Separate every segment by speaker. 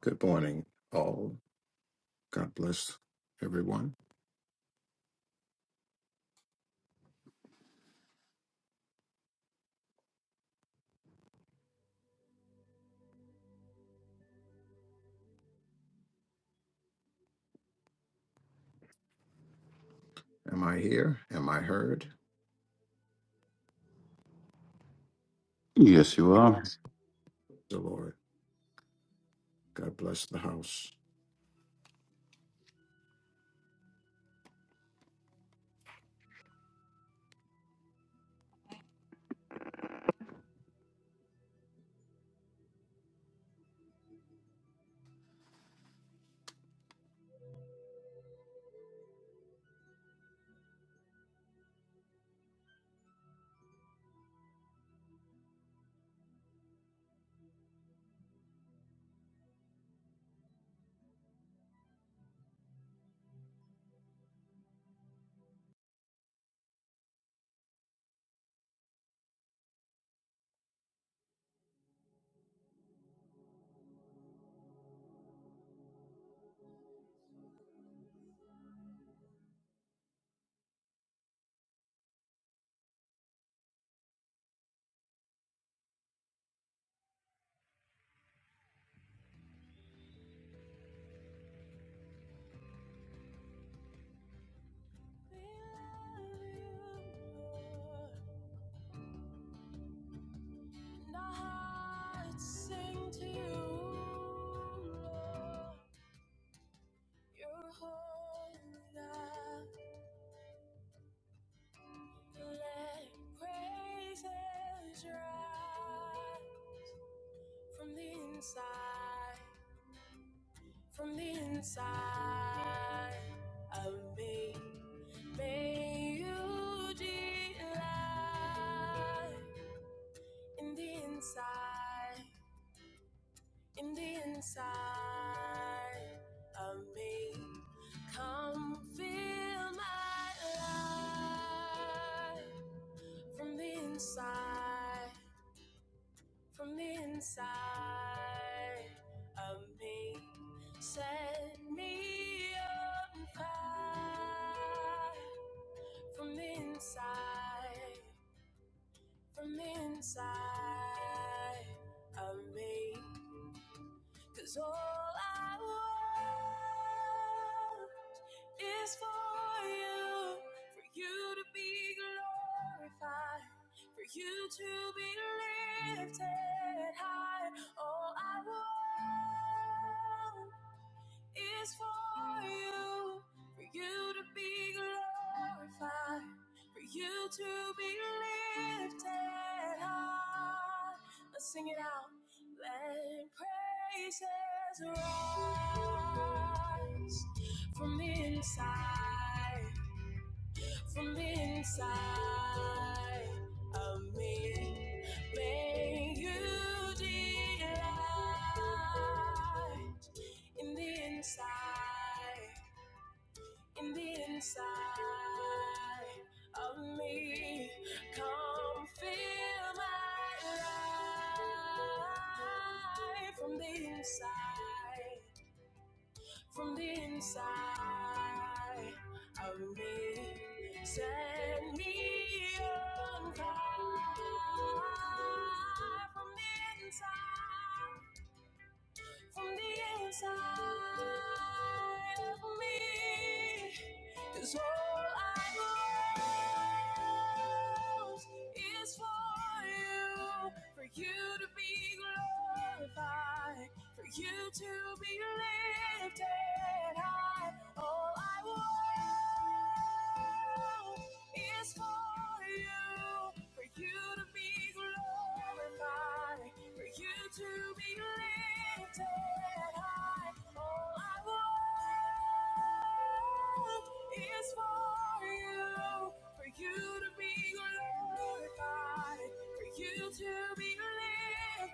Speaker 1: Good morning, all. God bless everyone. Am I here? Am I heard?
Speaker 2: Yes, you are.
Speaker 1: The Lord. God bless the house.
Speaker 3: We love you, Lord, our hearts sing to you, You're holy, God. Let praises rise from the inside, from the inside of me. May you delight in the inside. in the inside of me. Come feel my life from the inside, from the inside of me. Set me on fire from the inside, from the inside of me. Cause all I want is for you, for you to be glorified, for you to be lifted high. All I want is for you, for you to be glorified, for you to be lifted high. Let's sing it out. Let praises rise from the inside from inside of me. May you delight in the inside, in the inside of me. Come fill my life from the inside, from the inside of me. Set me on fire from the inside from the inside of me, 'cause all I want is for you, for you to be glorified, for you to be lifted high. All I want is for you, for you to be glorified for you to be lifted high. All I want is for you, for you to be glorified, for you to be lifted.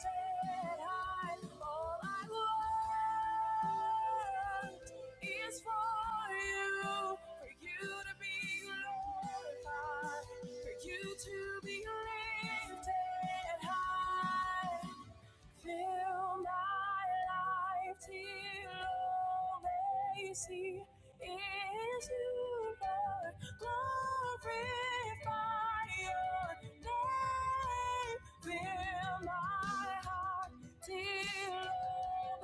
Speaker 3: To be lifted high, fill my life till all see is you, Lord. Glorify your name. Fill my heart till all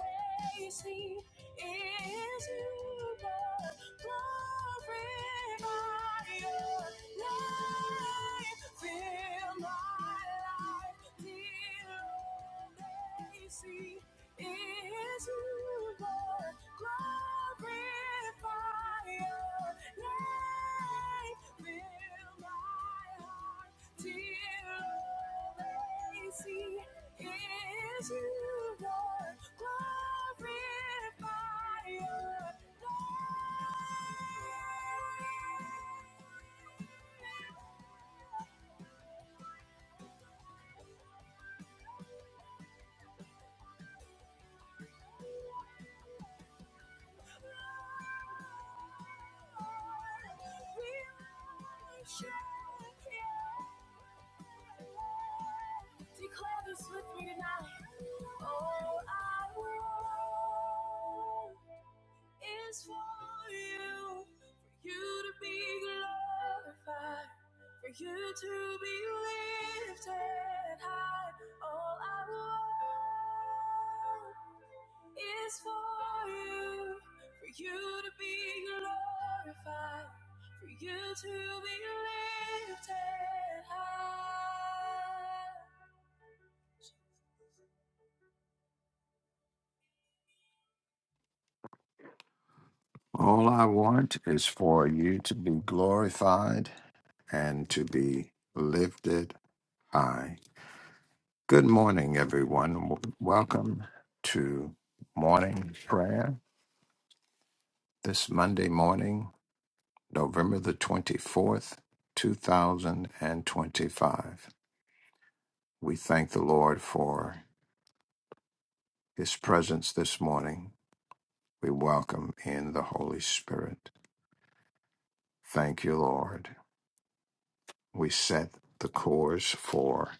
Speaker 3: they see is you, God. Glorify your life. Fill my life till they see is you, Lord. Glorify your life. Show Declare this with me tonight. All I want is for you, for you to be glorified, for you to be lifted high. All I want is for you, for you to be glorified, for you to be lifted high. Yes,
Speaker 1: All I want is for you to be glorified and to be lifted high. Good morning, everyone. W- Welcome to morning prayer this Monday morning, November the 24th, 2025. We thank the Lord for his presence this morning. We welcome in the Holy Spirit. Thank you, Lord. We set the course for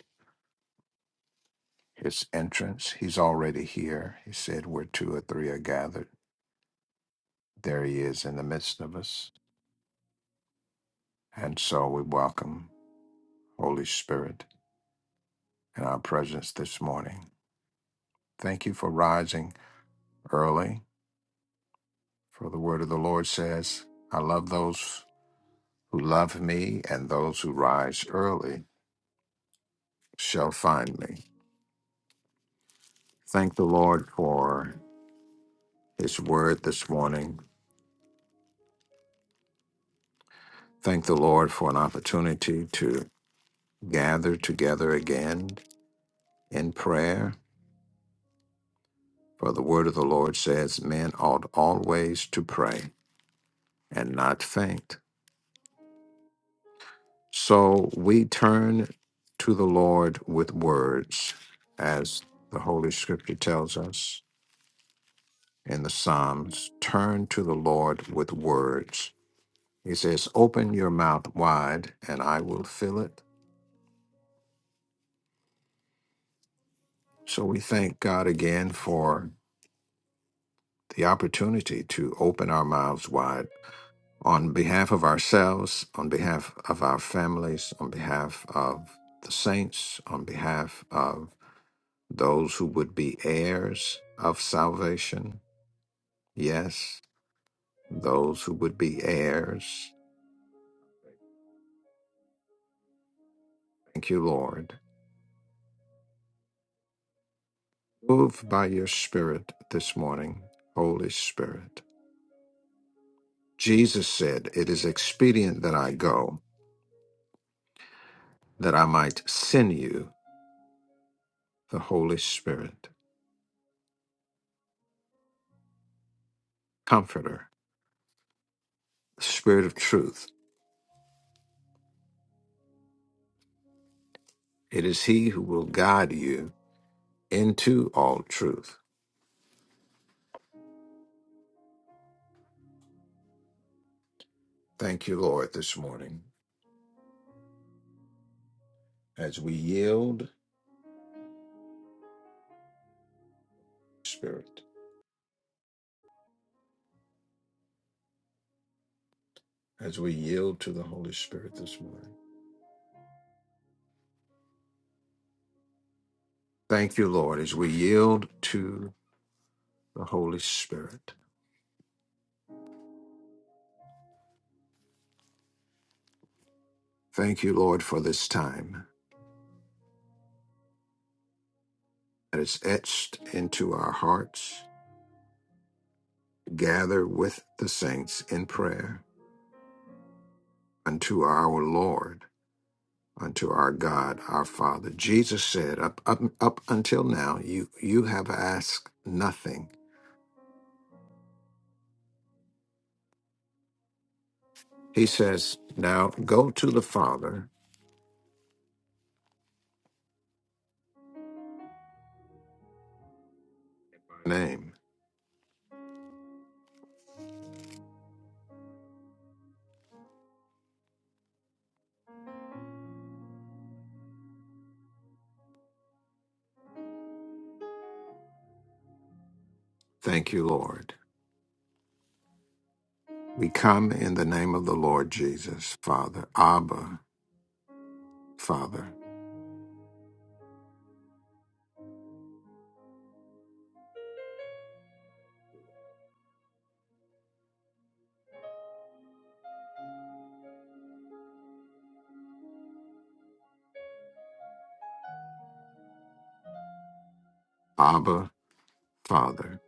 Speaker 1: his entrance. He's already here. He said, Where two or three are gathered, there he is in the midst of us. And so we welcome Holy Spirit in our presence this morning. Thank you for rising early, for the word of the Lord says, I love those who love me, and those who rise early shall find me. Thank the Lord for His word this morning. Thank the Lord for an opportunity to gather together again in prayer. For the word of the Lord says, Men ought always to pray and not faint. So we turn to the Lord with words, as the Holy Scripture tells us in the Psalms. Turn to the Lord with words. He says, Open your mouth wide, and I will fill it. So we thank God again for the opportunity to open our mouths wide on behalf of ourselves, on behalf of our families, on behalf of the saints, on behalf of those who would be heirs of salvation. Yes, those who would be heirs. Thank you, Lord. Move by your Spirit this morning, Holy Spirit. Jesus said, It is expedient that I go, that I might send you the Holy Spirit, Comforter the Spirit of truth. It is He who will guide you into all truth. Thank you, Lord, this morning as we yield Spirit, as we yield to the Holy Spirit this morning. Thank you, Lord, as we yield to the Holy Spirit. Thank you, Lord, for this time that is etched into our hearts. Gather with the saints in prayer unto our Lord. unto our God, our Father. Jesus said, up, up, up until now, you, you have asked nothing. He says, now go to the Father. in His Name. Thank you, Lord. We come in the name of the Lord Jesus, Father. Abba, Father. Abba, Father.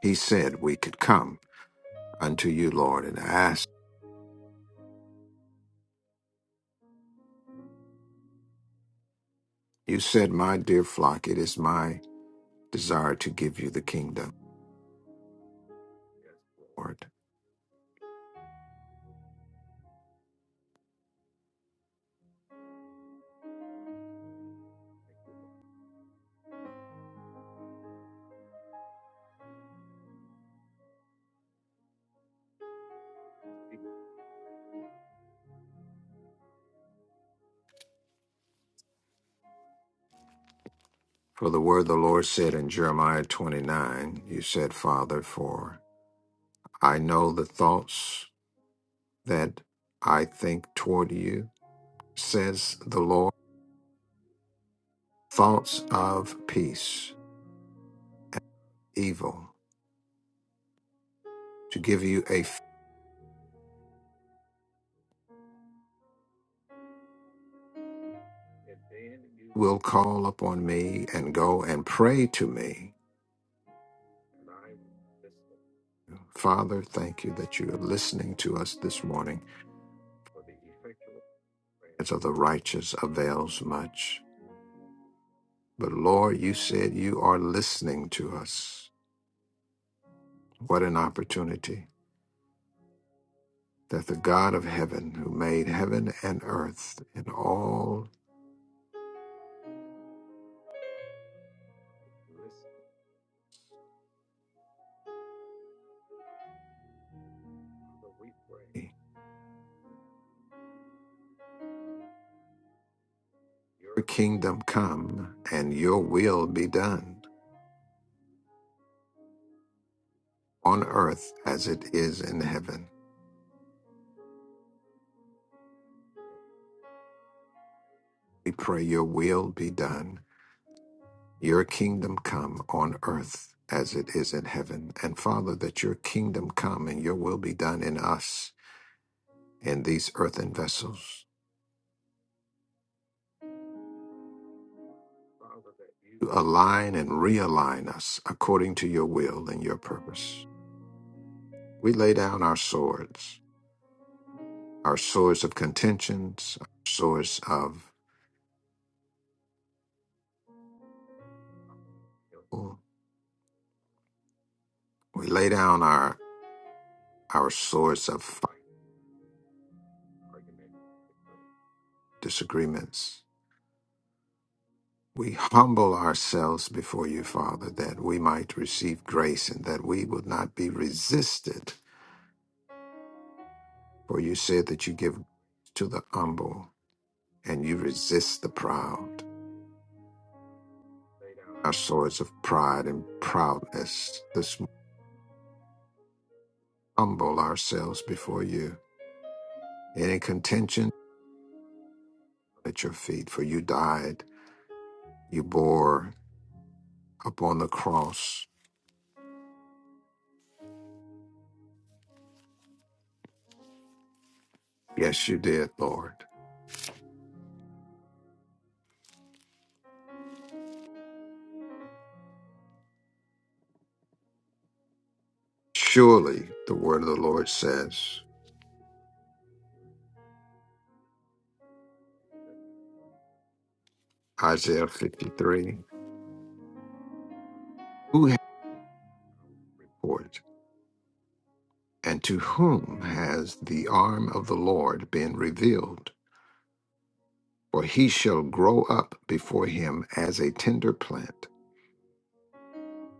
Speaker 1: He said we could come unto you, Lord, and ask. You said, my dear flock, it is my desire to give you the kingdom, Lord. For the word the Lord said in Jeremiah 29, You said, Father, for I know the thoughts that I think toward you, says the Lord, thoughts of peace, evil, to give you a f- you will call upon me and go and pray to me. Father, thank you that you are listening to us this morning. As of the righteous avails much. But Lord, you said you are listening to us. What an opportunity that the God of heaven, who made heaven and earth and all, your kingdom come and your will be done on earth as it is in heaven. We pray your will be done, your kingdom come on earth as it is in heaven. And Father, that your kingdom come and your will be done in us, in these earthen vessels. Father, that you Align and realign us according to your will and your purpose. We lay down our swords, our swords of contentions, our swords of. We lay down our our swords of fight, disagreements. We humble ourselves before you, Father, that we might receive grace and that we would not be resisted. For you said that you give to the humble and you resist the proud. Our swords of pride and proudness, this humble ourselves before you. any contention at your feet, for you died, you bore upon the cross. Yes, you did, Lord. Surely the word of the Lord says, Isaiah 53, who has for it, and to whom has the arm of the Lord been revealed? For he shall grow up before him as a tender plant,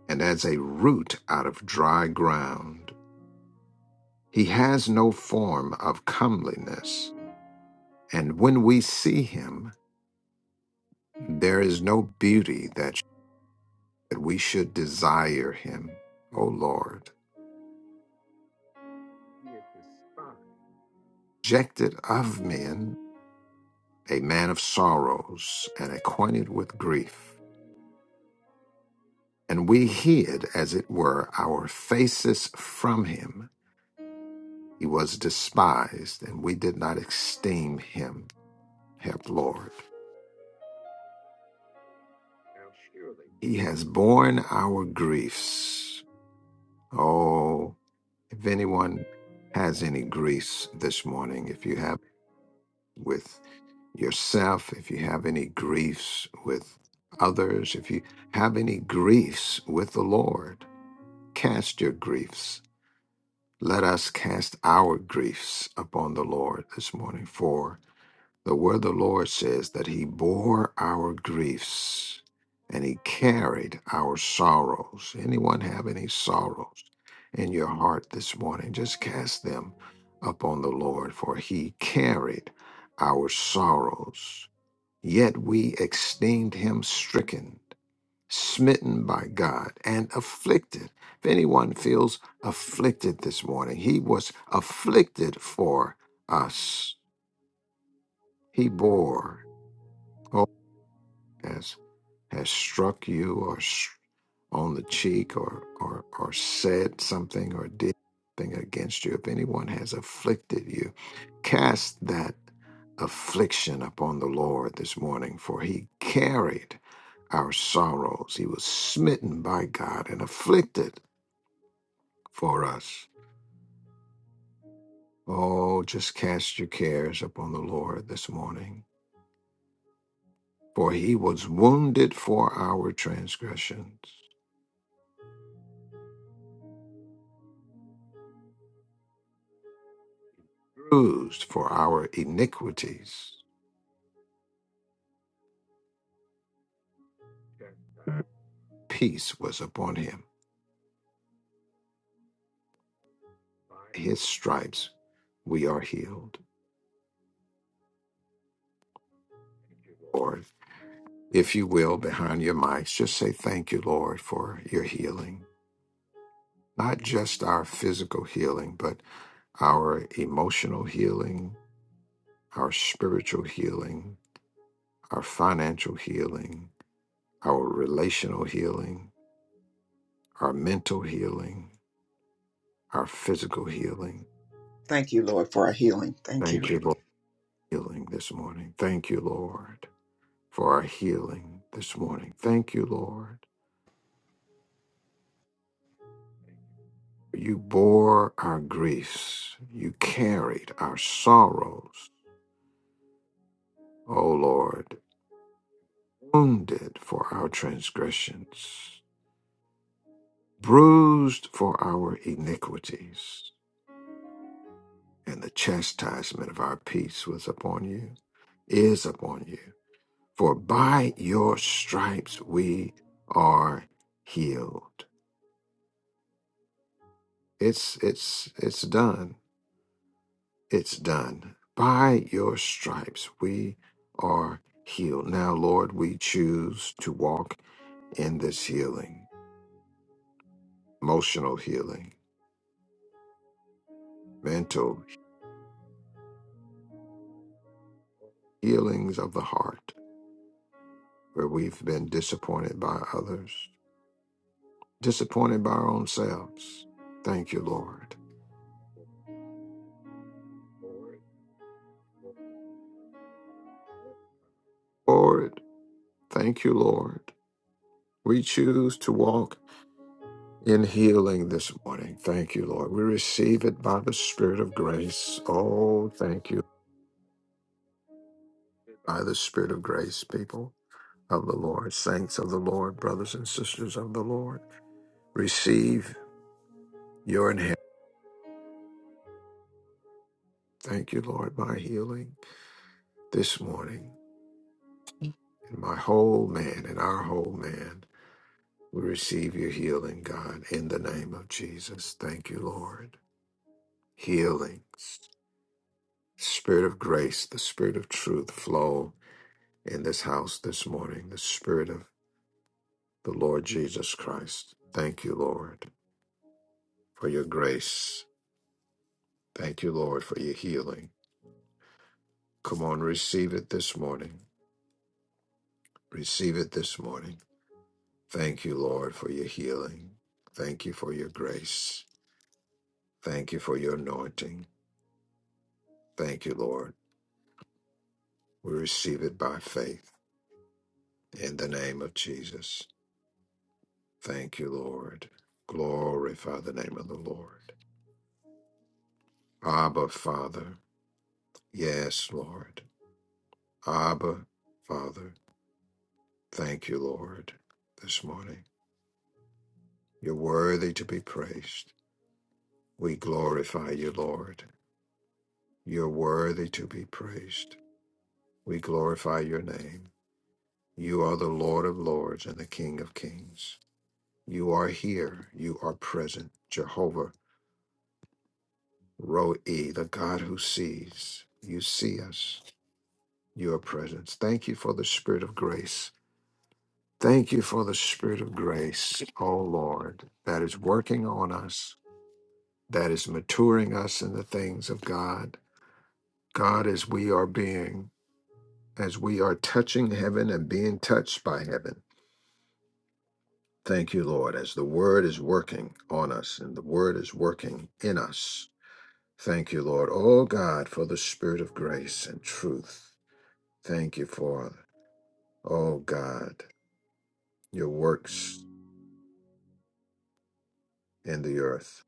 Speaker 1: and as a root out of dry ground. He has no form of comeliness, and when we see him, There is no beauty that, that we should desire him, O Lord. Rejected of men, a man of sorrows, and acquainted with grief. And we hid, as it were, our faces from him. He was despised, and we did not esteem him. Help, Lord. He has borne our griefs. Oh, if anyone has any griefs this morning, if you have with yourself, if you have any griefs with others, if you have any griefs with the Lord, cast your griefs. Let us cast our griefs upon the Lord this morning, for the word of the Lord says that He bore our griefs and He carried our sorrows. Anyone have any sorrows in your heart this morning? Just cast them upon the Lord, for He carried our sorrows Yet we esteemed him stricken, smitten by God, and afflicted. If anyone feels afflicted this morning, he was afflicted for us. He bore, oh, has, has struck you or s- on the cheek or, or, or said something or did something against you. If anyone has afflicted you, cast that affliction upon the Lord this morning, for he carried. our sorrows. He was smitten by God and afflicted for us. Oh, just cast your cares upon the Lord this morning, for he was wounded for our transgressions, bruised for our iniquities. Peace was upon him. By his stripes we are healed. Lord, if you will, behind your mics, just say thank you, Lord, for your healing. Not just our physical healing, but our emotional healing, our spiritual healing, our financial healing, our relational healing, our mental healing, our physical healing.
Speaker 4: Thank you, Lord, for our healing. Thank you.
Speaker 1: Thank you, Lord, for healing this morning. Thank you, Lord, for our healing this morning. Thank you, Lord. You bore our griefs. You carried our sorrows. O Lord, wounded for our transgressions, bruised for our iniquities. and the chastisement of our peace was upon you, is upon you. For by your stripes we are healed. It's it's it's done. It's done. By your stripes we are healed. Now, Lord, we choose to walk in this healing, emotional healing, mental healings of the heart, where we've been disappointed by others, disappointed by our own selves. Thank you, Lord Lord, thank you, Lord. We choose to walk in healing this morning. Thank you, Lord. We receive it by the Spirit of grace. Oh, thank you. By the Spirit of grace, people of the Lord, saints of the Lord, brothers and sisters of the Lord, receive your inheritance. Thank you, Lord, by healing this morning. And my whole man and our whole man, we receive your healing, God, in the name of Jesus. Thank you, Lord. Healings. Spirit of grace, the Spirit of truth flow in this house this morning, the Spirit of the Lord Jesus Christ. Thank you, Lord, for your grace. Thank you, Lord, for your healing. Come on, receive it this morning. Receive it this morning. Thank you, Lord, for your healing. Thank you for your grace. Thank you for your anointing. Thank you, Lord. We receive it by faith in the name of Jesus. Thank you, Lord. Glorify the name of the Lord. Abba, Father. Yes, Lord. Abba, Father. Thank you, Lord, this morning. You're worthy to be praised. We glorify you, Lord. You're worthy to be praised. We glorify your name. You are the Lord of lords and the King of kings. You are here. You are present. Jehovah Roe, the God who sees. You see us. Your presence. Thank you for the spirit of grace Thank you for the spirit of grace, oh Lord, that is working on us, that is maturing us in the things of God. God, as we are being, as we are touching heaven and being touched by heaven. Thank you, Lord, as the word is working on us and the word is working in us. Thank you, Lord, oh God, for the spirit of grace and truth. Thank you for, oh God, your works in the earth.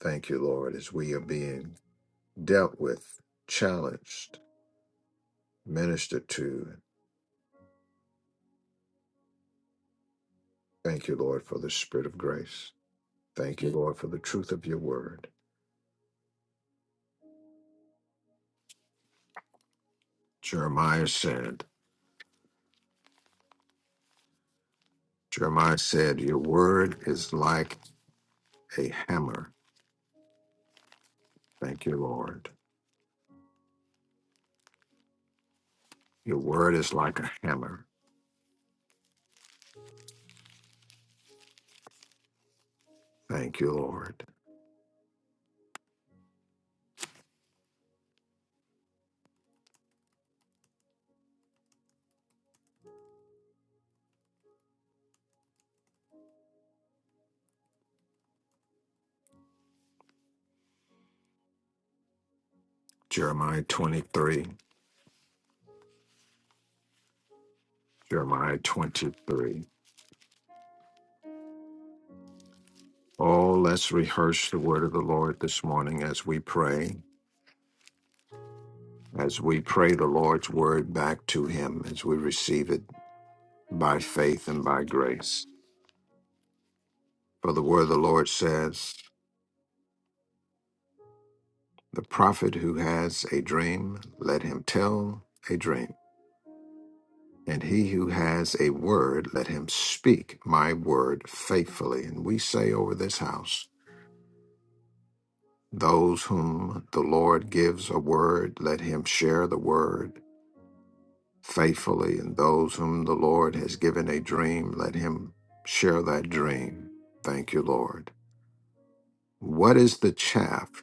Speaker 1: Thank you, Lord, as we are being dealt with, challenged, ministered to. Thank you, Lord, for the spirit of grace. Thank you, Lord, for the truth of your word. Jeremiah said, Jeremiah said, Your word is like a hammer. Thank you, Lord. Your word is like a hammer. Thank you, Lord. Jeremiah 23, Jeremiah 23. Oh, let's rehearse the word of the Lord this morning as we pray, as we pray the Lord's word back to him, as we receive it by faith and by grace. For the word of the Lord says, The prophet who has a dream, let him tell a dream. And he who has a word, let him speak my word faithfully. And we say over this house, Those whom the Lord gives a word, let him share the word faithfully. And those whom the Lord has given a dream, let him share that dream. Thank you, Lord. What is the chaff?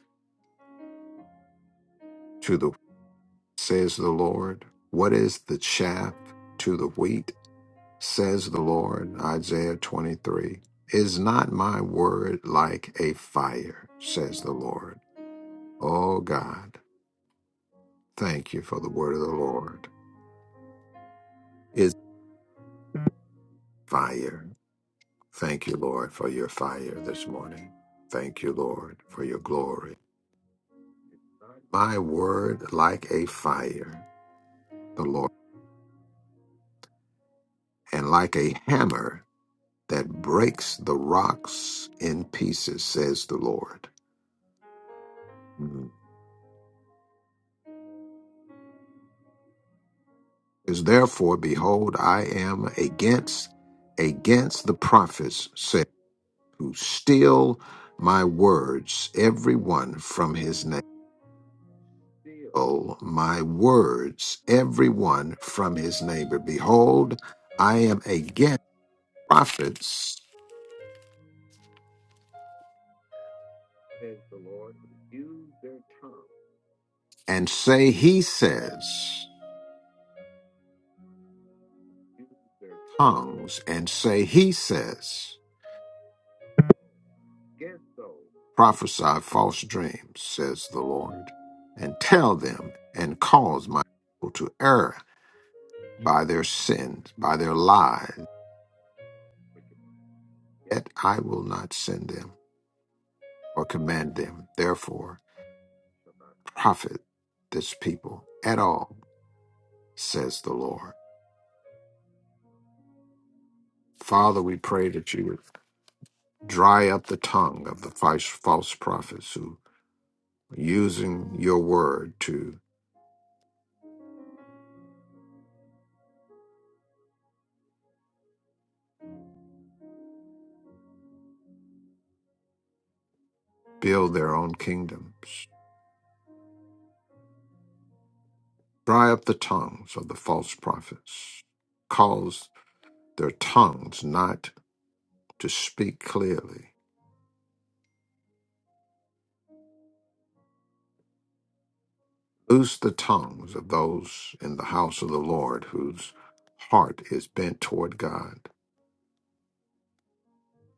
Speaker 1: to the? says the Lord. What is the chaff to the wheat, says the Lord, Isaiah 23. Is not my word like a fire, says the Lord. Oh God, thank you for the word of the Lord. Is fire. Thank you, Lord, for your fire this morning. Thank you, Lord, for your glory. My word like a fire, the Lord, and like a hammer. that breaks the rocks in pieces, says the Lord. Mhm. Is therefore, behold, I am against against the prophets, said who steal my words, every one from his neighbor. Steal my words, every one from his neighbor. Behold, I am against prophets, says the Lord, who use their tongue and say, He says. tongues and say, He says, prophesy false dreams, says the Lord, and tell them and cause my people to err by their sins, by their lies. Yet I will not send them or command them, therefore, profit this people at all, says the Lord. Father, we pray that you would dry up the tongue of the false false prophets who are using your word to build their own kingdoms, dry up the tongues of the false prophets, cause their tongues not to speak clearly, loose the tongues of those in the house of the Lord whose heart is bent toward God.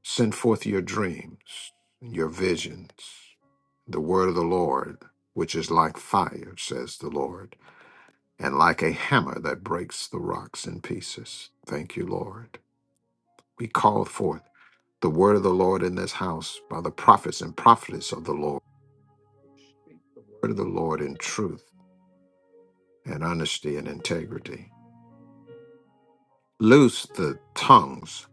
Speaker 1: Send forth your dreams, your visions, the word of the Lord, which is like fire, says the Lord, and like a hammer that breaks the rocks in pieces. Thank you, Lord. We call forth. the word of the Lord in this house by the prophets and prophetess of the Lord. Speak the word of the Lord in truth and honesty and integrity. Loose the tongues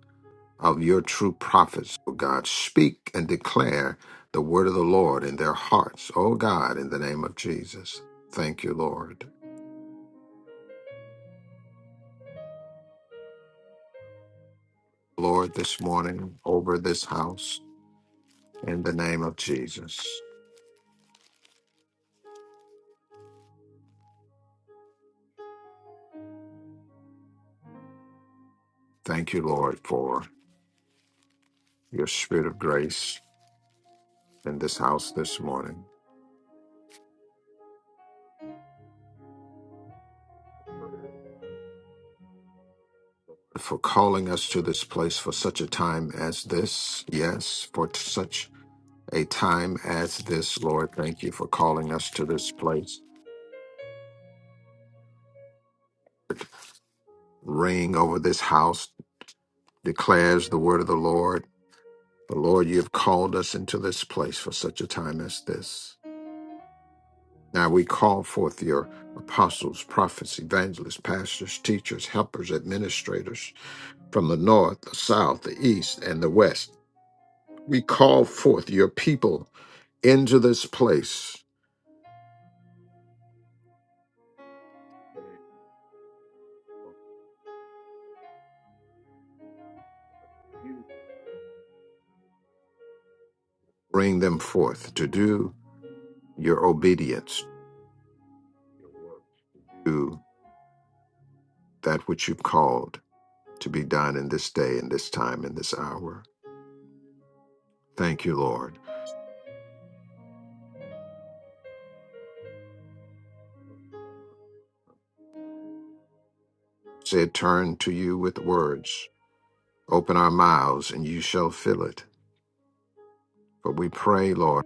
Speaker 1: of your true prophets, O God. Speak and declare the word of the Lord in their hearts, O God, in the name of Jesus. Thank you, Lord. Lord, this morning over this house in the name of Jesus. Thank you, Lord, for your spirit of grace in this house this morning. for calling us to this place for such a time as this. Yes, for t- such a time as this, Lord. Thank you for calling us to this place. Ring over this house declares the word of the Lord. The Lord, you have called us into this place for such a time as this. Now we call forth your apostles, prophets, evangelists, pastors, teachers, helpers, administrators from the north, the south, the east, and the west. We call forth your people into this place Bring them forth to do your obedience to that which you've called to be done in this day, in this time, in this hour. Thank you, Lord. Said, turn to you with words. Open our mouths, and you shall fill it. For we pray, Lord,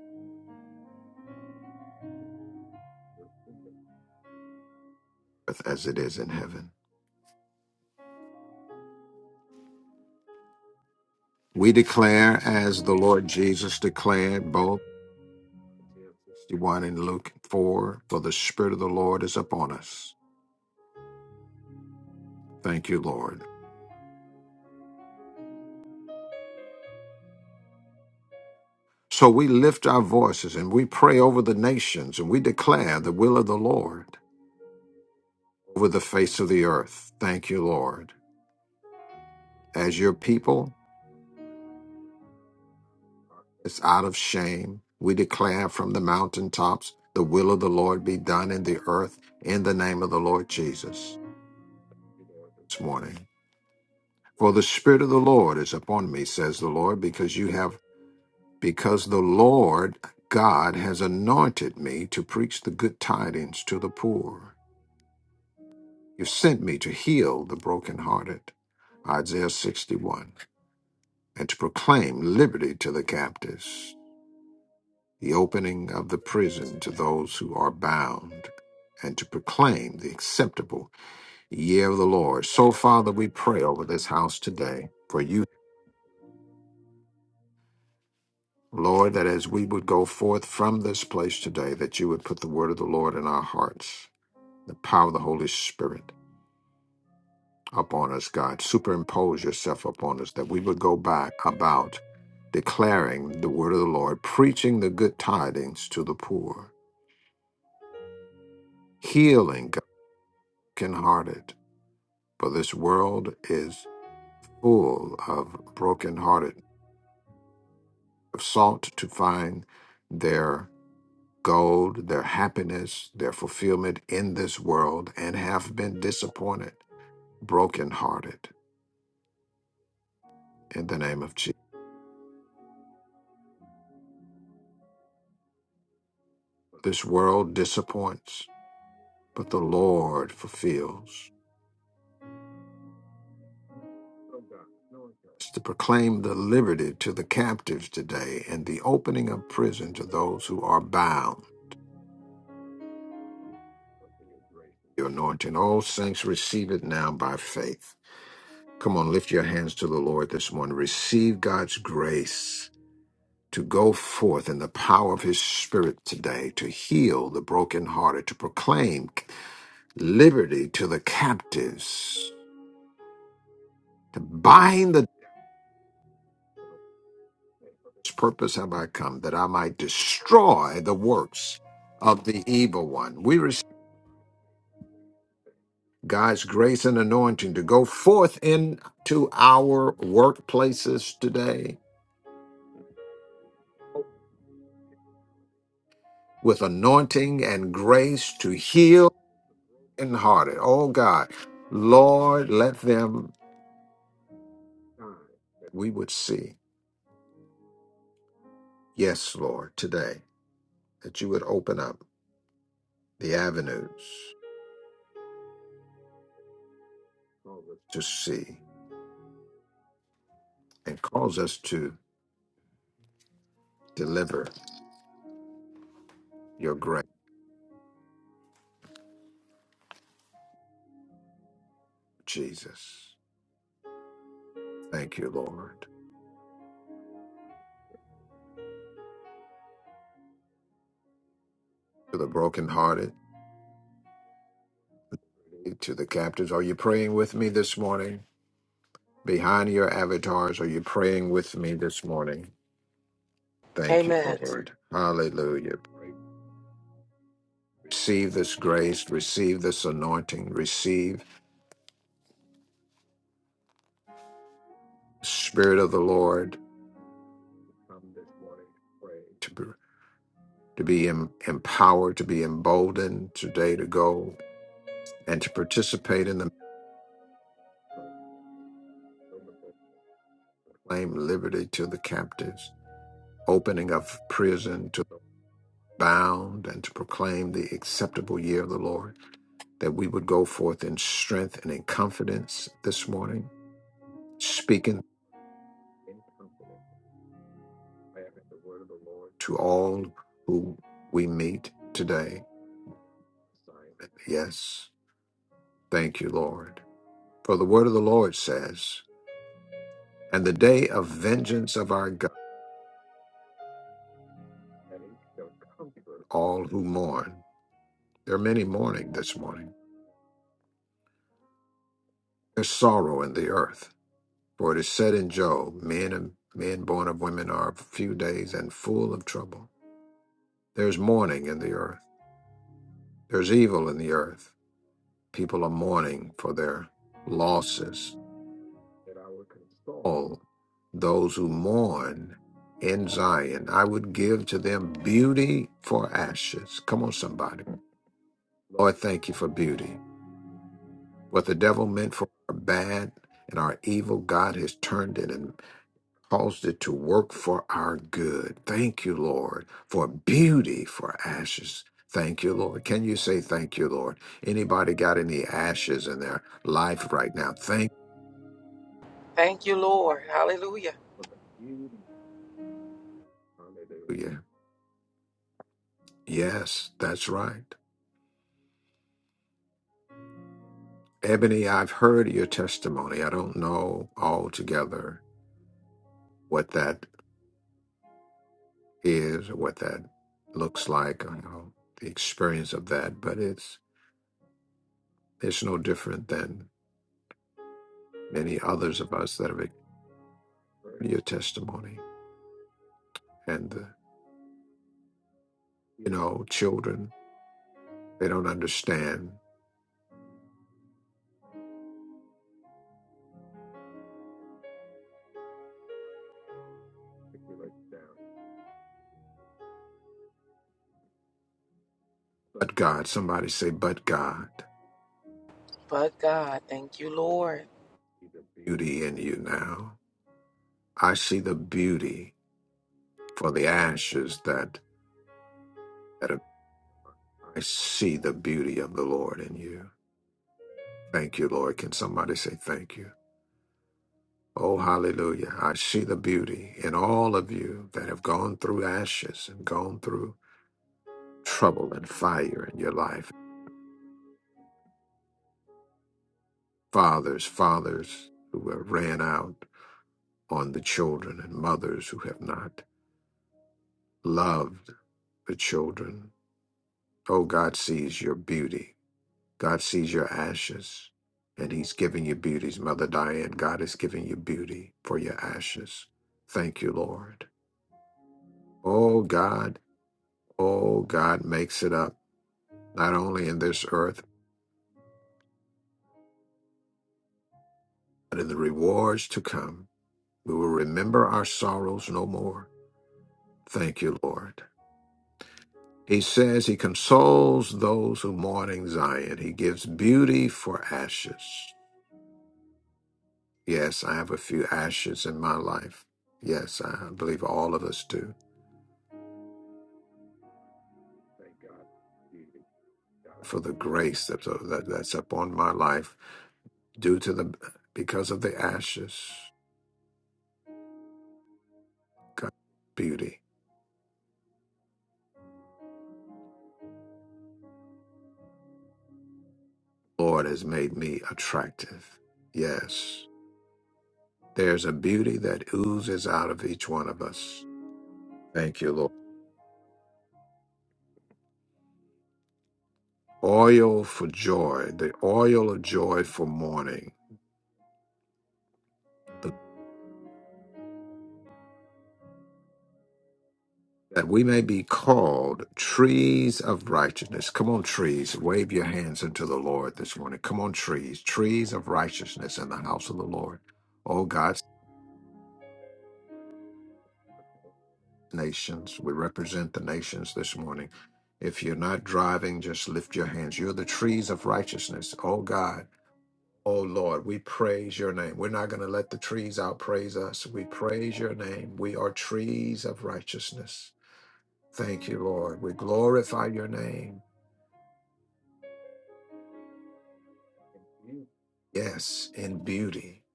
Speaker 1: earth as it is in heaven. We declare, as the Lord Jesus declared, both 61 and Luke 4, for the Spirit of the Lord is upon us. Thank you, Lord. So we lift our voices and we pray over the nations and we declare the will of the Lord over the face of the earth. Thank you, Lord. As your people, it's out of shame. We declare from the mountaintops, the will of the Lord be done in the earth in the name of the Lord Jesus this morning. For the Spirit of the Lord is upon me, says the Lord, because you have, because the Lord God has anointed me to preach the good tidings to the poor. You've sent me to heal the brokenhearted, Isaiah 61, and to proclaim liberty to the captives, the opening of the prison to those who are bound, and to proclaim the acceptable year of the Lord. So, Father, we pray over this house today for you. Lord, that as we would go forth from this place today, that you would put the word of the Lord in our hearts, the power of the Holy Spirit upon us, God. Superimpose yourself upon us that we would go back about declaring the word of the Lord, preaching the good tidings to the poor, healing the brokenhearted. For this world is full of brokenhearted, have sought to find their gold, their happiness, their fulfillment in this world, and have been disappointed, brokenhearted in the name of Jesus. This world disappoints but the Lord fulfills. It's to proclaim the liberty to the captives today and the opening of prison to those who are bound. Your anointing, all saints, receive it now by faith. Come on, lift your hands to the Lord this morning. Receive God's grace to go forth in the power of His Spirit today, to heal the brokenhearted, to proclaim liberty to the captives, to bind the This purpose have I come, that I might destroy the works of the evil one. We receive God's grace and anointing to go forth into our workplaces today with anointing and grace to heal and hearted. Oh God, Lord, let them we would see. Yes, Lord, today that you would open up the avenues to see and cause us to deliver your grace. Jesus. Thank you, Lord. To the brokenhearted, to the captives, are you praying with me this morning? Behind your avatars, are you praying with me this morning? Thank you,
Speaker 5: Amen.
Speaker 1: Lord. Hallelujah. Receive this grace, receive this anointing, receive the Spirit of the Lord to be, to be em- empowered, to be emboldened today to go and to participate in the claim liberty to the captives opening of prison to the bound and to proclaim the acceptable year of the Lord, that we would go forth in strength and in confidence this morning, speaking in confidence, declaring the word of the Lord to all who we meet today. Yes, thank you, Lord. For the word of the Lord says, and the day of vengeance of our God that it shall comfort all who mourn. There are many mourning this morning. There's sorrow in the earth For it is said in Job, men and men born of women are few days and full of trouble. There's mourning in the earth. There's evil in the earth. People are mourning for their losses. All those who mourn in Zion, I would give to them beauty for ashes. Come on, somebody. Lord, thank you for beauty. What the devil meant for our bad and our evil, God has turned it in. caused it to work for our good. Thank you, Lord, for beauty for ashes. Thank you, Lord. Can you say thank you, Lord? Anybody got any ashes in their life right now? Thank
Speaker 5: Thank you, Lord. Hallelujah.
Speaker 1: you for the beauty. Hallelujah. Yes, that's right. Ebony, I've heard your testimony. I don't know altogether what that is or what that looks like or how the experience of that, but it's it's no different than many others of us that have your testimony and the you know children they don't understand but god somebody say but god
Speaker 5: But God, thank you, Lord.
Speaker 1: beauty in you now i see the beauty for the ashes that that are, i see the beauty of the lord in you thank you lord can somebody say thank you oh hallelujah i see the beauty in all of you that have gone through ashes and gone through trouble and fire in your life fathers, fathers who have ran out on the children, and mothers who have not loved the children. Oh, God sees your beauty. God sees your ashes, and He's giving you beauties. Mother Diane, God is giving you beauty for your ashes. Thank you, Lord. Oh, God, oh, God makes it up, not only in this earth, but in the rewards to come. We will remember our sorrows no more. Thank you, Lord. He says he consoles those who mourn in Zion. He gives beauty for ashes. Yes, I have a few ashes in my life. Yes, I believe all of us do. For the grace that, that that's upon my life due to the because of the ashes, God's beauty. Lord has made me attractive. Yes, there's a beauty that oozes out of each one of us. Thank you, Lord. oil for joy, the oil of joy for mourning, th- that we may be called trees of righteousness. Come on, trees, wave your hands unto the Lord this morning. Come on, trees, trees of righteousness in the house of the Lord. Oh, God's nations, we represent the nations this morning. If you're not driving, just lift your hands. You're the trees of righteousness. Oh, God. Oh Lord, we praise your name. We're not going to let the trees outpraise us. We praise your name. We are trees of righteousness. Thank you, Lord. We glorify your name. Yes, in beauty,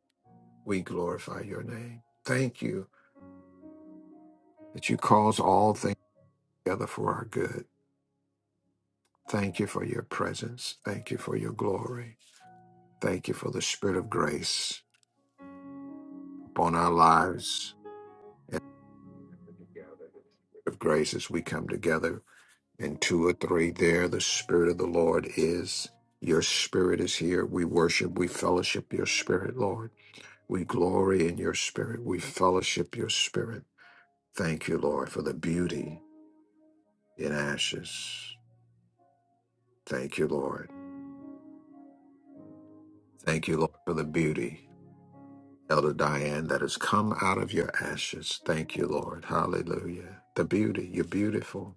Speaker 1: we glorify your name. Thank you that you cause all things together for our good. Thank you for your presence. Thank you for your glory. Thank you for the spirit of grace upon our lives and of grace as we come together And two or three there, the Spirit of the Lord is. Your Spirit is here. We worship, we fellowship your Spirit, Lord. We glory in your Spirit. We fellowship your Spirit. Thank you, Lord, for the beauty in ashes. Thank you, Lord. Thank you, Lord, for the beauty, Elder Diane, that has come out of your ashes. Thank you, Lord. Hallelujah. The beauty, you're beautiful.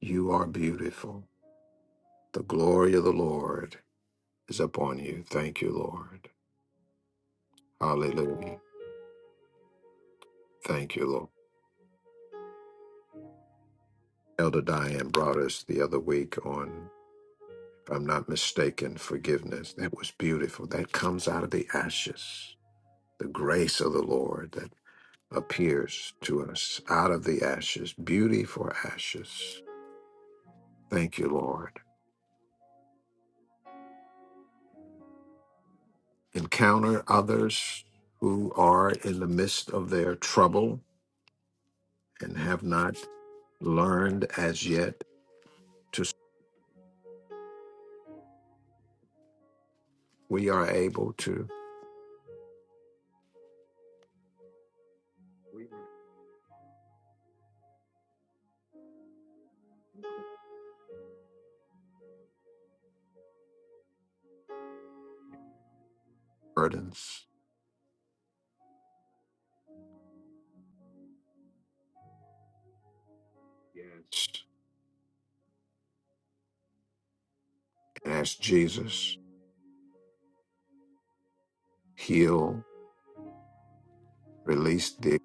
Speaker 1: You are beautiful. The glory of the Lord is upon you. Thank you, Lord. Hallelujah. Thank you, Lord. Elder Diane brought us the other week on, if I'm not mistaken, forgiveness. That was beautiful. That comes out of the ashes. The grace of the Lord that appears to us out of the ashes. Beauty for ashes. Thank you, Lord. Encounter others who are in the midst of their trouble and have not learned as yet to. We are able to burdens. Yes. And ask Jesus. Heal, release the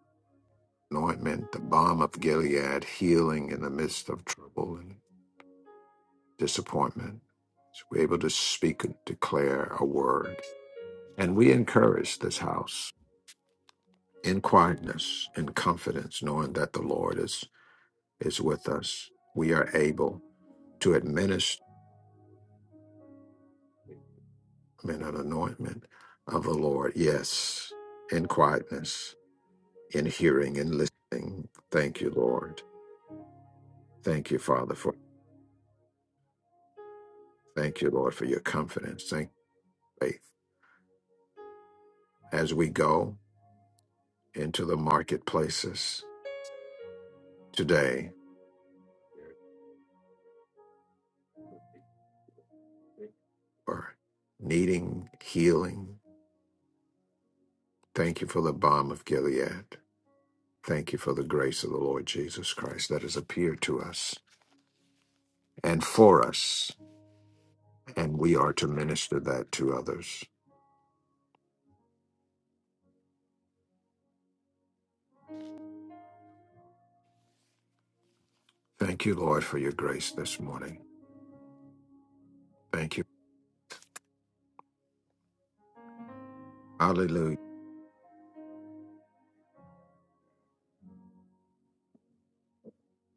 Speaker 1: anointment, the balm of Gilead, healing in the midst of trouble and disappointment. So we're able to speak and declare a word. And we encourage this house in quietness and confidence, knowing that the Lord is, is with us. We are able to administer an anointment of the Lord. Yes, in quietness, in hearing and listening. Thank you, Lord. Thank you, Father, for Thank you, Lord, for your confidence. Thank you, faith. As we go into the marketplaces today for needing healing, thank you for the balm of Gilead. Thank you for the grace of the Lord Jesus Christ that has appeared to us and for us, and we are to minister that to others. Thank you, Lord, for your grace this morning. Thank you. Hallelujah.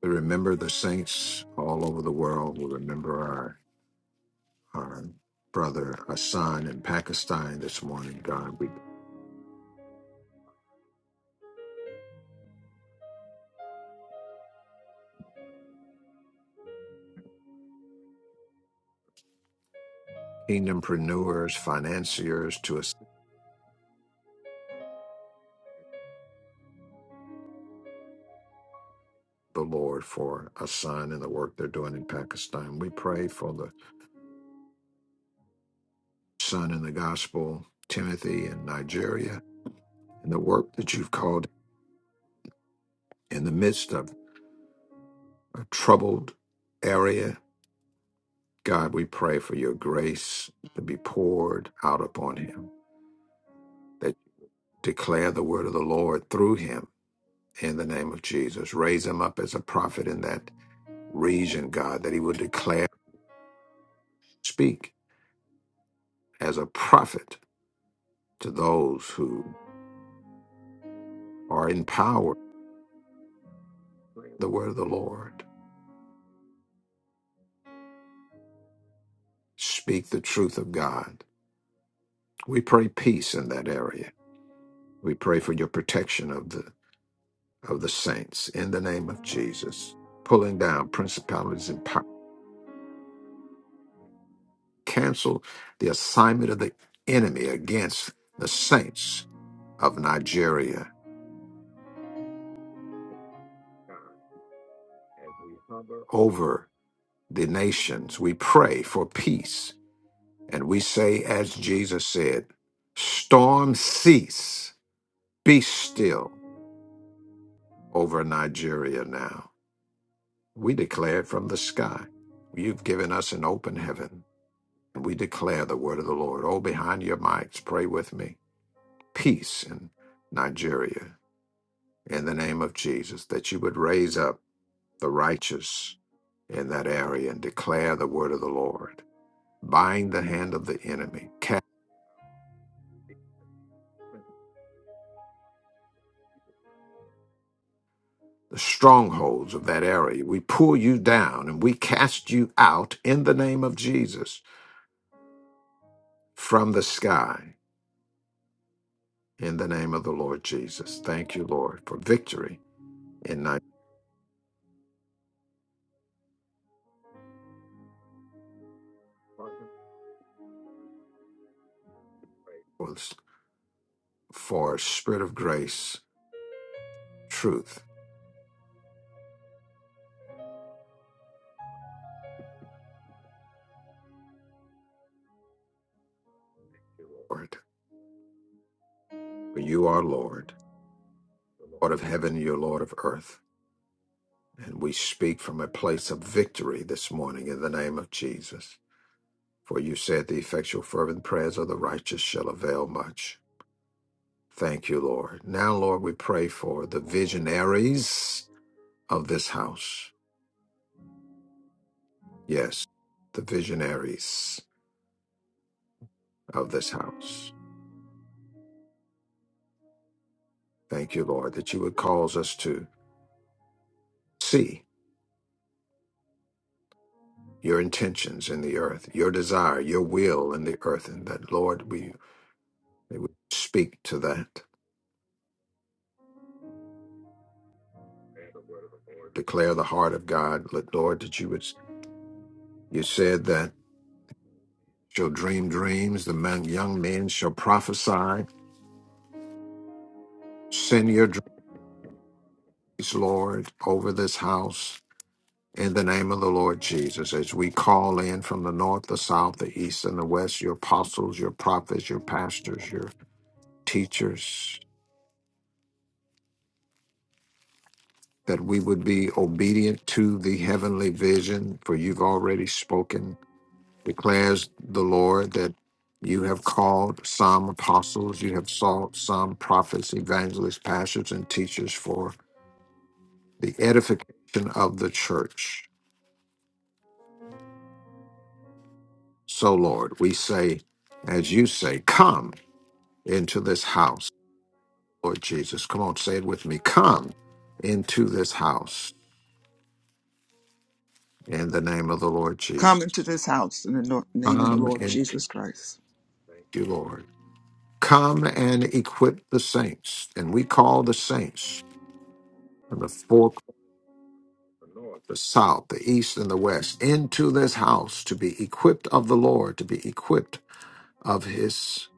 Speaker 1: We remember the saints all over the world. We remember our our brother Hassan in Pakistan this morning, God. We kingdompreneurs, financiers to assist the Lord for Hassan and the work they're doing in Pakistan. We pray for the son in the gospel, Timothy in Nigeria, and the work that you've called in the midst of a troubled area. God, we pray for your grace to be poured out upon him, that declare the word of the Lord through him in the name of Jesus. Raise him up as a prophet in that region, God, that he would declare, speak as a prophet to those who are in power, the word of the Lord. Speak the truth of God. We pray peace in that area. We pray for your protection of the of the saints in the name of Jesus. Pulling down principalities and power. Cancel the assignment of the enemy against the saints of Nigeria over the nations. We pray for peace And we say, as Jesus said, storm cease, be still over Nigeria now. We declare it from the sky. You've given us an open heaven, and we declare the word of the Lord. Oh, behind your mics, pray with me. Peace in Nigeria, in the name of Jesus, that you would raise up the righteous in that area and declare the word of the Lord. Bind the hand of the enemy, the strongholds of that area. We pull you down and we cast you out in the name of Jesus from the sky in the name of the Lord Jesus. Thank you, Lord, for victory in night for spirit of grace, truth, Lord. For you are Lord, Lord of heaven, you're Lord of earth. And we speak from a place of victory this morning in the name of Jesus. For you said the effectual fervent prayers of the righteous shall avail much. Thank you, Lord. Now, Lord, we pray for the visionaries of this house. Yes, the visionaries of this house. Thank you, Lord, that you would cause us to see your intentions in the earth, your desire, your will in the earth, and that, Lord, we, we would speak to that, declare the heart of God. Let- Lord, that you would, you said that shall dream dreams, the men, young men shall prophesy. Send your dreams, Lord, over this house In the name of the Lord Jesus, as we call in from the north, the south, the east, and the west, your apostles, your prophets, your pastors, your teachers, that we would be obedient to the heavenly vision, for you've already spoken, declares the Lord that you have called some apostles, you have sought some prophets, evangelists, pastors, and teachers for the edification of the church. So, Lord, we say, as you say, come into this house. Lord Jesus. Come on, say it with me. Come into this house in the name of the Lord
Speaker 4: Come
Speaker 1: Jesus.
Speaker 4: into this house in the no- name of the
Speaker 1: Come
Speaker 4: Lord
Speaker 1: and
Speaker 4: Jesus Christ.
Speaker 1: thank you, Lord. Come and equip the saints. And we call the saints from the four, corners, the south, the east, and the west into this house to be equipped of the Lord, to be equipped of his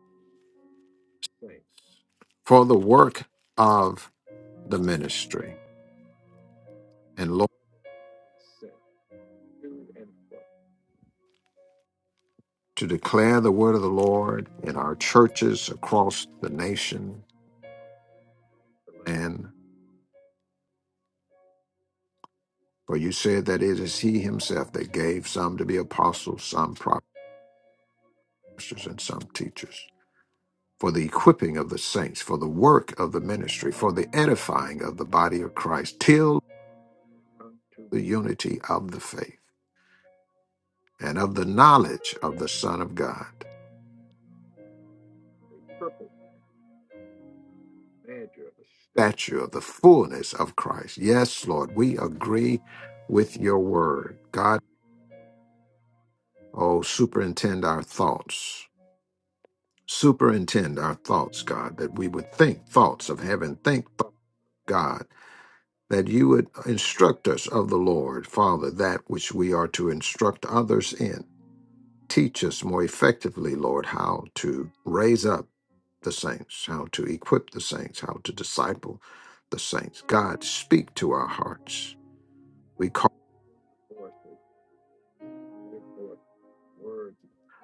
Speaker 1: for the work of the ministry. And Lord, to declare the word of the Lord in our churches across the nation land. For you said that it is he himself that gave some to be apostles, some prophets, and some teachers, for the equipping of the saints, for the work of the ministry, for the edifying of the body of Christ, till the unity of the faith and of the knowledge of the Son of God, stature of the fullness of Christ. Yes, Lord, we agree with your word. God, oh, superintend our thoughts. Superintend our thoughts, God, that we would think thoughts of heaven, think thoughts. God. that you would instruct us of the Lord, Father, that which we are to instruct others in. Teach us more effectively, Lord, how to raise up the saints, how to equip the saints, how to disciple the saints. God, speak to our hearts. We call forth the word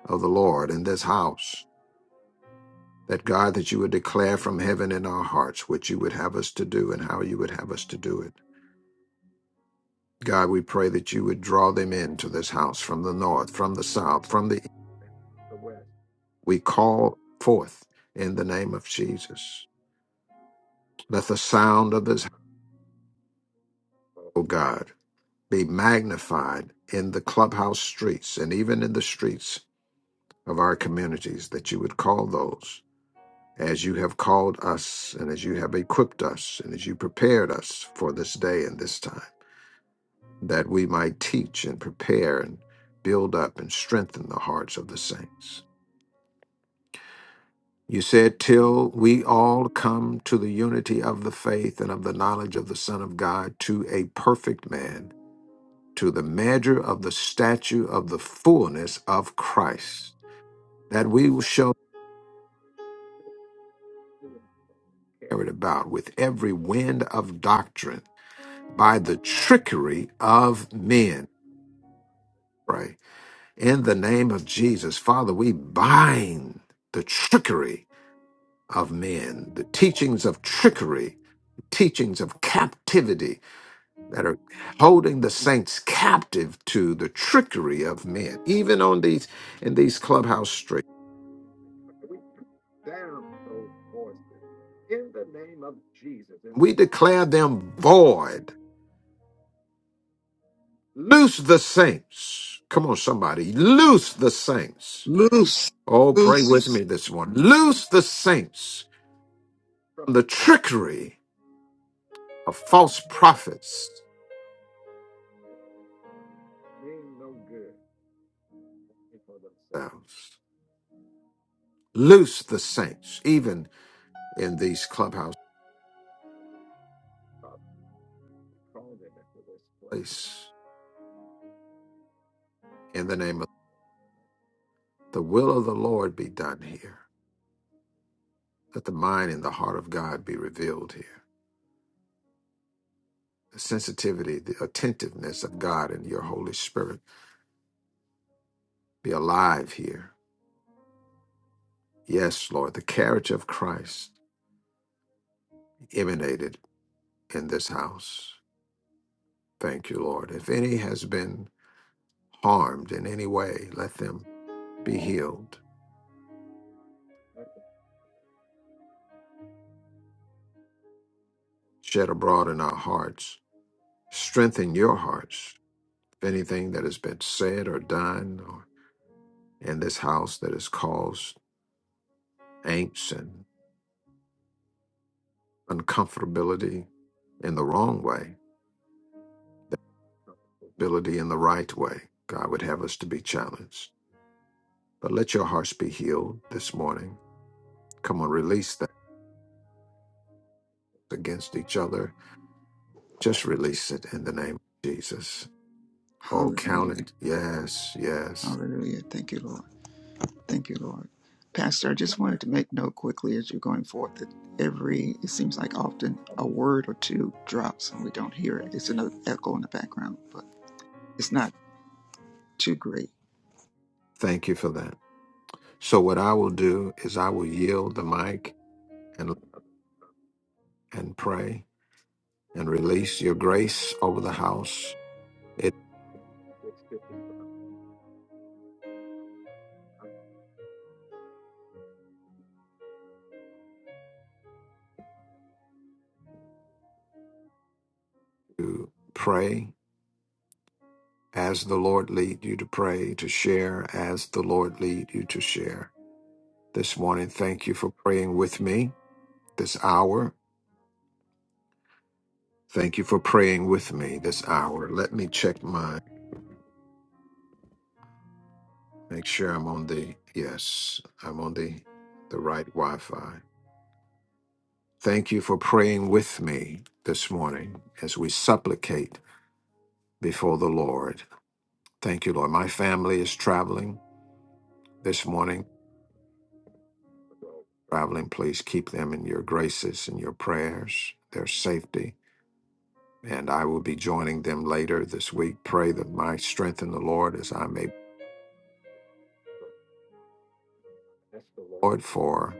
Speaker 1: of the Lord in this house. That God, that you would declare from heaven in our hearts what you would have us to do and how you would have us to do it. God, we pray that you would draw them into this house from the north, from the south, from the we call forth in the name of Jesus. Let the sound of this, O God, be magnified in the clubhouse streets and even in the streets of our communities, that you would call those as you have called us and as you have equipped us and as you prepared us for this day and this time, that we might teach and prepare and build up and strengthen the hearts of the saints. You said, till we all come to the unity of the faith and of the knowledge of the Son of God, to a perfect man, to the measure of the stature of the fullness of Christ, that we shall be carried about with every wind of doctrine by the trickery of men. Pray. In the name of Jesus, Father, we bind the trickery of men, the teachings of trickery, teachings of captivity that are holding the saints captive to the trickery of men, even on these in these clubhouse streets. In the name of Jesus, and we declare them void. Loose the saints. Come on, somebody, loose the saints.
Speaker 4: Loose,
Speaker 1: Oh, pray with
Speaker 4: loose.
Speaker 1: me this one. Loose the saints from the trickery of false prophets themselves. Loose the saints, even in these clubhouse place. In the name of The will of the Lord be done here. Let the mind and the heart of God be revealed here. The sensitivity, the attentiveness of God and your Holy Spirit be alive here. Yes, Lord, the character of Christ emanated in this house. Thank you, Lord. If any has been harmed in any way, let them be healed. Shed abroad in our hearts. Strengthen your hearts. If anything that has been said or done or in this house that has caused angst and uncomfortability in the wrong way, ability in the right way. God would have us to be challenged. But let your hearts be healed this morning. Come on, release that against each other. Just release it in the name of Jesus. All
Speaker 4: Hallelujah.
Speaker 1: counted. Yes, yes.
Speaker 4: Hallelujah. Thank you, Lord. Thank you, Lord. Pastor, I just wanted to make note quickly as you're going forth that every, it seems like often a word or two drops and we don't hear it. It's another echo in the background, but it's not too great.
Speaker 1: Thank you for that. So what I will do is I will yield the mic and and pray and release your grace over the house. It to pray as the Lord lead you to pray, to share as the Lord lead you to share. This morning, thank you for praying with me this hour. Thank you for praying with me this hour. Let me check my make sure I'm on the yes, I'm on the the right Wi-Fi. Thank you for praying with me this morning as we supplicate before the Lord. Thank you, Lord. My family is traveling this morning. Traveling, please keep them in your graces and your prayers, their safety and I will be joining them later this week. Pray that my strength in the Lord as I may ask the Lord for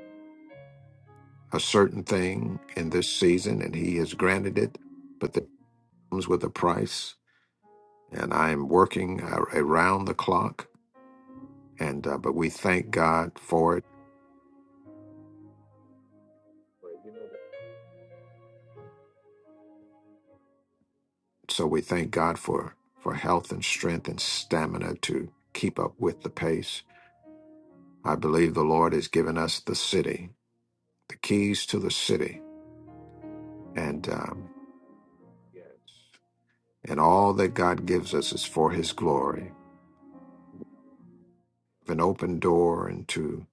Speaker 1: a certain thing in this season, and He has granted it, but that comes with a price. And I am working a- around the clock, and uh, but we thank God for it. So we thank God for for health and strength and stamina to keep up with the pace. I believe the Lord has given us the city, the keys to the city, and um, And all that God gives us is for His glory. An open door into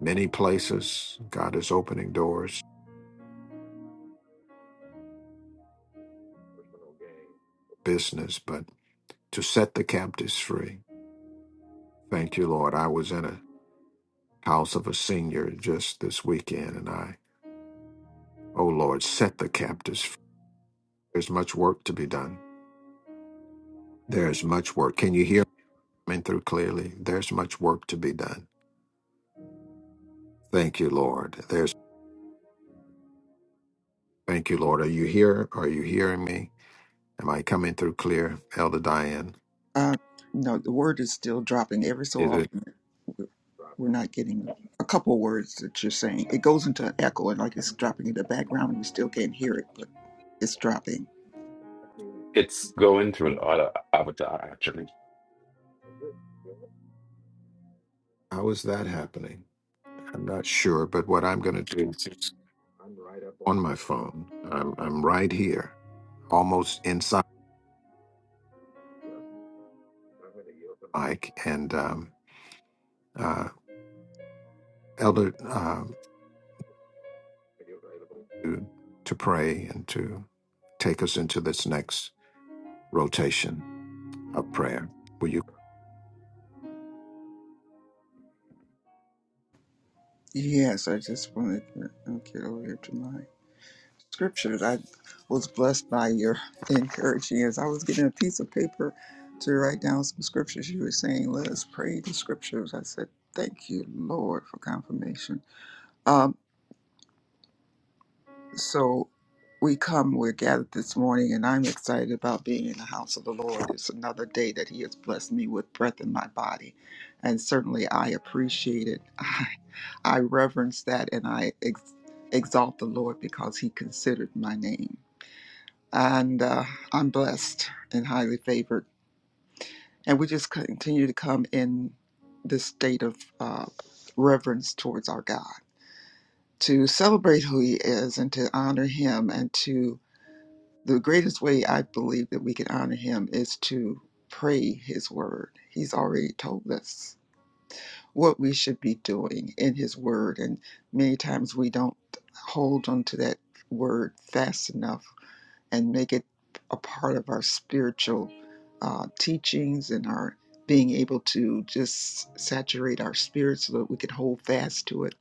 Speaker 1: many places. God is opening doors, business, but to set the captives free. Thank you, Lord. I was in a house of a senior just this weekend, and I, oh Lord, set the captives free. There's much work to be done. There's much work. Can you hear me coming through clearly? There's much work to be done. Thank you, Lord. There's thank you, Lord. Are you here? Are you hearing me? Am I coming through clear, Elder Diane?
Speaker 4: Uh, no, the word is still dropping every so often. we're not getting a couple words that you're saying. It goes into an echo and like it's dropping in the background. We still can't hear it, but it's dropping.
Speaker 2: It's going through a lot of avatar actually.
Speaker 1: How is that happening? I'm not sure, but what I'm going to do is it's on my phone. I'm I'm right here, almost inside Mike and um, uh, Elder um, to to pray and to take us into this next rotation of prayer. Will you?
Speaker 4: Yes, I just wanted to get over here to my scriptures. I was blessed by your encouraging as I was getting a piece of paper to write down some scriptures. You were saying, let us pray the scriptures. I said, thank you, Lord, for confirmation. Um, So we come, we're gathered this morning, and I'm excited about being in the house of the Lord. It's another day that He has blessed me with breath in my body. And certainly I appreciate it. I, reverence that and I ex- exalt the Lord because He considered my name. And uh, I'm blessed and highly favored. And we just continue to come in this state of uh, reverence towards our God to celebrate who He is and to honor Him and to the greatest way I believe that we can honor him is to pray his word. He's already told us what we should be doing in his word, and many times we don't hold on to that word fast enough and make it a part of our spiritual uh, teachings and our being able to just saturate our spirit so that we can hold fast to it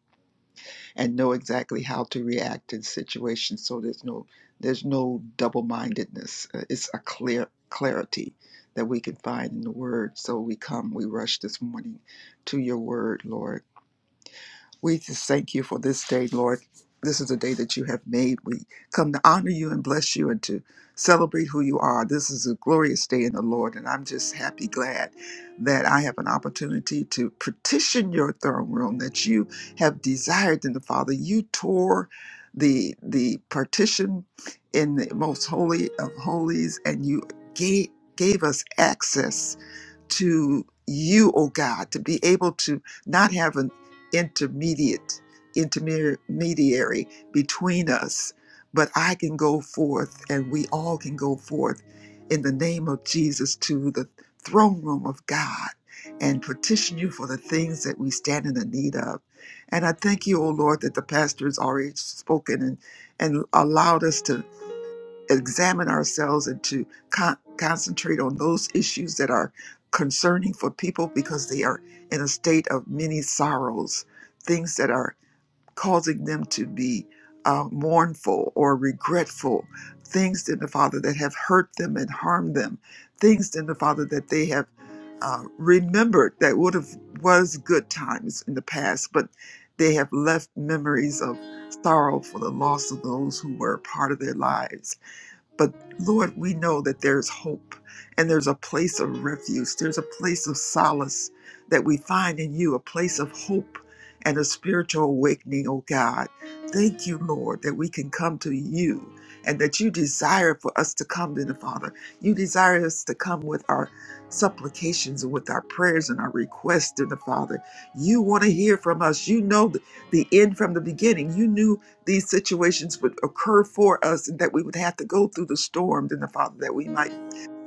Speaker 4: and know exactly how to react in situations. So there's no there's no double-mindedness. Uh, It's a clear clarity that we can find in the Word. So we come, we rush this morning to Your Word, Lord we just thank you for this day, Lord. This is a day that you have made. We come to honor you and bless you and to celebrate who you are. This is a glorious day in the Lord, and I'm just happy, glad that I have an opportunity to petition your throne room that you have desired in the Father. You tore the the partition in the most holy of holies, and you gave gave us access to you, O God, to be able to not have an intermediate intermediary between us, but I can go forth and we all can go forth in the name of Jesus to the throne room of God and petition you for the things that we stand in the need of. And I thank you, O Lord, that the pastor has already spoken and, and allowed us to examine ourselves and to con- concentrate on those issues that are concerning for people because they are in a state of many sorrows, things that are causing them to be uh, mournful or regretful, things in the Father that have hurt them and harmed them, things in the Father that they have uh, remembered that would have was good times in the past, but they have left memories of sorrow for the loss of those who were a part of their lives but Lord, we know that there's hope and there's a place of refuge. There's a place of solace that we find in you, a place of hope and a spiritual awakening, oh God. Thank you, Lord, that we can come to you and that you desire for us to come to the Father. You desire us to come with our supplications and with our prayers and our requests to the Father. You want to hear from us. You know the, the end from the beginning. You knew these situations would occur for us and that we would have to go through the storm, then the Father, that we might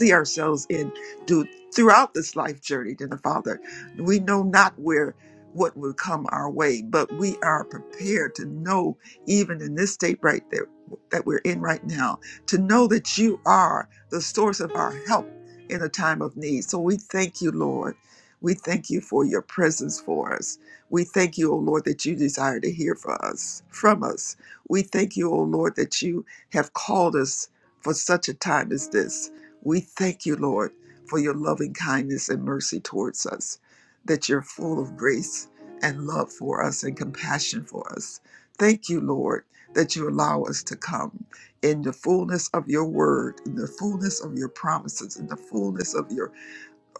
Speaker 4: see ourselves in do throughout this life journey, then the Father. We know not where what will come our way, but we are prepared to know, even in this state right there that we're in right now, to know that you are the source of our help in a time of need. So we thank you, Lord. We thank you for your presence for us. We thank you, O Lord, that you desire to hear from us, from us. We thank you, O Lord, that you have called us for such a time as this. We thank you, Lord, for your loving kindness and mercy towards us, that you're full of grace and love for us and compassion for us. Thank you, Lord, that you allow us to come in the fullness of your word, in the fullness of your promises, in the fullness of your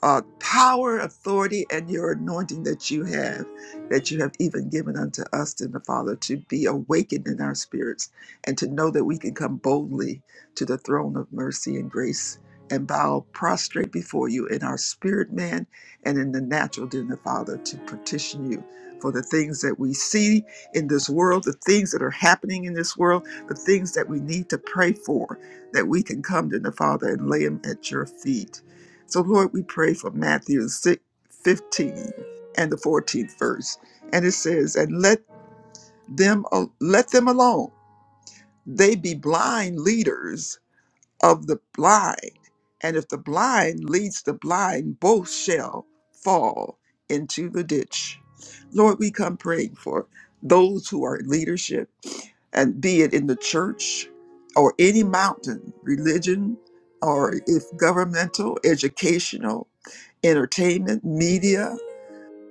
Speaker 4: uh, power, authority, and your anointing that you have, that you have even given unto us, in the Father, to be awakened in our spirits and to know that we can come boldly to the throne of mercy and grace and bow prostrate before you in our spirit, man, and in the natural, dear the Father, to petition you for the things that we see in this world, the things that are happening in this world, the things that we need to pray for, that we can come to the Father and lay them at your feet so, Lord, we pray for Matthew 6, 15 and the 14th verse. And it says, And let them, al- let them alone. They be blind leaders of the blind. And if the blind leads the blind, both shall fall into the ditch. Lord, we come praying for those who are in leadership, and be it in the church or any mountain, religion, or if governmental, educational, entertainment, media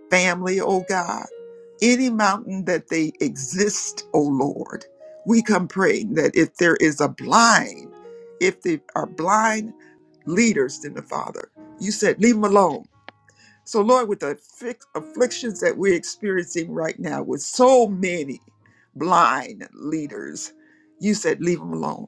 Speaker 4: family, oh God. Any mountain that they exist, O Lord, we come praying that if there is a blind, if they are blind leaders, then the Father, you said, leave them alone. So, Lord, with the afflic- afflictions that we're experiencing right now, with so many blind leaders, you said, leave them alone.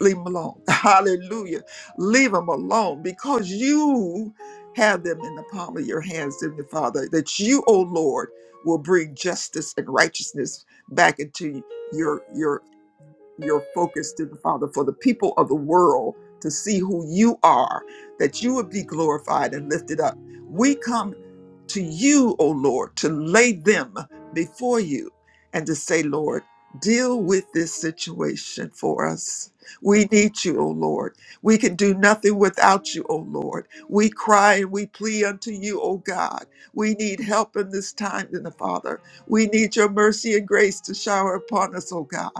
Speaker 4: Leave them alone. Hallelujah. Leave them alone because you have them in the palm of your hands, dear Father, that you, O Lord, will bring justice and righteousness back into your your your focus to the Father, for the people of the world to see who you are, that you would be glorified and lifted up. We come to you, O Lord, to lay them before you and to say, Lord, deal with this situation for us. We need you, O Lord. We can do nothing without you, O Lord. We cry and we plead unto you, O God. We need help in this time, then the Father. We need your mercy and grace to shower upon us, O God.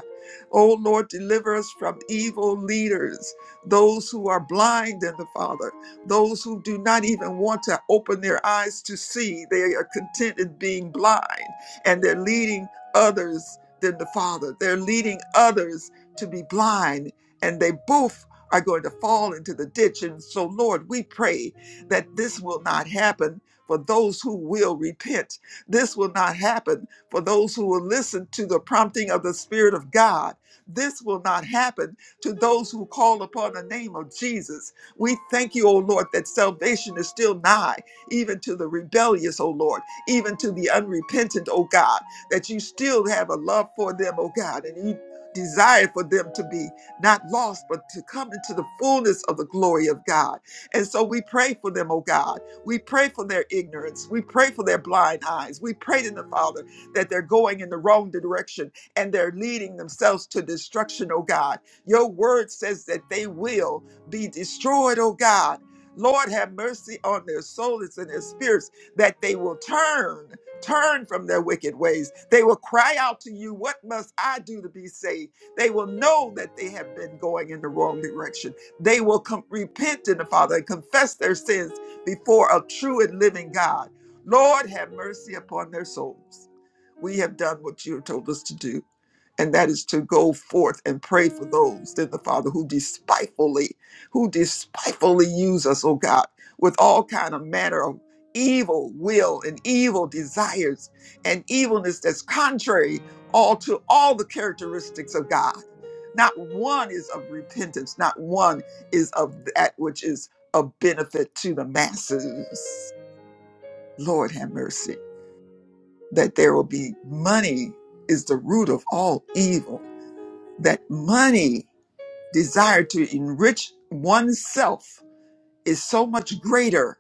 Speaker 4: Oh Lord, deliver us from evil leaders, those who are blind in the Father, those who do not even want to open their eyes to see. They are content in being blind and they're leading others than the Father. They're leading others to be blind and they both are going to fall into the ditch. And so, Lord, we pray that this will not happen for those who will repent. This will not happen for those who will listen to the prompting of the Spirit of God this will not happen to those who call upon the name of Jesus. We thank you, O Lord, that salvation is still nigh, even to the rebellious, O Lord, even to the unrepentant, O God, that you still have a love for them, O God, and you desire for them to be not lost, but to come into the fullness of the glory of God. And so we pray for them, O God. We pray for their ignorance. We pray for their blind eyes. We pray to them, Father, that they're going in the wrong direction and they're leading themselves to destruction, oh God. Your word says that they will be destroyed, oh God. Lord, have mercy on their souls and their spirits that they will turn, turn from their wicked ways. They will cry out to you, What must I do to be saved? They will know that they have been going in the wrong direction. They will com- repent in the Father and confess their sins before a true and living God. Lord, have mercy upon their souls. We have done what you told us to do, and that is to go forth and pray for those, then the Father, who despitefully, who despitefully use us, oh God, with all kind of manner of evil will and evil desires and evilness that's contrary all to all the characteristics of God. Not one is of repentance, not one is of that which is of benefit to the masses. Lord have mercy that there will be money is the root of all evil, that money, desire to enrich oneself, is so much greater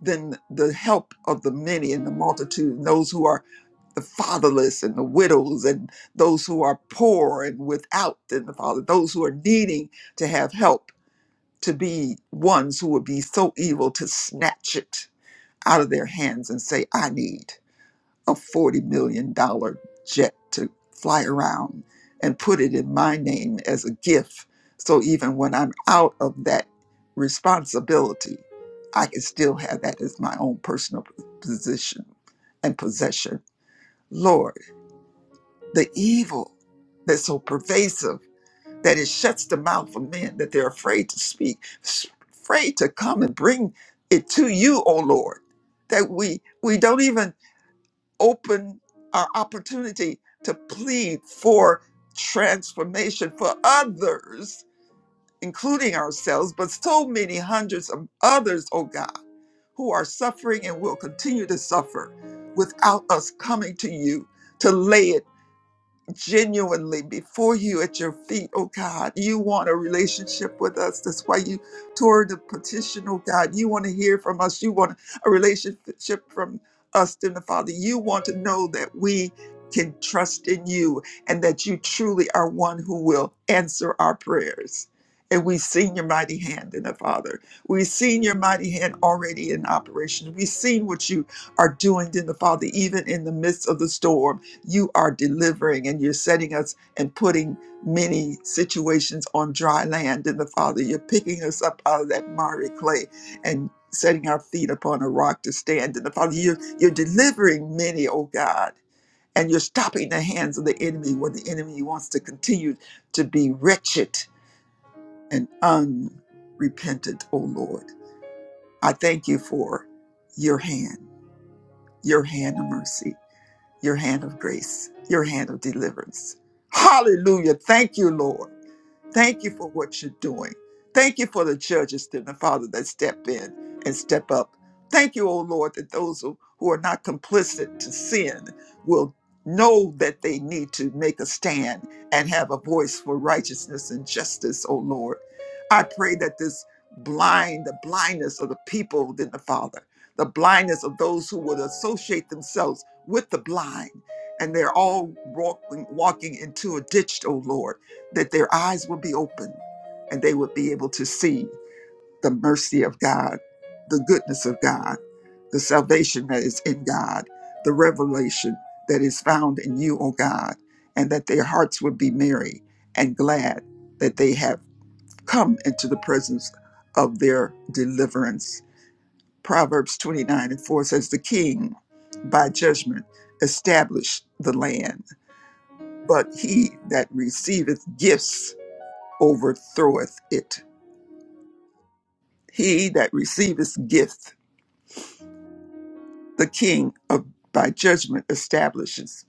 Speaker 4: than the help of the many and the multitude, and those who are the fatherless and the widows, and those who are poor and without, than the father, those who are needing to have help to be ones who would be so evil to snatch it out of their hands and say, I need. a $40 million dollars jet to fly around and put it in my name as a gift. So even when I'm out of that responsibility, I can still have that as my own personal position and possession. Lord, the evil that's so pervasive that it shuts the mouth of men that they're afraid to speak, s- afraid to come and bring it to you, O Lord, that we we don't even open our opportunity to plead for transformation for others, including ourselves, but so many hundreds of others, oh God, who are suffering and will continue to suffer without us coming to you to lay it genuinely before you at your feet, oh God. You want a relationship with us. That's why you tore the petition, oh God. You want to hear from us. You want a relationship from us, then the Father. You want to know that we can trust in you and that you truly are one who will answer our prayers. And we've seen your mighty hand in the Father. We've seen your mighty hand already in operation. We've seen what you are doing in the Father, even in the midst of the storm you are delivering and you're setting us and putting many situations on dry land in the Father. You're picking us up out of that miry clay and setting our feet upon a rock to stand in the Father. You're, you're delivering many, oh God, and you're stopping the hands of the enemy when the enemy wants to continue to be wretched and unrepentant, oh Lord. I thank you for your hand, your hand of mercy your hand of grace, your hand of deliverance. Hallelujah. Thank you, Lord. Thank you for what you're doing. Thank you for the judges and the Father that step in and step up. Thank you, O Lord, that those who who are not complicit to sin will know that they need to make a stand and have a voice for righteousness and justice, O Lord. I pray that this blind, the blindness of the people, then the Father, the blindness of those who would associate themselves with the blind, and they're all walking, walking into a ditch, O Lord that their eyes would be open and they would be able to see the mercy of God, the goodness of God, the salvation that is in God, the revelation that is found in you, O God, and that their hearts would be merry and glad that they have come into the presence of their deliverance. Proverbs 29 and 4 says, The king by judgment established the land, but he that receiveth gifts overthroweth it. He that receiveth gift, the king of by judgment establishes.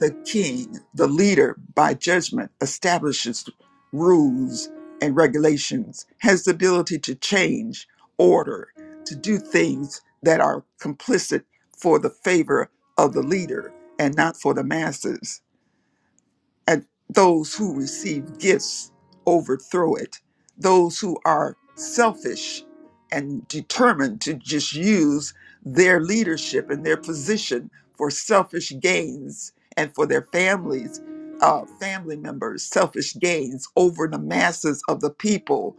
Speaker 4: The king, the leader by judgment establishes rules and regulations, has the ability to change order, to do things that are complicit for the favor of the leader and not for the masses and those who receive gifts overthrow it. Those who are selfish and determined to just use their leadership and their position for selfish gains and for their families, uh, family members, selfish gains over the masses of the people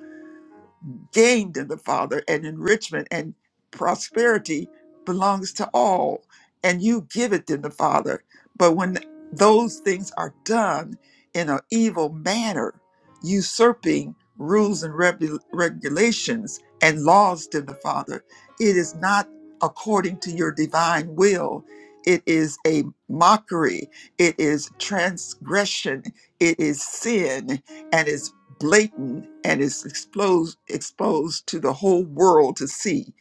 Speaker 4: Gained in the Father and enrichment and prosperity belongs to all, and you give it to the Father. But when those things are done in an evil manner, usurping rules and regu- regulations and laws to the Father, it is not according to your divine will. It is a mockery. It is transgression. It is sin. And it's blatant and is exposed exposed to the whole world to see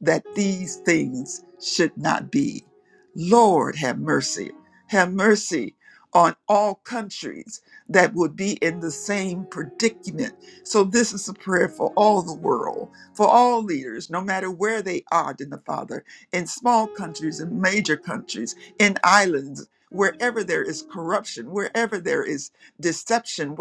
Speaker 4: that these things should not be. Lord, have mercy. Have mercy on all countries that would be in the same predicament. So, this is a prayer for all the world, for all leaders, no matter where they are in the Father, in small countries, in major countries, in islands, wherever there is corruption, wherever there is deception,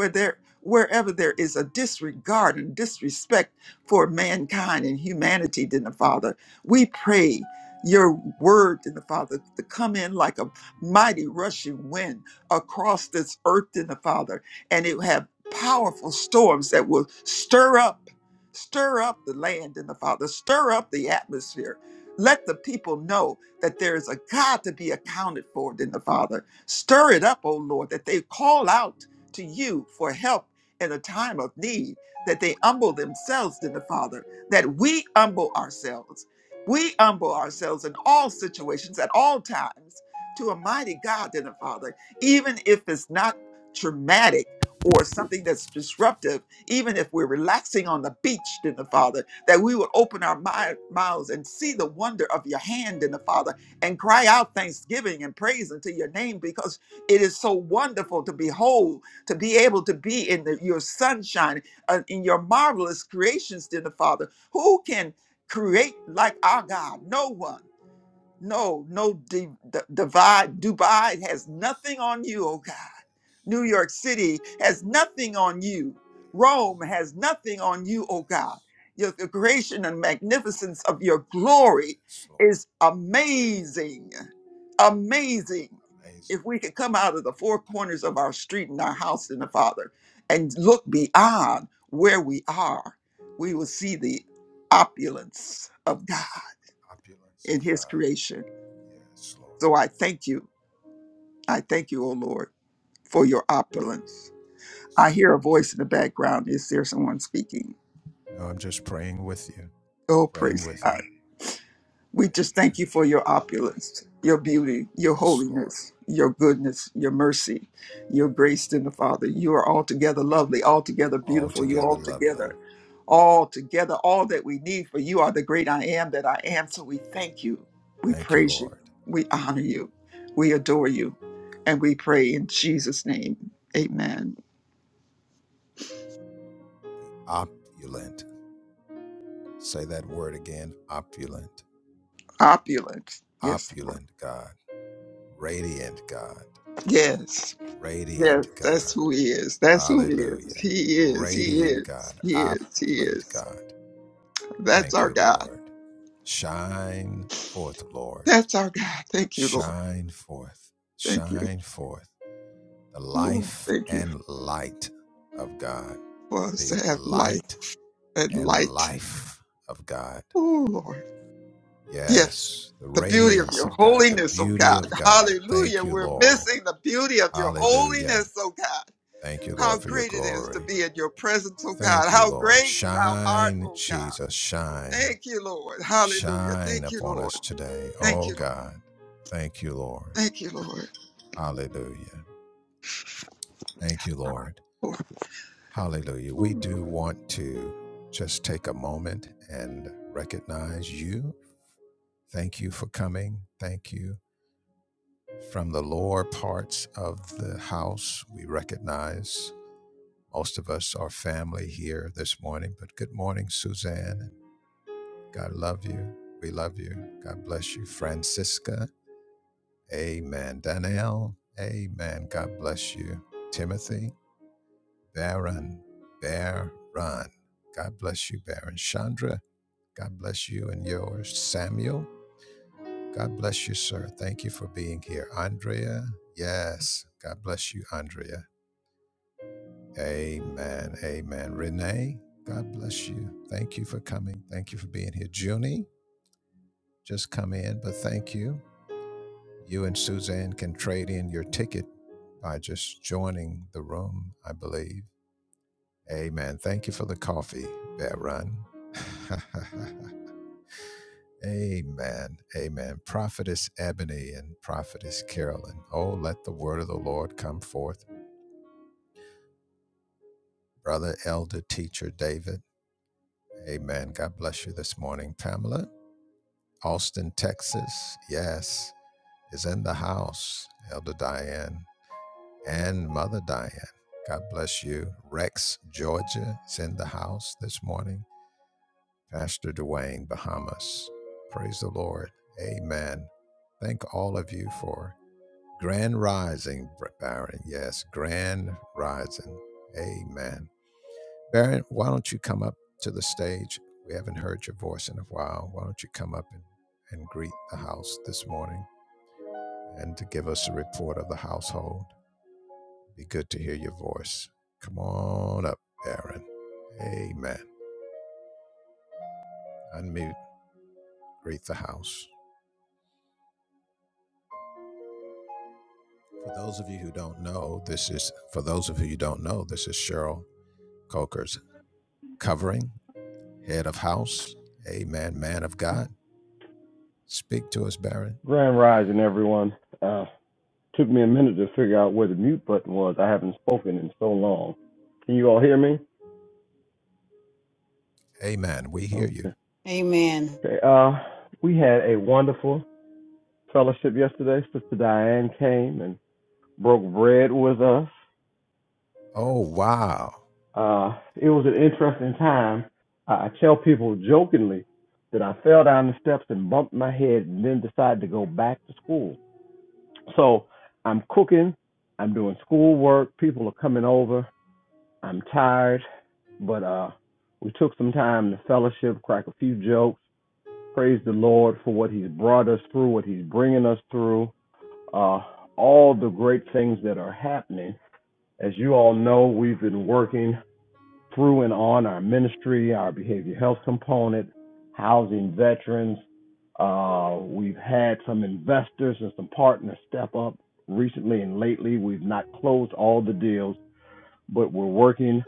Speaker 4: wherever there is a disregard and disrespect for mankind and humanity, then the Father, we pray your word then the Father to come in like a mighty rushing wind across this earth then the Father, and it will have powerful storms that will stir up, stir up the land in the Father, stir up the atmosphere. Let the people know that there is a God to be accounted for then the Father. Stir it up, O Lord, that they call out to you for help in a time of need, that they humble themselves to the Father, that we humble ourselves. We humble ourselves in all situations, at all times, to a mighty God, in the Father, even if it's not traumatic or something that's disruptive, even if we're relaxing on the beach, in the Father, that we would open our mi- mouths and see the wonder of your hand, in the Father, and cry out thanksgiving and praise unto your name because it is so wonderful to behold to be able to be in the, your sunshine, uh, in your marvelous creations, dear the Father. Who can create like our God? No one. No, no, di- d- divide. Dubai has nothing on you, oh God. New York City has nothing on you. Rome has nothing on you, oh God. Your, the creation and magnificence of your glory
Speaker 3: yes, yes, Lord.
Speaker 4: is amazing. Amazing.
Speaker 3: Amazing.
Speaker 4: If we could come out of the four corners of our street and our house in the Father and
Speaker 3: Thank you,
Speaker 4: look beyond where we are, we will see the opulence of God
Speaker 3: Lord. Opulence of
Speaker 4: in His
Speaker 3: God.
Speaker 4: creation
Speaker 3: Yes, Lord.
Speaker 4: so I thank you.
Speaker 3: Thank
Speaker 4: I thank you,
Speaker 3: you,
Speaker 4: O Lord, for your opulence.
Speaker 3: Lord. Yes.
Speaker 4: I hear a voice in the background. Is there someone speaking?
Speaker 3: No, I'm just praying with you,
Speaker 4: Oh,
Speaker 3: praying
Speaker 4: praise
Speaker 3: with you.
Speaker 4: God. We just
Speaker 3: Amen.
Speaker 4: thank you for your opulence, your beauty, your
Speaker 3: Yes, Lord.
Speaker 4: holiness, your goodness, your mercy, your grace in the Father. You are altogether lovely, altogether beautiful. You're
Speaker 3: Altogether lovely.
Speaker 4: altogether, altogether, all that we need. For you are the great I am that I am. So we thank you. We
Speaker 3: Thank you,
Speaker 4: praise you.
Speaker 3: Lord.
Speaker 4: We honor you. We adore you. And we pray in Jesus' name. Amen.
Speaker 3: Opulent. Say that word again opulent.
Speaker 4: Opulence. Yes, Lord.
Speaker 3: opulent God, radiant God,
Speaker 4: Yes. Yes,
Speaker 3: radiant
Speaker 4: that's
Speaker 3: God.
Speaker 4: who he is. That's who he is.
Speaker 3: Hallelujah.
Speaker 4: He is. He
Speaker 3: Radiant
Speaker 4: is.
Speaker 3: God,
Speaker 4: He is. He
Speaker 3: opulent
Speaker 4: is.
Speaker 3: God.
Speaker 4: That's
Speaker 3: Thank
Speaker 4: our
Speaker 3: you,
Speaker 4: God.
Speaker 3: Lord. Shine forth, Lord.
Speaker 4: That's our God. Thank you, Lord.
Speaker 3: Shine forth.
Speaker 4: Thank you.
Speaker 3: Shine forth the
Speaker 4: Ooh,
Speaker 3: life
Speaker 4: thank you
Speaker 3: and light of God.
Speaker 4: for us to
Speaker 3: The
Speaker 4: have life
Speaker 3: light
Speaker 4: and
Speaker 3: and
Speaker 4: light.
Speaker 3: life of God.
Speaker 4: Oh, Lord. Yes.
Speaker 3: Yes, the
Speaker 4: The beauty of
Speaker 3: radiance
Speaker 4: your
Speaker 3: of God, the
Speaker 4: holiness, oh
Speaker 3: beauty
Speaker 4: God.
Speaker 3: of God. Thank
Speaker 4: Hallelujah.
Speaker 3: you,
Speaker 4: We're
Speaker 3: Lord.
Speaker 4: missing the beauty of your
Speaker 3: Hallelujah.
Speaker 4: holiness, oh God.
Speaker 3: Thank you,
Speaker 4: How
Speaker 3: Lord, for your
Speaker 4: great it is to
Speaker 3: glory.
Speaker 4: be in your presence, oh God.
Speaker 3: Thank you,
Speaker 4: How
Speaker 3: Lord.
Speaker 4: great thou art,
Speaker 3: Shine,
Speaker 4: oh God.
Speaker 3: Jesus, shine.
Speaker 4: Thank you, Lord. Hallelujah.
Speaker 3: Shine
Speaker 4: Thank you,
Speaker 3: upon
Speaker 4: Lord.
Speaker 3: us today.
Speaker 4: Thank
Speaker 3: Oh,
Speaker 4: you,
Speaker 3: God. Thank you, Lord.
Speaker 4: Thank you, Lord.
Speaker 3: Hallelujah. Thank you, Lord. Hallelujah. We do want to just take a moment and recognize you. Thank you for coming. Thank you. From the lower parts of the house, we recognize most of us are family here this morning, but good morning, Suzanne. God love you. We love you. God bless you. Francisca, amen. Danielle, amen. God bless you. Timothy, Baron, Baron. God bless you, Baron. Chandra, God bless you and yours. Samuel, God bless you, sir. Thank you for being here. Andrea, yes. God bless you, Andrea. Amen. Amen. Renee, God bless you. Thank you for coming. Thank you for being here. Junie, just come in, but thank you. You and Suzanne can trade in your ticket by just joining the room, I believe. Amen. Thank you for the coffee, Bear Run. Amen. Amen. Prophetess Ebony and Prophetess Carolyn. Oh, let the word of the Lord come forth. Brother, Elder, Teacher David. Amen. God bless you this morning, Pamela. Austin, Texas. Yes, is in the house. Elder Diane. and Mother Diane. God bless you. Rex, Georgia is in the house this morning. Pastor Dwayne, Bahamas. Praise the Lord. Amen. Thank all of you for Grand Rising, Baron. Yes, Grand Rising. Amen. Baron, why don't you come up to the stage? We haven't heard your voice in a while. Why don't you come up and, and greet the house this morning and to give us a report of the household? Be good to hear your voice. Come on up, Aaron. Amen. Unmute, greet the house. For those of you who don't know, this is for those of you who don't know, this is Cheryl Coker's covering, head of house. Amen, man of God. Speak to us, Baron.
Speaker 6: Grand Rising, everyone. Uh, took me a minute to figure out where the mute button was. I haven't spoken in so long. Can you all hear me?
Speaker 3: Amen. We hear you.
Speaker 6: Okay.
Speaker 7: Amen.
Speaker 6: okay. Uh, we had a wonderful fellowship yesterday. Sister Diane came and broke bread with us.
Speaker 3: Oh, wow.
Speaker 6: Uh, it was an interesting time. I I tell people jokingly that I fell down the steps and bumped my head and then decided to go back to school. So I'm cooking, I'm doing schoolwork, people are coming over I'm tired, but uh, we took some time to fellowship, crack a few jokes, praise the Lord for what He's brought us through, what He's bringing us through, uh, all the great things that are happening. As you all know, we've been working through and on our ministry, our behavioral health component, housing veterans. Uh, we've had some investors and some partners step up recently and lately. We've not closed all the deals, but we're working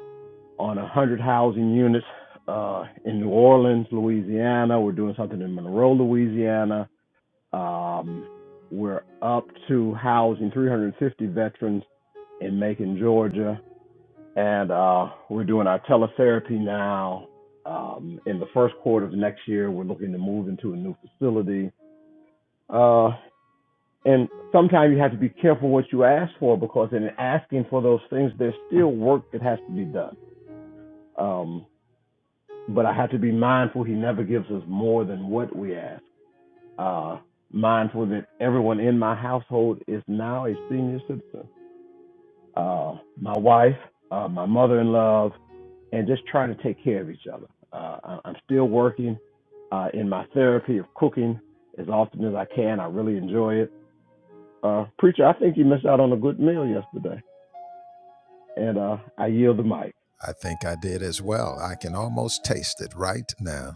Speaker 6: on 100 housing units uh, in New Orleans, Louisiana. We're doing something in Monroe, Louisiana. Um, we're up to housing 350 veterans in Macon, Georgia. And uh, we're doing our teletherapy now. Um, in the first quarter of next year, we're looking to move into a new facility. Uh, and sometimes you have to be careful what you ask for because in asking for those things, there's still work that has to be done. Um, but I have to be mindful he never gives us more than what we ask. Uh, mindful that everyone in my household is now a senior citizen. Uh, my wife, uh, my mother in law, and just trying to take care of each other. Uh, I- I'm still working uh, in my therapy of cooking as often as I can. I really enjoy it. Uh, preacher, I think you missed out on a good meal yesterday, and uh, I yield the mic.
Speaker 3: I think I did as well. I can almost taste it right now.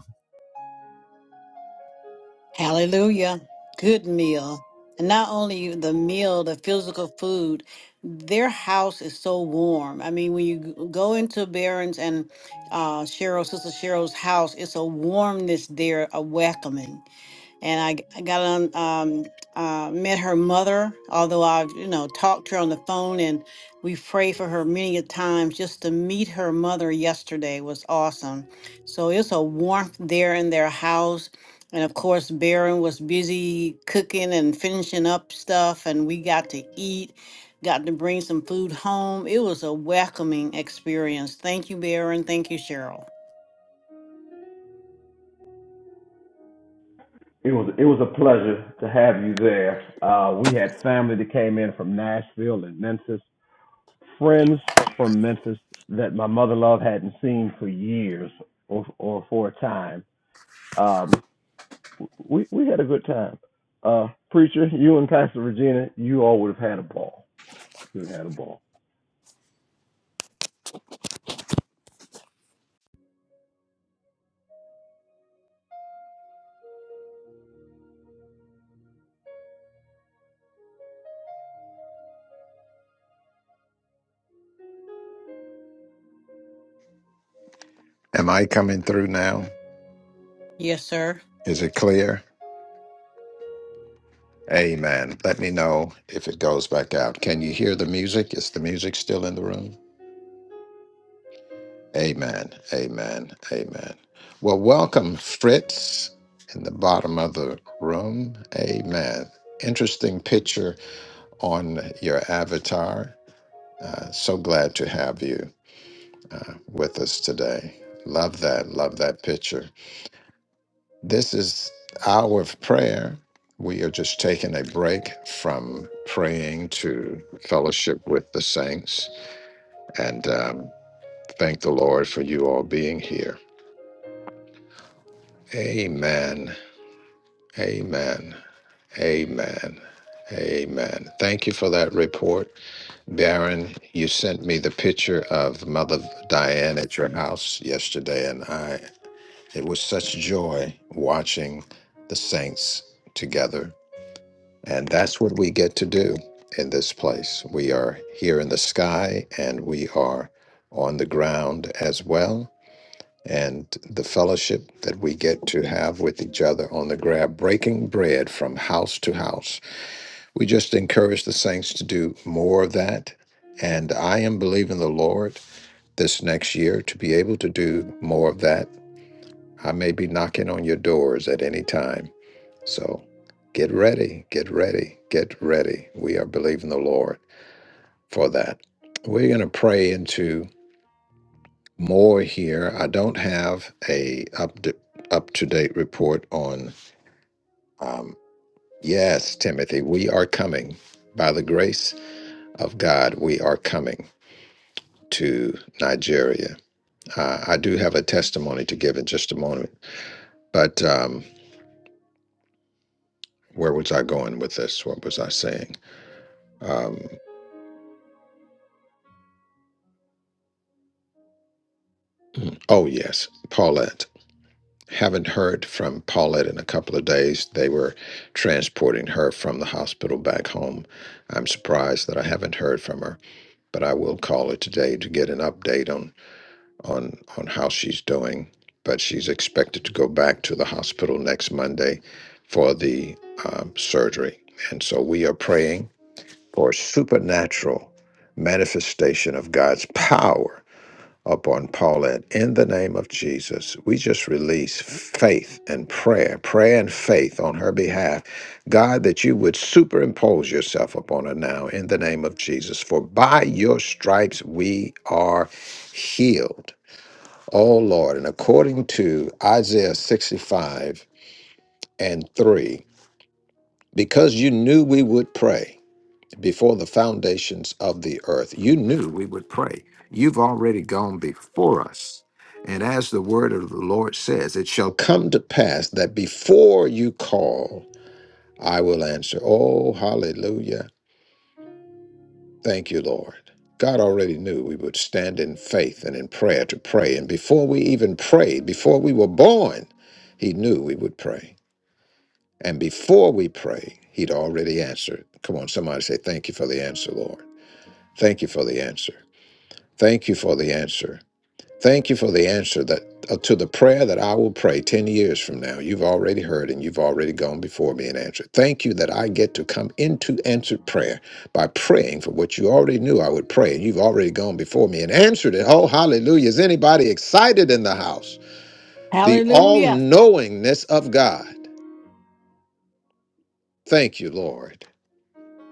Speaker 7: Hallelujah. Good meal. And not only the meal, the physical food, their house is so warm. I mean, when you g- go into Barron's and uh, Cheryl, Sister Cheryl's house, it's a warmness there, a welcoming. and I, g- I got on um uh met her mother although i you know talked to her on the phone and we prayed for her many a times just to meet her mother yesterday was awesome so it's a warmth there in their house and of course Baron was busy cooking and finishing up stuff and we got to eat got to bring some food home it was a welcoming experience thank you Baron thank you Cheryl
Speaker 6: It was it was a pleasure to have you there. Uh, we had family that came in from Nashville and Memphis, friends from Memphis that my mother love hadn't seen for years or or for a time. Um, we we had a good time. Uh, preacher, you and Pastor Regina, you all would have had a ball. You would have had a ball.
Speaker 1: Am I coming through now?
Speaker 7: yes sir
Speaker 1: Is it clear? Amen. Let me know if it goes back out. Can you hear the music? Is the music still in the room? Amen. Amen. Amen. Well, welcome, Fritz, in the bottom of the room. Amen. Interesting picture on your avatar. Uh, so glad to have you uh, with us today. Love that. Love that picture. This is hour of prayer. We are just taking a break from praying to fellowship with the saints and um, thank the Lord for you all being here. Amen. Amen. Amen. Amen. Thank you for that report. Baron, you sent me the picture of Mother Diane at your house yesterday, and I it was such joy watching the saints together And that's what we get to do in this place. We are here in the sky and we are on the ground as well. And the fellowship that we get to have with each other on the ground, breaking bread from house to house. We just encourage the saints to do more of that. And I am believing the Lord this next year to be able to do more of that. I may be knocking on your doors at any time so get ready, get ready, get ready. We are believing the Lord for that. We're going to pray into more here. I don't have a up to, up to date report on. Um, yes, Timothy, we are coming by the grace of God. We are coming to Nigeria. Uh, I do have a testimony to give in just a moment, but um, where was I going with this? What was I saying? Um, oh yes, Paulette. Haven't heard from Paulette in a couple of days. They were transporting her from the hospital back home. I'm surprised that I haven't heard from her, but I will call her today to get an update on on on how she's doing. But she's expected to go back to the hospital next Monday for the um, surgery, and so we are praying for supernatural manifestation of God's power upon Paulette in the name of Jesus. We just release faith and prayer, prayer and faith on her behalf. God, that you would superimpose yourself upon her now in the name of Jesus. For by your stripes we are healed. Oh Lord, and according to Isaiah 65 and 3, because you knew we would pray before the foundations of the earth. You knew we would pray. You've already gone before us. And as the word of the Lord says, it shall come to pass that before you call, I will answer. Oh, hallelujah. Thank you, Lord. God already knew we would stand in faith and in prayer to pray. And before we even prayed, before we were born, He knew we would pray. And before we pray, He'd already answered. Come on, somebody say, Thank you for the answer, Lord. Thank you for the answer. Thank you for the answer. Thank you for the answer that uh, to the prayer that I will pray 10 years from now. You've already heard and you've already gone before me and answered. Thank you that I get to come into answered prayer by praying for what you already knew I would pray and you've already gone before me and answered it. Oh, hallelujah. Is anybody excited in the house? The
Speaker 7: hallelujah
Speaker 1: all-knowingness of God. Thank you, Lord,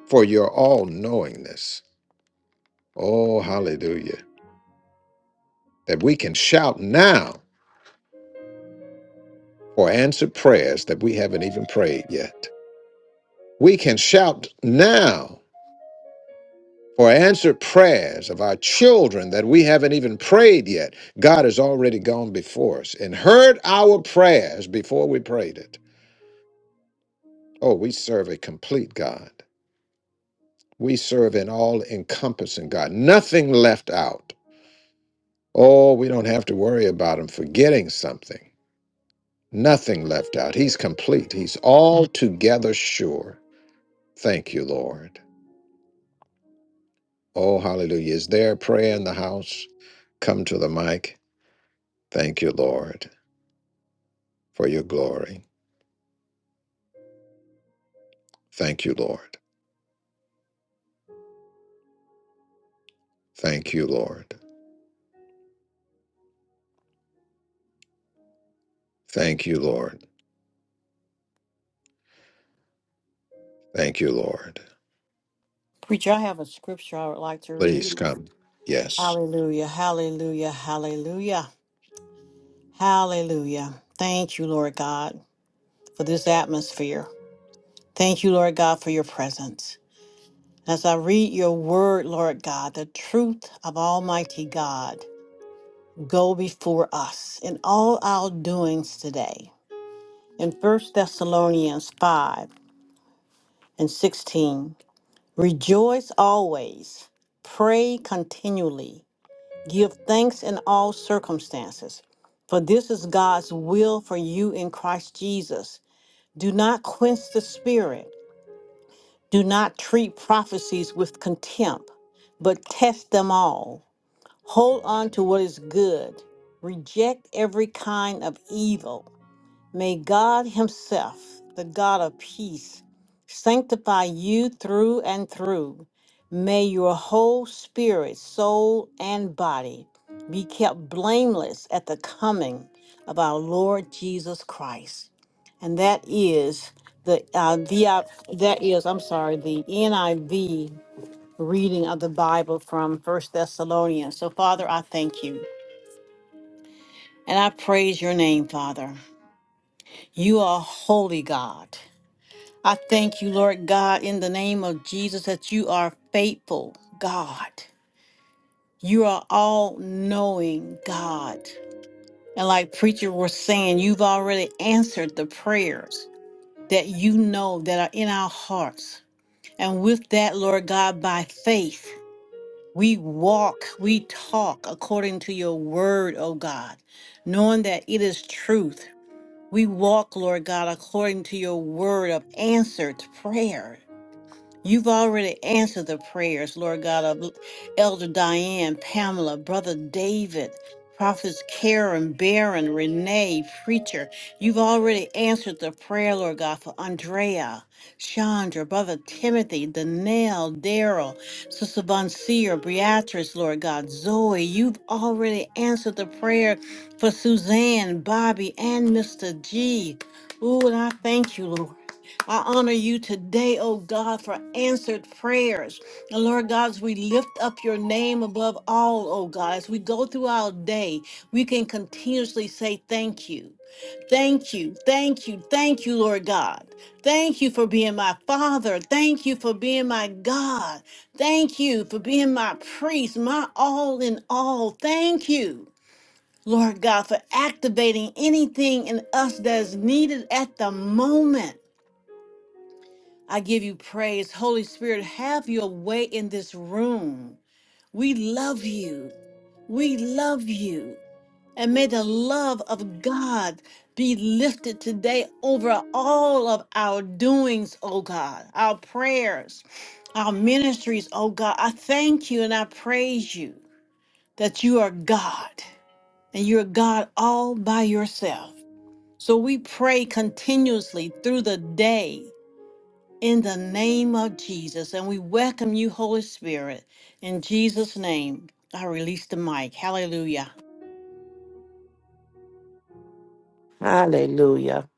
Speaker 1: for your all-knowingness. Oh, hallelujah. That we can shout now for answered prayers that we haven't even prayed yet. We can shout now for answered prayers of our children that we haven't even prayed yet. God has already gone before us and heard our prayers before we prayed it. Oh, we serve a complete God. We serve an all encompassing God, nothing left out. Oh, we don't have to worry about Him forgetting something. Nothing left out. He's complete. He's altogether sure. Thank you, Lord. Oh, hallelujah. Is there a prayer in the house? Come to the mic. Thank you, Lord, for your glory. Thank you, Lord. Thank you, Lord. Thank you, Lord. Thank you, Lord.
Speaker 7: Preacher, I have a scripture I would like to
Speaker 1: Please
Speaker 7: read.
Speaker 1: come. Yes.
Speaker 7: Hallelujah, hallelujah, hallelujah, hallelujah. Thank you, Lord God, for this atmosphere. Thank you, Lord God, for your presence. As I read your word, Lord God, the truth of Almighty God go before us in all our doings today. In First Thessalonians 5 and 16, rejoice always, pray continually. Give thanks in all circumstances, for this is God's will for you in Christ Jesus. Do not quench the spirit. Do not treat prophecies with contempt, but test them all. Hold on to what is good. Reject every kind of evil May God Himself, the God of peace, sanctify you through and through. May your whole spirit, soul, and body be kept blameless at the coming of our Lord Jesus Christ. And that is the uh, the uh, that is I'm sorry the NIV reading of the Bible from First Thessalonians. So Father, I thank you and I praise your name, Father. You are holy God. I thank you, Lord God, in the name of Jesus, that you are faithful, God. You are all knowing, God. And like preacher was saying, you've already answered the prayers that you know that are in our hearts. And with that, Lord God, by faith, we walk, we talk according to your word, O God, knowing that it is truth. We walk, Lord God, according to your word of answered prayer. You've already answered the prayers, Lord God, of Elder Diane, Pamela, Brother David, Prophets Karen, Baron, Renee, Preacher. You've already answered the prayer, Lord God, for Andrea, Chandra, Brother Timothy, Danelle, Daryl, Sister Bonseer, Beatrice, Lord God, Zoe. You've already answered the prayer for Suzanne, Bobby, and Mr. G. Ooh, and I thank you, Lord. I honor you today, oh God, for answered prayers. And Lord God, as we lift up your name above all, oh God, as we go through our day, we can continuously say thank you. Thank you, thank you, thank you, Lord God. Thank you for being my father. Thank you for being my God. Thank you for being my priest, my all in all. Thank you. Lord God, for activating anything in us that is needed at the moment. I give you praise. Holy Spirit, have your way in this room. We love you. We love you. And may the love of God be lifted today over all of our doings, oh God, our prayers, our ministries, oh God. I thank you and I praise you that you are God and you're God all by yourself. So we pray continuously through the day in the name of Jesus. And we welcome you, Holy Spirit. In Jesus' name, I release the mic. Hallelujah.
Speaker 8: Hallelujah.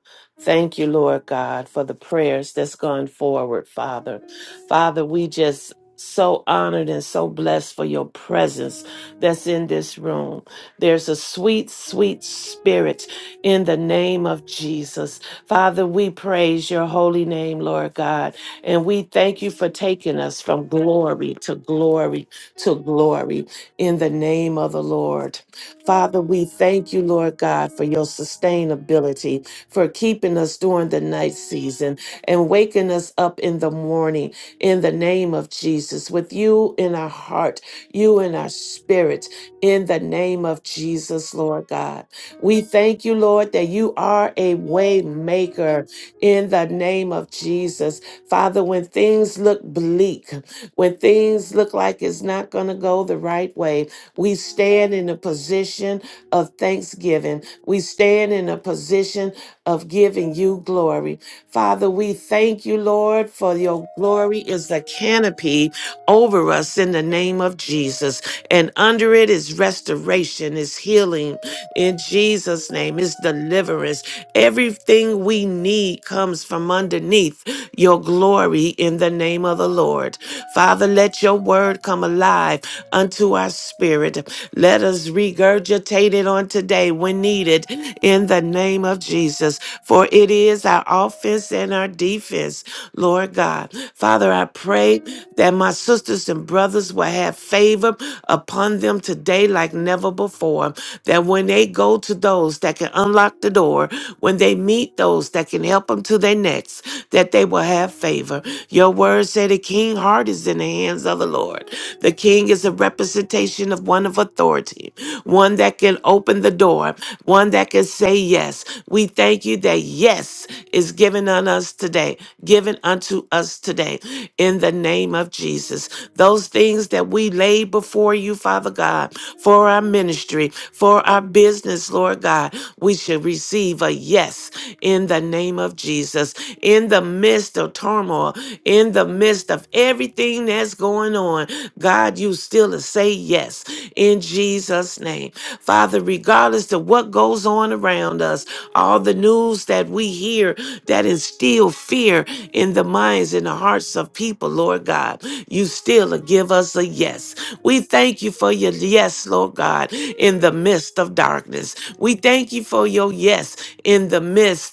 Speaker 8: Thank you, Lord God, for the prayers that's gone forward, Father. Father, we just so honored and so blessed for your presence that's in this room. There's a sweet, sweet spirit in the name of Jesus. Father, we praise your holy name, Lord God, and we thank you for taking us from glory to glory to glory in the name of the Lord. Father, we thank you, Lord God, for your sustainability, for keeping us during the night season and waking us up in the morning in the name of Jesus, with you in our heart, you in our spirit, in the name of Jesus, Lord God. We thank you, Lord, that you are a way maker in the name of Jesus. Father, when things look bleak, when things look like it's not going to go the right way, we stand in a position of thanksgiving. We stand in a position of giving you glory. Father, we thank you, Lord, for your glory is a canopy over us in the name of Jesus. And under it is restoration, is healing in Jesus' name, is deliverance. Everything we need comes from underneath your glory in the name of the Lord. Father, let your word come alive unto our spirit. Let us regurgitate it on today when needed needed in the name of Jesus. For it is our offense and our defense, Lord God. Father, I pray that my sisters and brothers will have favor upon them today like never before. That when they go to those that can unlock the door, when they meet those that can help them to their next, that they will have favor. Your word said a king's heart is in the hands of the Lord. The king is a representative representation of one of authority, one that can open the door, one that can say yes. We thank you that yes is given on us today, given unto us today in the name of Jesus. Those things that we lay before you, Father God, for our ministry, for our business, Lord God, we should receive a yes in the name of Jesus. In the midst of turmoil, in in the midst of everything that's going on, God, you still to say yes in Jesus' name. Father, regardless of what goes on around us, all the news that we hear that instill fear in the minds and the hearts of people, Lord God, you still to give us a yes. We thank you for your yes, Lord God, in the midst of darkness. We thank you for your yes in the midst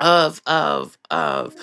Speaker 8: of of of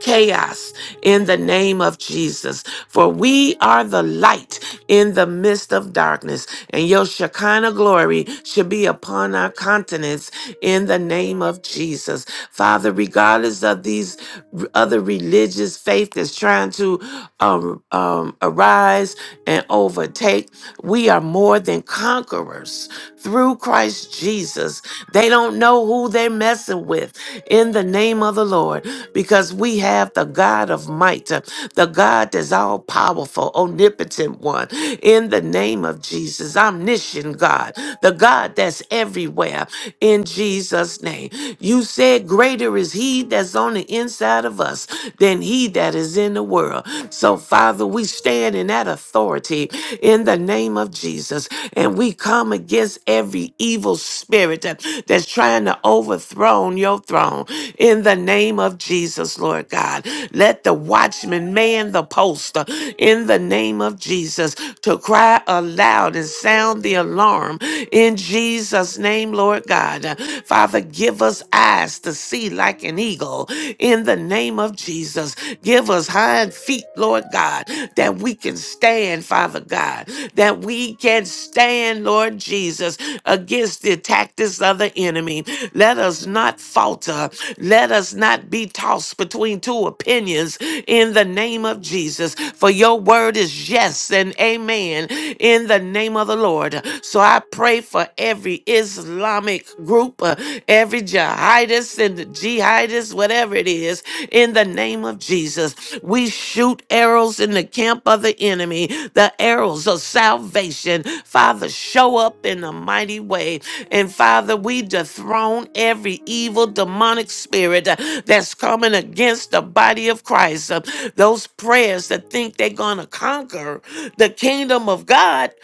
Speaker 8: chaos in the name of Jesus for we are the light in the midst of darkness and your Shekinah glory should be upon our continents in the name of Jesus father regardless of these r- other religious faith that's trying to um, um, arise and overtake we are more than conquerors through Christ Jesus they don't know who they're messing with in the the name of the Lord because we have the God of might, uh, the God that's all powerful, omnipotent one. In the name of Jesus, omniscient God, the God that's everywhere. In Jesus' name, you said, Greater is He that's on the inside of us than He that is in the world. So, Father, we stand in that authority in the name of Jesus and we come against every evil spirit that- that's trying to to overthrow your throne in the name of Jesus, Lord God. Let the watchman man the post uh, in the name of Jesus to cry aloud and sound the alarm in Jesus' name, Lord God. Uh, Father, give us eyes to see like an eagle in the name of Jesus. Give us hind feet, Lord God, that we can stand, Father God, that we can stand, Lord Jesus, against against the tactics of the enemy. Let us not falter. Let us not be tossed between two opinions in the name of Jesus. For your word is yes and amen in the name of the Lord. So I pray for every Islamic group, uh, every jihadist and the jihadist, whatever it is, in the name of Jesus. We shoot arrows in the camp of the enemy, the arrows of salvation. Father, Father, show up in a mighty way. And Father, we dethrone every evil demonic spirit uh, that's coming against the body of Christ. Uh, Those prayers that think they're going to conquer the kingdom of God.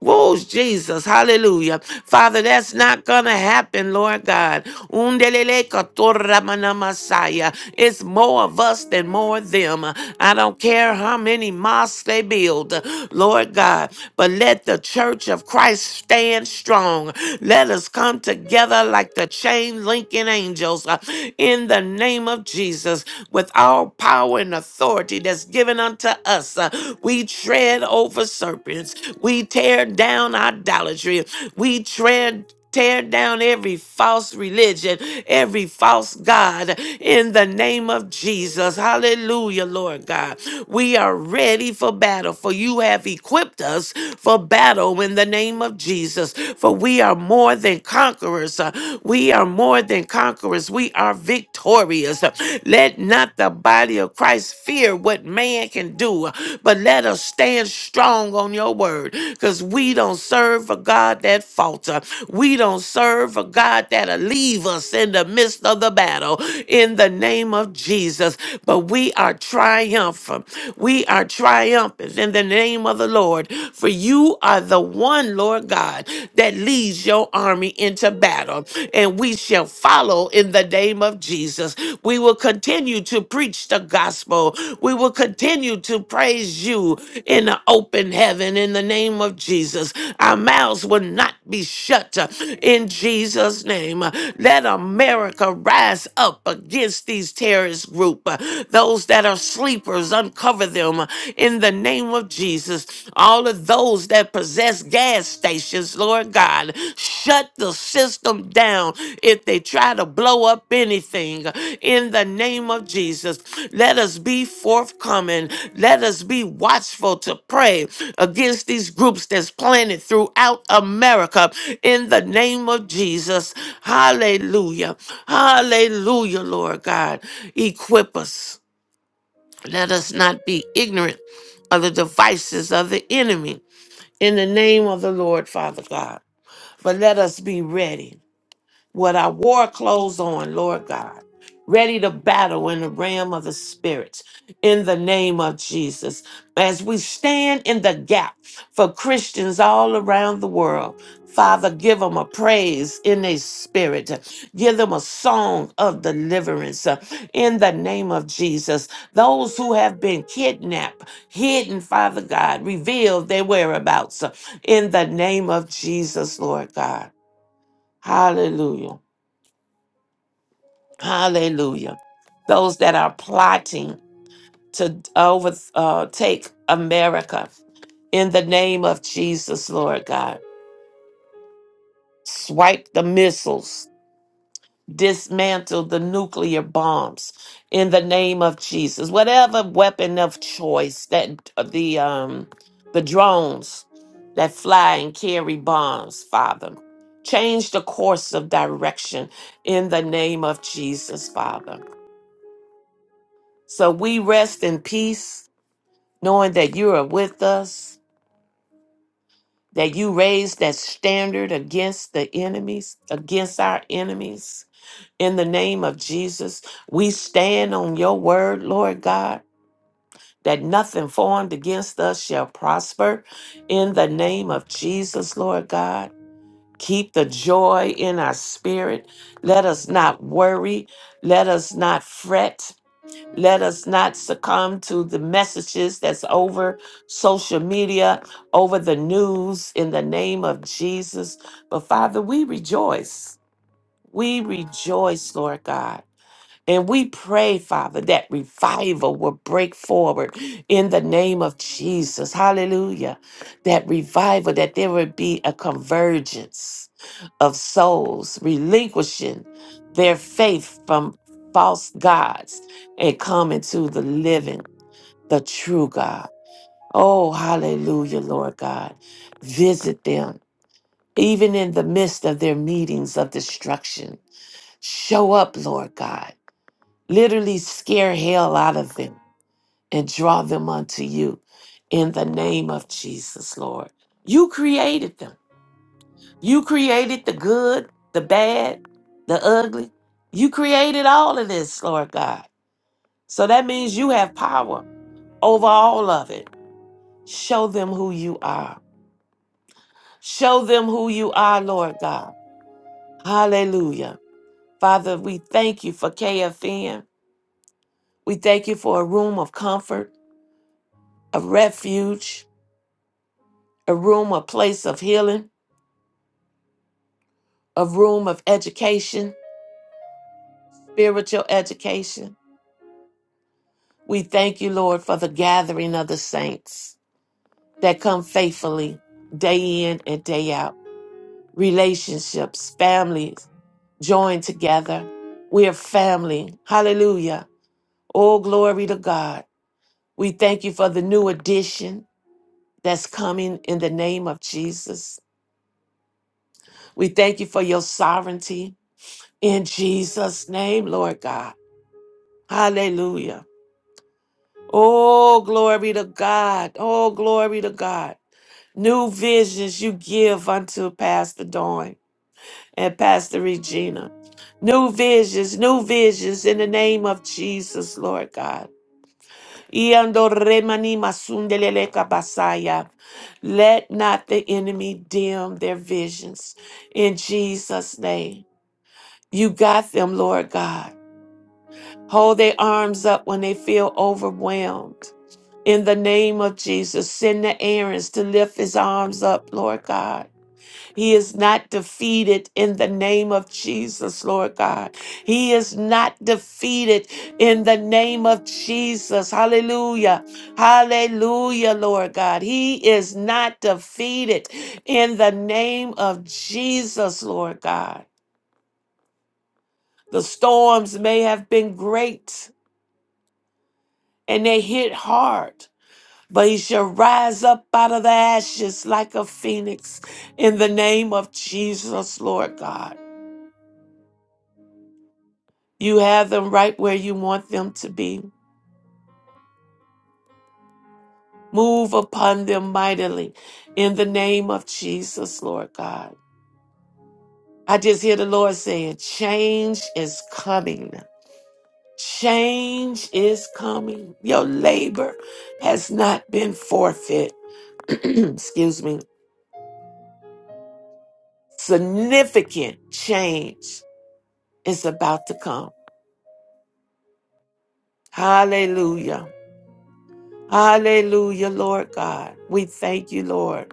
Speaker 8: Whoa, Jesus. Hallelujah. Father, that's not going to happen, Lord God. Undelele katorra mana masaya. It's more of us than more of them. I don't care how many mosques they build. Lord Lord God. But let the church of Christ stand strong. Let us come together like the chain linking angels uh, in the name of Jesus with all power and authority that's given unto us. uh, We tread over serpents. We tear down idolatry. We tread Tear down every false religion, every false God in the name of Jesus. Hallelujah, Lord God. We are ready for battle, for you have equipped us for battle in the name of Jesus. For we are more than conquerors. Uh, We are more than conquerors. We are victorious. Uh, Let not the body of Christ fear what man can do, but let us stand strong on your word because we don't serve a God that falter. We don't serve a God that'll leave us in the midst of the battle in the name of Jesus. But we are triumphant. We are triumphant in the name of the Lord. For you are the one, Lord God, that leads your army into battle and we shall follow in the name of Jesus. We will continue to preach the gospel. We will continue to praise you in the open heaven in the name of Jesus. Our mouths will not be shut uh, in Jesus' name. Uh, Let America rise up against these terrorist group. uh, Those that are sleepers, uncover them uh, in the name name of Jesus, all of those that possess gas stations, Lord God, shut the system down if they try to blow up anything. In the name of Jesus, let us be forthcoming. Let us be watchful to pray against these groups that's planted throughout America. In the name of Jesus, hallelujah. Hallelujah, Lord God. Equip us. Let us not be ignorant of the devices of the enemy in the name of the Lord, Father God. But let us be ready. What I wore clothes on, Lord God, ready to battle in the realm of the spirit, in the name of Jesus, as we stand in the gap for Christians all around the world. Father, give them a praise in their spirit. Give them a song of deliverance uh, in the name of Jesus. Those who have been kidnapped, hidden, Father God, reveal their whereabouts uh, in the name of Jesus, Lord God. Hallelujah. Hallelujah. Those that are plotting to overtake America in the name of Jesus, Lord God. Swipe the missiles, dismantle the nuclear bombs in the name of Jesus. Whatever weapon of choice that the um the drones that fly and carry bombs, Father. Change the course of direction in the name of Jesus, Father. So we rest in peace, knowing that you are with us, that you raised that standard against the enemies, against our enemies. In the name of Jesus, we stand on your word, Lord God, that nothing formed against us shall prosper. In the name of Jesus, Lord God, keep the joy in our spirit. Let us not worry. Let us not fret. Let us not succumb to the messages that's over social media, over the news in the name of Jesus. But Father, we rejoice. We rejoice, Lord God and we pray, Father, that revival will break forward in the name of Jesus. Hallelujah. That revival, that there would be a convergence of souls relinquishing their faith from false gods and coming to the living, the true God. Oh, hallelujah, Lord God. Visit them, even in the midst of their meetings of destruction. Show up, Lord God Literally scare hell out of them and draw them unto you in the name of Jesus, Lord. You created them. You created the good, the bad, the ugly. You created all of this, Lord God. So that means you have power over all of it. Show them who you are. Show them who you are, Lord God. Hallelujah. Father, we thank you for KFN. We thank you for a room of comfort, a refuge, a room, a place of healing, a room of education, spiritual education. We thank you, Lord, for the gathering of the saints that come faithfully day in and day out. Relationships, families joined together. We are family. Hallelujah. All glory to God. We thank you for the new addition that's coming in the name of Jesus. We thank you for your sovereignty in Jesus' name, Lord God. Hallelujah. Oh, glory to God. Oh, glory to God. New visions you give unto Pastor Dawn and Pastor Regina. New visions, new visions in the name of Jesus, Lord God. Iando remani masundelele kabasaya. Let not the enemy dim their visions in Jesus' name. You got them, Lord God. Hold their arms up when they feel overwhelmed. In the name of Jesus, send the errands to lift his arms up, Lord God. He is not defeated in the name of Jesus, Lord God. He is not defeated in the name of Jesus. Hallelujah. Hallelujah, Lord God. He is not defeated in the name of Jesus, Lord God. The storms may have been great and they hit hard, but he shall rise up out of the ashes like a phoenix in the name of Jesus, Lord God. You have them right where you want them to be. Move upon them mightily in the name of Jesus, Lord God. I just hear the Lord saying, Change is coming. Change is coming. Your labor has not been forfeit. Excuse me. Significant change is about to come. Hallelujah. Hallelujah, Lord God. We thank you, Lord.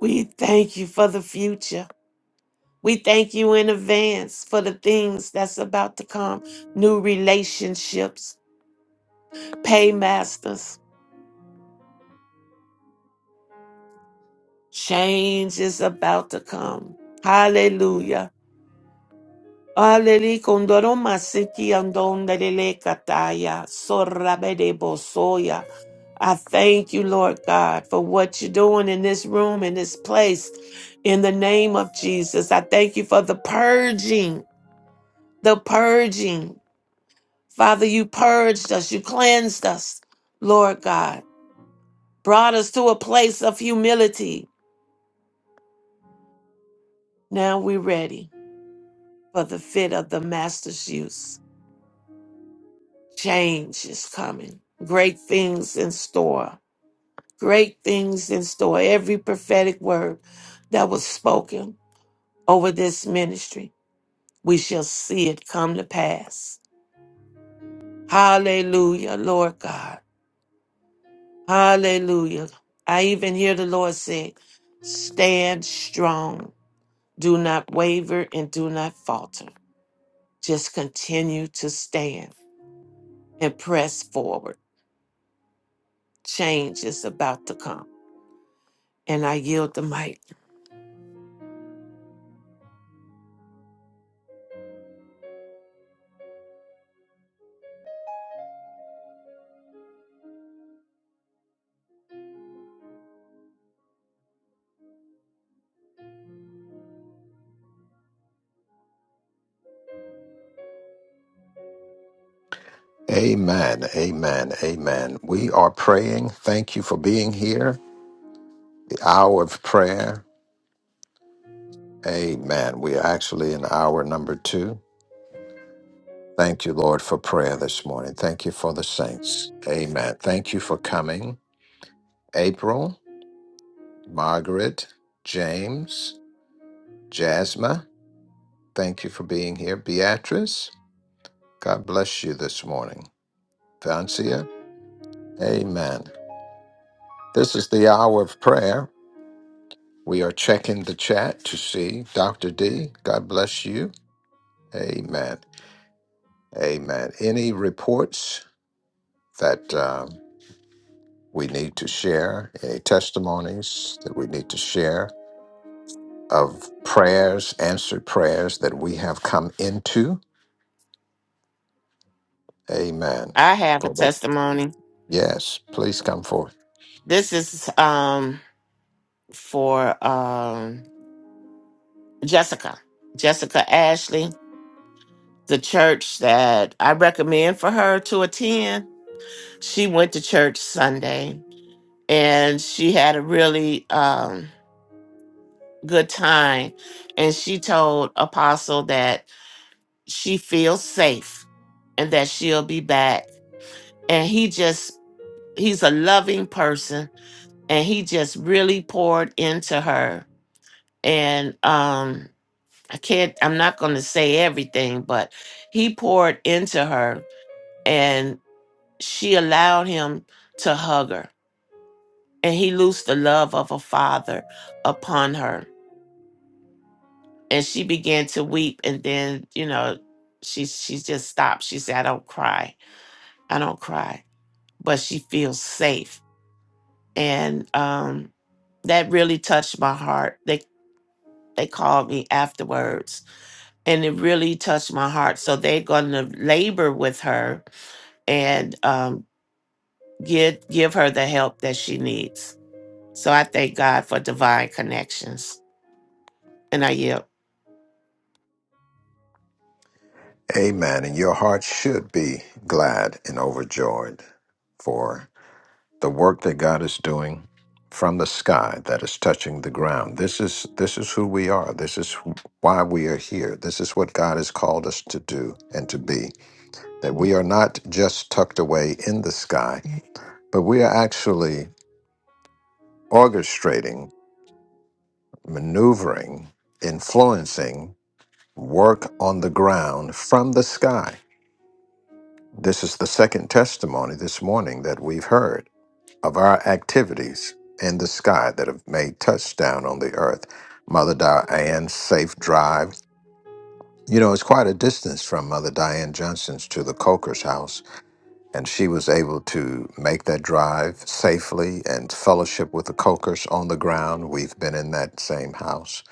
Speaker 8: We thank you for the future. We thank you in advance for the things that's about to come new relationships, paymasters. Change is about to come. Hallelujah. Hallelujah. Kondoro masiki andondelele kataya. Sorabede bosoya. I thank you, Lord God, for what you're doing in this room, in this place, in the name of Jesus. I thank you for the purging, the purging. Father, you purged us, you cleansed us, Lord God, brought us to a place of humility. Now we're ready for the fit of the Master's use. Change is coming, great things in store, great things in store. Every prophetic word that was spoken over this ministry. we shall see it come to pass. Hallelujah, Lord God. Hallelujah. I even hear the Lord say, Stand strong. Do not waver and do not falter. Just continue to stand and press forward. Change is about to come. And I yield the mic.
Speaker 1: Amen. Amen. Amen. We are praying. Thank you for being here. The hour of prayer. Amen. We are actually in hour number two. Thank you, Lord, for prayer this morning. Thank you for the saints. Amen. Thank you for coming. April. Margaret, James, Jasma, thank you for being here. Beatrice, God bless you this morning. Vancia, amen. This is the hour of prayer. We are checking the chat to see. Dr. D, God bless you. Amen. Amen. Any reports that um, we need to share, any testimonies that we need to share of prayers, answered prayers that we have come into? Amen
Speaker 8: I have a
Speaker 1: For the
Speaker 8: testimony.
Speaker 1: Yes, please come forth.
Speaker 8: This is um for um Jessica. Jessica Ashley. the church that I recommend for her to attend. She went to church Sunday and she had a really um, good time. And she told Apostle that she feels safe and that she'll be back. And he just, he's a loving person and he just really poured into her. And um, I can't, I'm not going to say everything, but he poured into her. and. she allowed him to hug her, and he loosed the love of a father upon her. And she began to weep, and then, you know, she she just stopped. She said, I don't cry. I don't cry. But she feels safe. And um that really touched my heart. They they called me afterwards and it really touched my heart. So they're gonna labor with her and um get give her the help that she needs. So I thank God for divine connections. And I yield.
Speaker 1: Amen. And your heart should be glad and overjoyed for the work that God is doing from the sky that is touching the ground. This is this is who we are. This is wh- why we are here. This is what God has called us to do and to be. That we are not just tucked away in the sky, but we are actually orchestrating, maneuvering, influencing work on the ground from the sky This is the second testimony this morning that we've heard of our activities in the sky that have made touchdown on the earth. Mother Diane's safe drive. You know, it's quite a distance from Mother Diane Johnson's to the Coker's house, and she was able to make that drive safely and fellowship with the Cokers on the ground. We've been in that same house.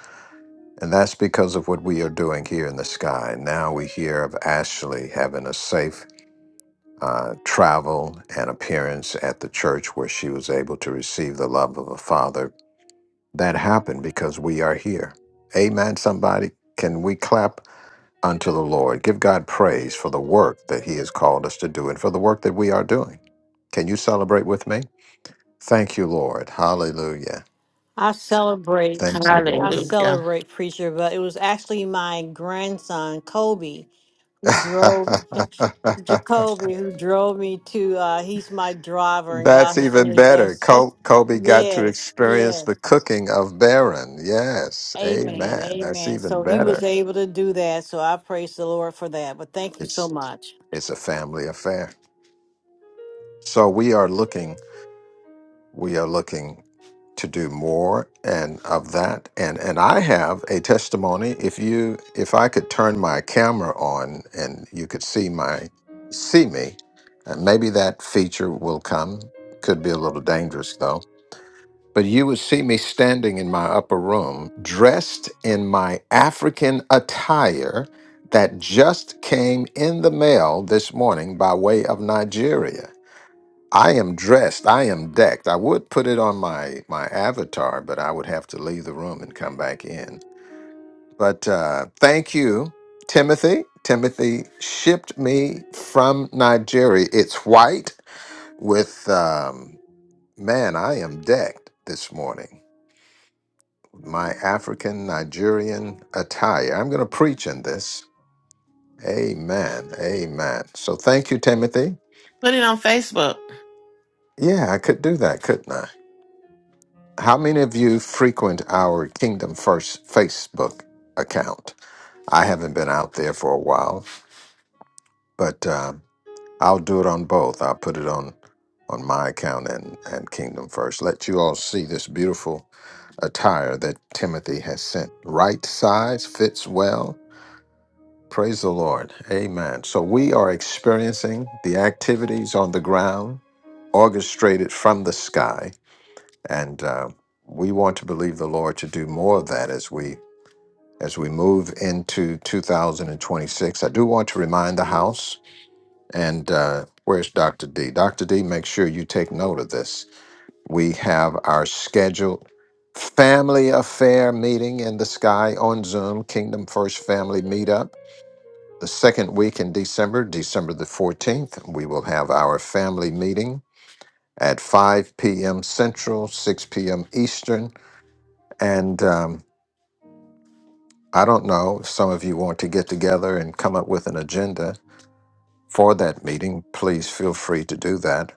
Speaker 1: And that's because of what we are doing here in the sky. Now we hear of Ashley having a safe uh, travel and appearance at the church where she was able to receive the love of a father. That happened because we are here. Amen, somebody. Can we clap unto the Lord? Give God praise for the work that He has called us to do and for the work that we are doing. Can you celebrate with me? Thank you, Lord. Hallelujah.
Speaker 7: I celebrate.
Speaker 1: Thank you,
Speaker 7: I
Speaker 1: Lord.
Speaker 8: Hallelujah.
Speaker 7: celebrate preacher, but it was actually my grandson Kobe who drove Jacoby who drove me to. Uh, he's my driver, and
Speaker 1: That's
Speaker 7: God has
Speaker 1: even
Speaker 7: really
Speaker 1: better.
Speaker 7: blessed me.
Speaker 1: Col- Kobe got to
Speaker 7: yes,
Speaker 1: experience
Speaker 7: yes,
Speaker 1: the cooking of Baron. Yes,
Speaker 7: Amen,
Speaker 1: amen. That's
Speaker 7: Amen.
Speaker 1: even
Speaker 7: So he was
Speaker 1: better.
Speaker 7: able to do that. So I praise the Lord for that. But thank you so
Speaker 1: It's
Speaker 7: much.
Speaker 1: it's a family affair. So we are looking. We are looking to do more and of that and and I have a testimony if you if I could turn my camera on and you could see my see me and maybe that feature will come could be a little dangerous but you would see me standing in my upper room, dressed in my African attire that just came in the mail this morning by way of Nigeria. I am dressed, I am decked. I would put it on my, my avatar, but I would have to leave the room and come back in. But uh, thank you, Timothy. Timothy shipped me from Nigeria. It's white with, um, man, I am decked this morning. my African Nigerian attire. I'm going to preach in this. Amen. Amen. So thank you, Timothy.
Speaker 8: Put it on Facebook.
Speaker 1: Yeah, I could do that, couldn't I? How many of you frequent our Kingdom First Facebook account? I haven't been out there for a while, but um, I'll do it on both. I'll put it on on my account and, and Kingdom First. Let you all see this beautiful attire that Timothy has sent. Right size fits well Praise the Lord. Amen. So we are experiencing the activities on the ground orchestrated from the sky, and uh, we want to believe the Lord to do more of that as we as we move into 2026. I do want to remind the House and uh, where's Dr. D? Dr. D, make sure you take note of this. We have our scheduled family affair meeting in the sky on Zoom, Kingdom First Family Meetup the second week in December, December the 14th, we will have our family meeting at 5 p.m. Central, 6 p.m. Eastern. And um, I don't know if some of you want to get together and come up with an agenda for that meeting. Please feel free to do that.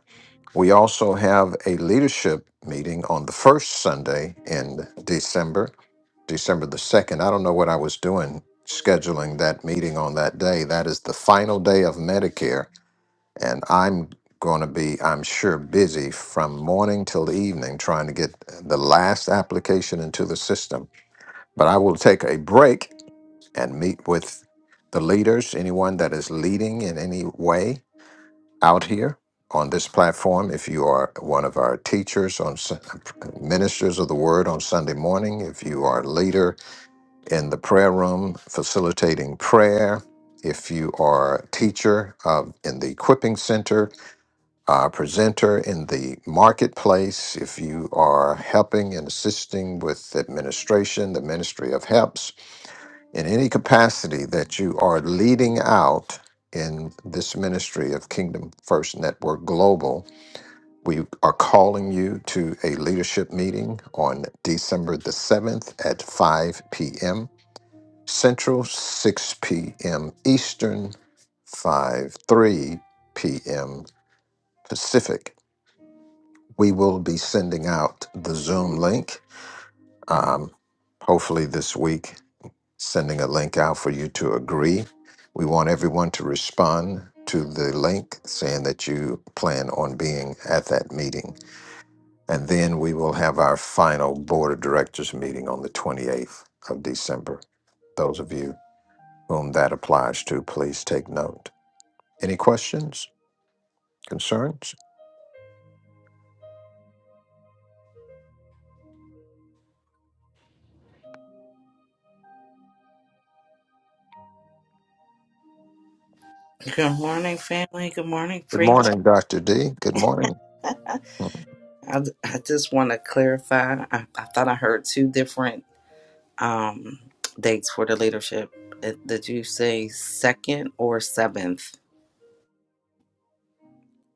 Speaker 1: We also have a leadership meeting on the first Sunday in December, December the 2nd. I don't know what I was doing scheduling that meeting on that day. That is the final day of Medicare and I'm going to be, I'm sure, busy from morning till evening trying to get the last application into the system. But I will take a break and meet with the leaders, anyone that is leading in any way out here on this platform. If you are one of our teachers on Sun- ministers of the word on Sunday morning, if you are a leader in the prayer room facilitating prayer, if you are a teacher uh, in the equipping center, uh, presenter in the marketplace. If you are helping and assisting with administration, the Ministry of helps in any capacity that you are leading out in this ministry of Kingdom First Network Global, we are calling you to a leadership meeting on December the 7th at 5 p.m. Central, 6 p.m. Eastern, 5 3 p.m. Pacific. We will be sending out the Zoom link, um, hopefully this week, sending a link out for you to agree. We want everyone to respond to the link saying that you plan on being at that meeting. And then we will have our final board of directors meeting on the 28th of December. Those of you whom that applies to, please take note. Any questions, concerns?
Speaker 9: Good morning, family. Good morning,
Speaker 1: Good
Speaker 9: preach.
Speaker 1: morning, Dr. D. Good morning.
Speaker 9: I, I just want to clarify. I, I thought I heard two different um, dates for the leadership. Uh, Did you say second or seventh?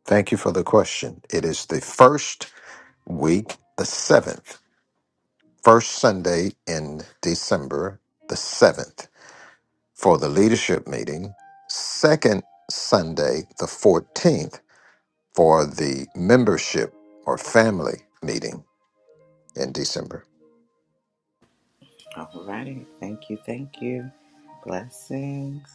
Speaker 1: Thank you for the question. It is the first week, the seventh, first Sunday in December, the seventh, for the leadership meeting, second Sunday, the 14th, for the membership or family meeting in December.
Speaker 9: All righty. Thank you. Thank you. Blessings.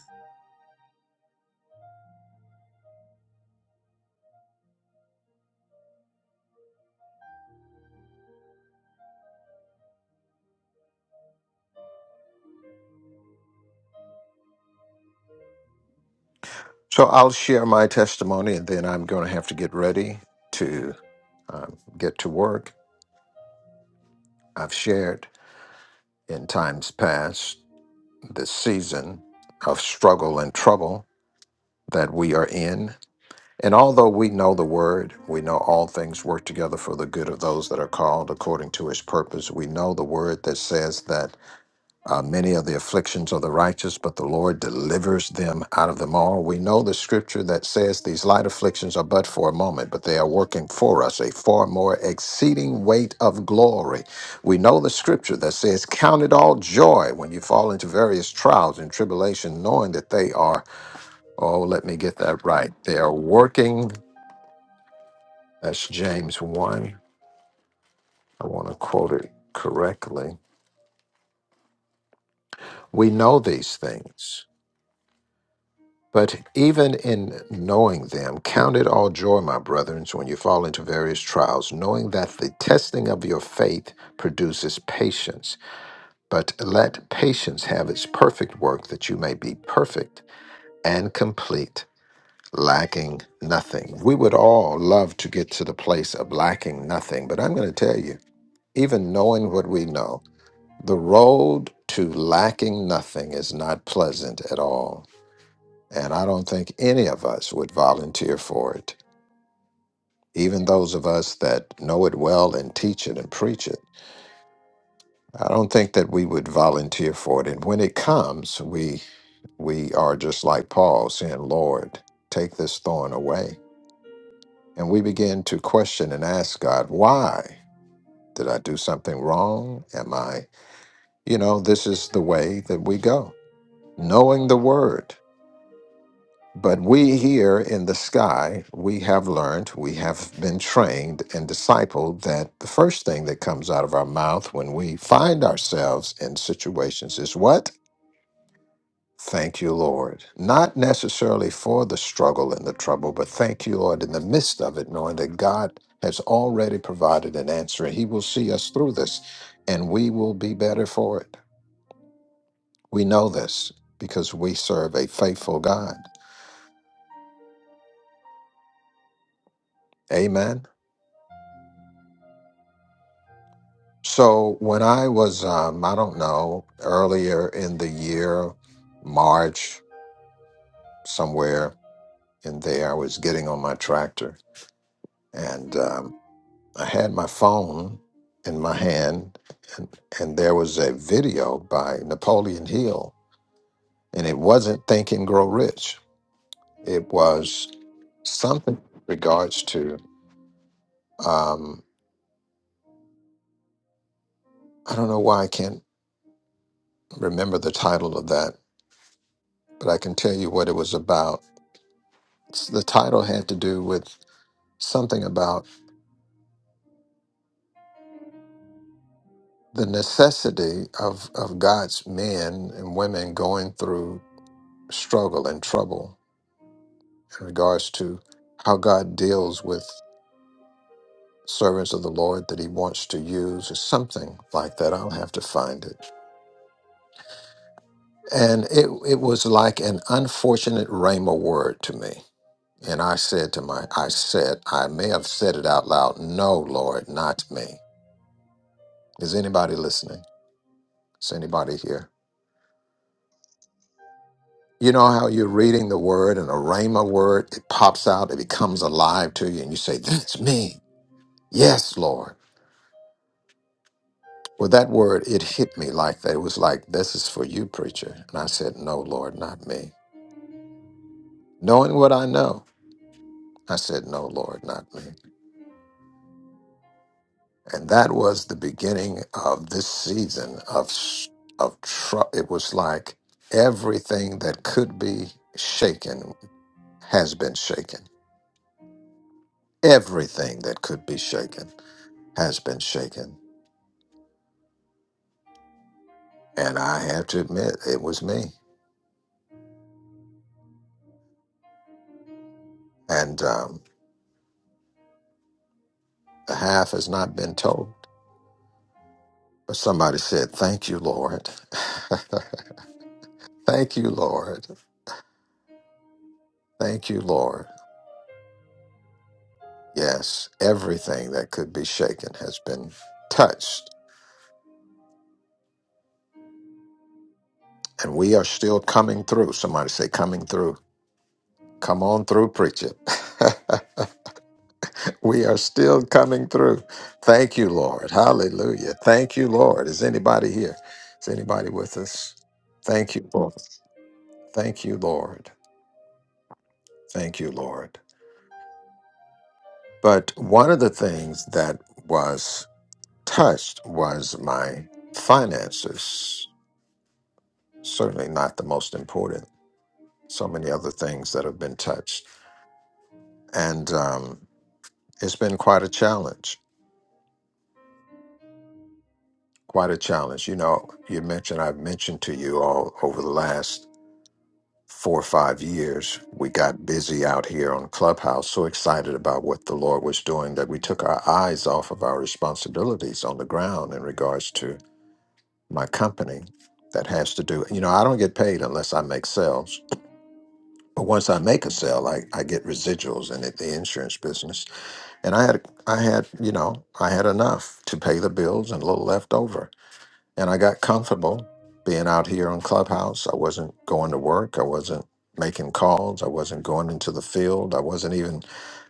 Speaker 1: So I'll share my testimony and then I'm going to have to get ready to um, get to work. I've shared in times past the season of struggle and trouble that we are in. And although we know the word, we know all things work together for the good of those that are called according to his purpose. We know the word that says that uh, many of the afflictions of the righteous, but the Lord delivers them out of them all. We know the scripture that says these light afflictions are but for a moment, but they are working for us a far more exceeding weight of glory. We know the scripture that says, Count it all joy when you fall into various trials and tribulation, knowing that they are Oh, let me get that right. They are working. That's James 1. I want to quote it correctly. We know these things, but even in knowing them, count it all joy, my brethren, when you fall into various trials, knowing that the testing of your faith produces patience. But let patience have its perfect work, that you may be perfect and complete, lacking nothing. We would all love to get to the place of lacking nothing, but I'm going to tell you even knowing what we know, the road to lacking nothing is not pleasant at all. And I don't think any of us would volunteer for it. Even those of us that know it well and teach it and preach it, I don't think that we would volunteer for it. And when it comes, we we are just like Paul saying, Lord, take this thorn away. And we begin to question and ask God, why? Did I do something wrong? Am I, you know, this is the way that we go knowing the word. But we here in the sky, we have learned, we have been trained and discipled that the first thing that comes out of our mouth when we find ourselves in situations is what? Thank you, Lord. Not necessarily for the struggle and the trouble, but thank you, Lord, in the midst of it, knowing that God has already provided an answer and He will see us through this and we will be better for it. We know this because we serve a faithful God. Amen. So when I was, um, I don't know, earlier in the year, March, somewhere in there, I was getting on my tractor and um, I had my phone in my hand and, and there was a video by Napoleon Hill and it wasn't Think and Grow Rich. It was something in regards to, um, I don't know why I can't remember the title of that, but I can tell you what it was about. The title had to do with something about the necessity of of God's men and women going through struggle and trouble in regards to how God deals with servants of the Lord that He wants to use, or something like that. I'll have to find it. And it it was like an unfortunate rhema word to me. And I said to my I said, I may have said it out loud, no, Lord, not me. Is anybody listening? Is anybody here? You know how you're reading the word and a rhema word, it pops out, it becomes alive to you, and you say, That's me. Yes, Lord. Well, that word, it hit me like that. It was like, This is for you, preacher. And I said, No, Lord, not me. Knowing what I know, I said, No, Lord, not me. And that was the beginning of this season of, s- of tr- it was like everything that could be shaken has been shaken. Everything that could be shaken has been shaken And I have to admit, it was me. And um, the half has not been told. But somebody said, Thank you, Lord. Thank you, Lord. Thank you, Lord. Yes, everything that could be shaken has been touched. And we are still coming through. Somebody say, Coming through. Come on through, preacher. we are still coming through. Thank you, Lord. Hallelujah. Thank you, Lord. Is anybody here? Is anybody with us? Thank you, Lord. Thank you, Lord. Thank you, Lord. But one of the things that was touched was my finances. Certainly not the most important. So many other things that have been touched. And um, it's been quite a challenge, quite a challenge. You know, you mentioned, I've mentioned to you all over the last four or five years, we got busy out here on Clubhouse, so excited about what the Lord was doing that we took our eyes off of our responsibilities on the ground in regards to my company that has to do, you know, I don't get paid unless I make sales. But once I make a sale, I, I get residuals in it, the insurance business. And I had I had, you know, I had enough to pay the bills and a little left over. And I got comfortable being out here on Clubhouse. I wasn't going to work. I wasn't making calls. I wasn't going into the field. I wasn't even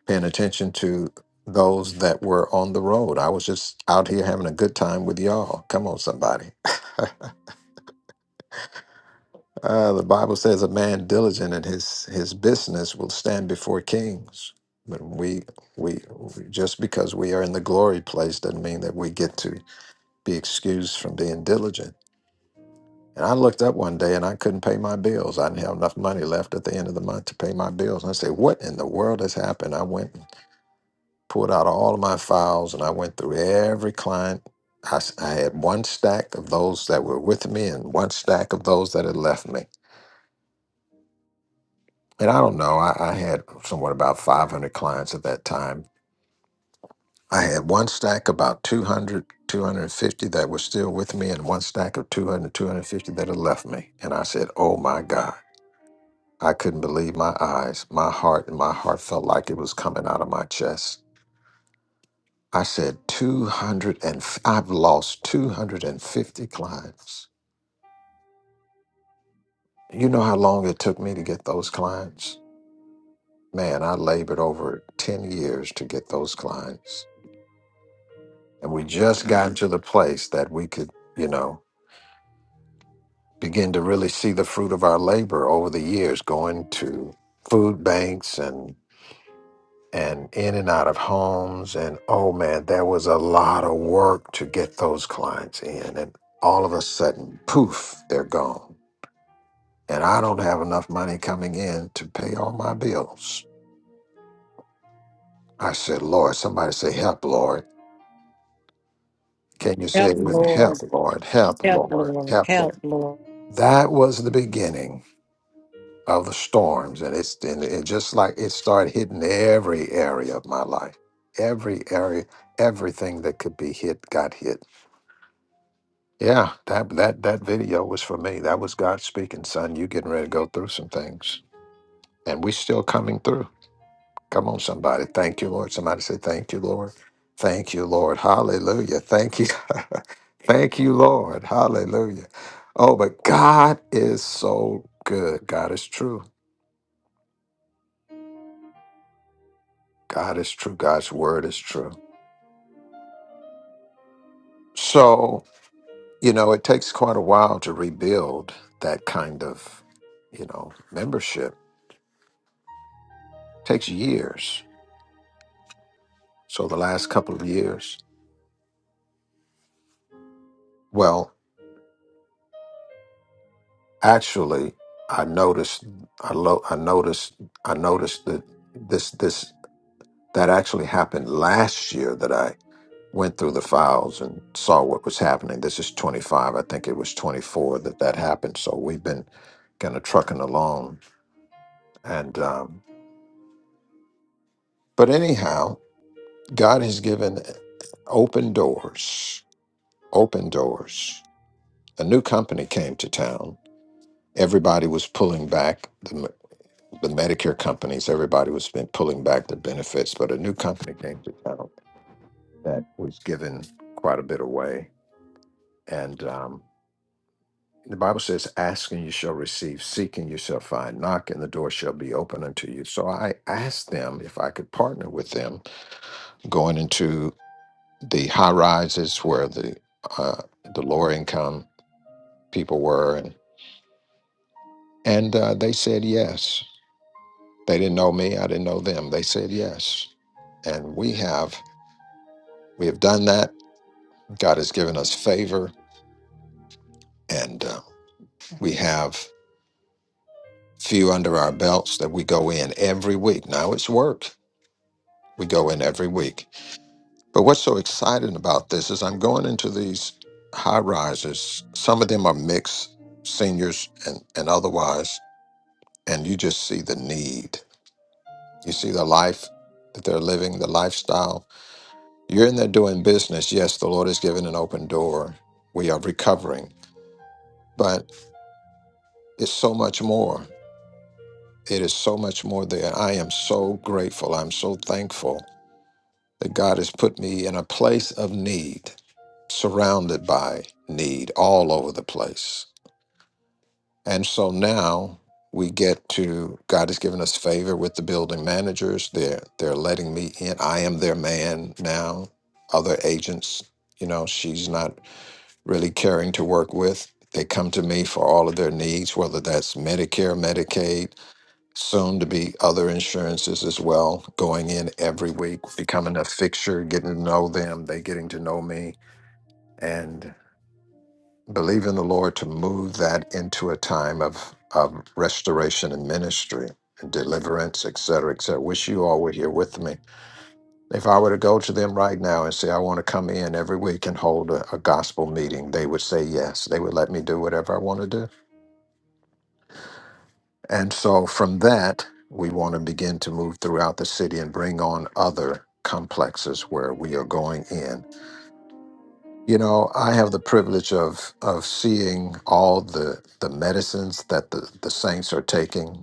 Speaker 1: paying attention to those that were on the road. I was just out here having a good time with y'all. Come on, somebody. Uh, the Bible says a man diligent in his his business will stand before kings. But we, we we- just because we are in the glory place doesn't mean that we get to be excused from being diligent. And I looked up one day and I couldn't pay my bills. I didn't have enough money left at the end of the month to pay my bills. And I said, What in the world has happened? I went and pulled out all of my files and I went through every client. I, s- I had one stack of those that were with me and one stack of those that had left me. And I don't know, I, I had somewhat about 500 clients at that time. I had one stack about 200, 250 that were still with me and one stack of 200, 250 that had left me. And I said, Oh my God. I couldn't believe my eyes. My heart, my heart felt like it was coming out of my chest. I said, 200 and f- I've lost 250 clients. You know how long it took me to get those clients? Man, I labored over 10 years to get those clients. And we just got to the place that we could, you know, begin to really see the fruit of our labor over the years going to food banks and." and in and out of homes. And oh man, there was a lot of work to get those clients in. And all of a sudden, poof, they're gone. And I don't have enough money coming in to pay all my bills. I said, Lord, somebody say, help, Lord. Can you say
Speaker 7: Help,
Speaker 1: it with me?
Speaker 7: Lord.
Speaker 1: Help, Lord, help,
Speaker 7: Help,
Speaker 1: Lord,
Speaker 7: Lord.
Speaker 1: help,
Speaker 7: Help,
Speaker 1: Lord.
Speaker 7: Lord.
Speaker 1: That was the beginning of the storms. And it's and it just like it started hitting every area of my life. Every area, everything that could be hit got hit Yeah, that that that video was for me. That was God speaking, son. You getting ready to go through some things, and we still coming through. Come on, somebody. Thank you, Lord. Somebody say, "Thank you, Lord." Thank you, Lord. Hallelujah. Thank you. Thank you, Lord. Hallelujah. Oh, but God is so good. God is true. God is true. God's word is true. So, you know, it takes quite a while to rebuild that kind of, you know, membership. takes years So the last couple of years, well, actually, I noticed, I lo- I noticed, I noticed that this this that actually happened last year that I went through the files and saw what was happening. This is 25, I think it was 24 that that happened. So we've been kind of trucking along, and um, but anyhow, God has given eh, open doors, open doors. A new company came to town everybody was pulling back. the Medicare companies, everybody was been pulling back their benefits, but a new company came to town that was giving quite a bit away. And um, the Bible says, "Ask and you shall receive; seek and you shall find; knock and the door shall be open unto you." So I asked them if I could partner with them, going into the high rises where the uh, the lower income people were, and and uh, they said yes. They didn't know me; I didn't know them. They said yes, and we have we have done that God has given us favor, and uh, we have few under our belts that we go in every week. Now it's work. We go in every week. But what's so exciting about this is I'm going into these high rises. Some of them are mixed seniors and, and otherwise, and you just see the need. You see the life that they're living, the lifestyle. You're in there doing business. Yes, the Lord has given an open door. We are recovering, but it's so much more. It is so much more there. I am so grateful. I'm so thankful that God has put me in a place of need, surrounded by need all over the place. And so now we get to God has given us favor with the building managers. They're they're letting me in. I am their man now. Other agents, you know, she's not really caring to work with. They come to me for all of their needs, whether that's Medicare, Medicaid soon to be other insurances as well going in every week becoming a fixture getting to know them they getting to know me and believe in the lord to move that into a time of of restoration and ministry and deliverance et cetera et cetera wish you all were here with me if i were to go to them right now and say i want to come in every week and hold a, a gospel meeting they would say yes they would let me do whatever i want to do And so from that, we want to begin to move throughout the city and bring on other complexes where we are going in. You know, I have the privilege of of seeing all the the medicines that the, the saints are taking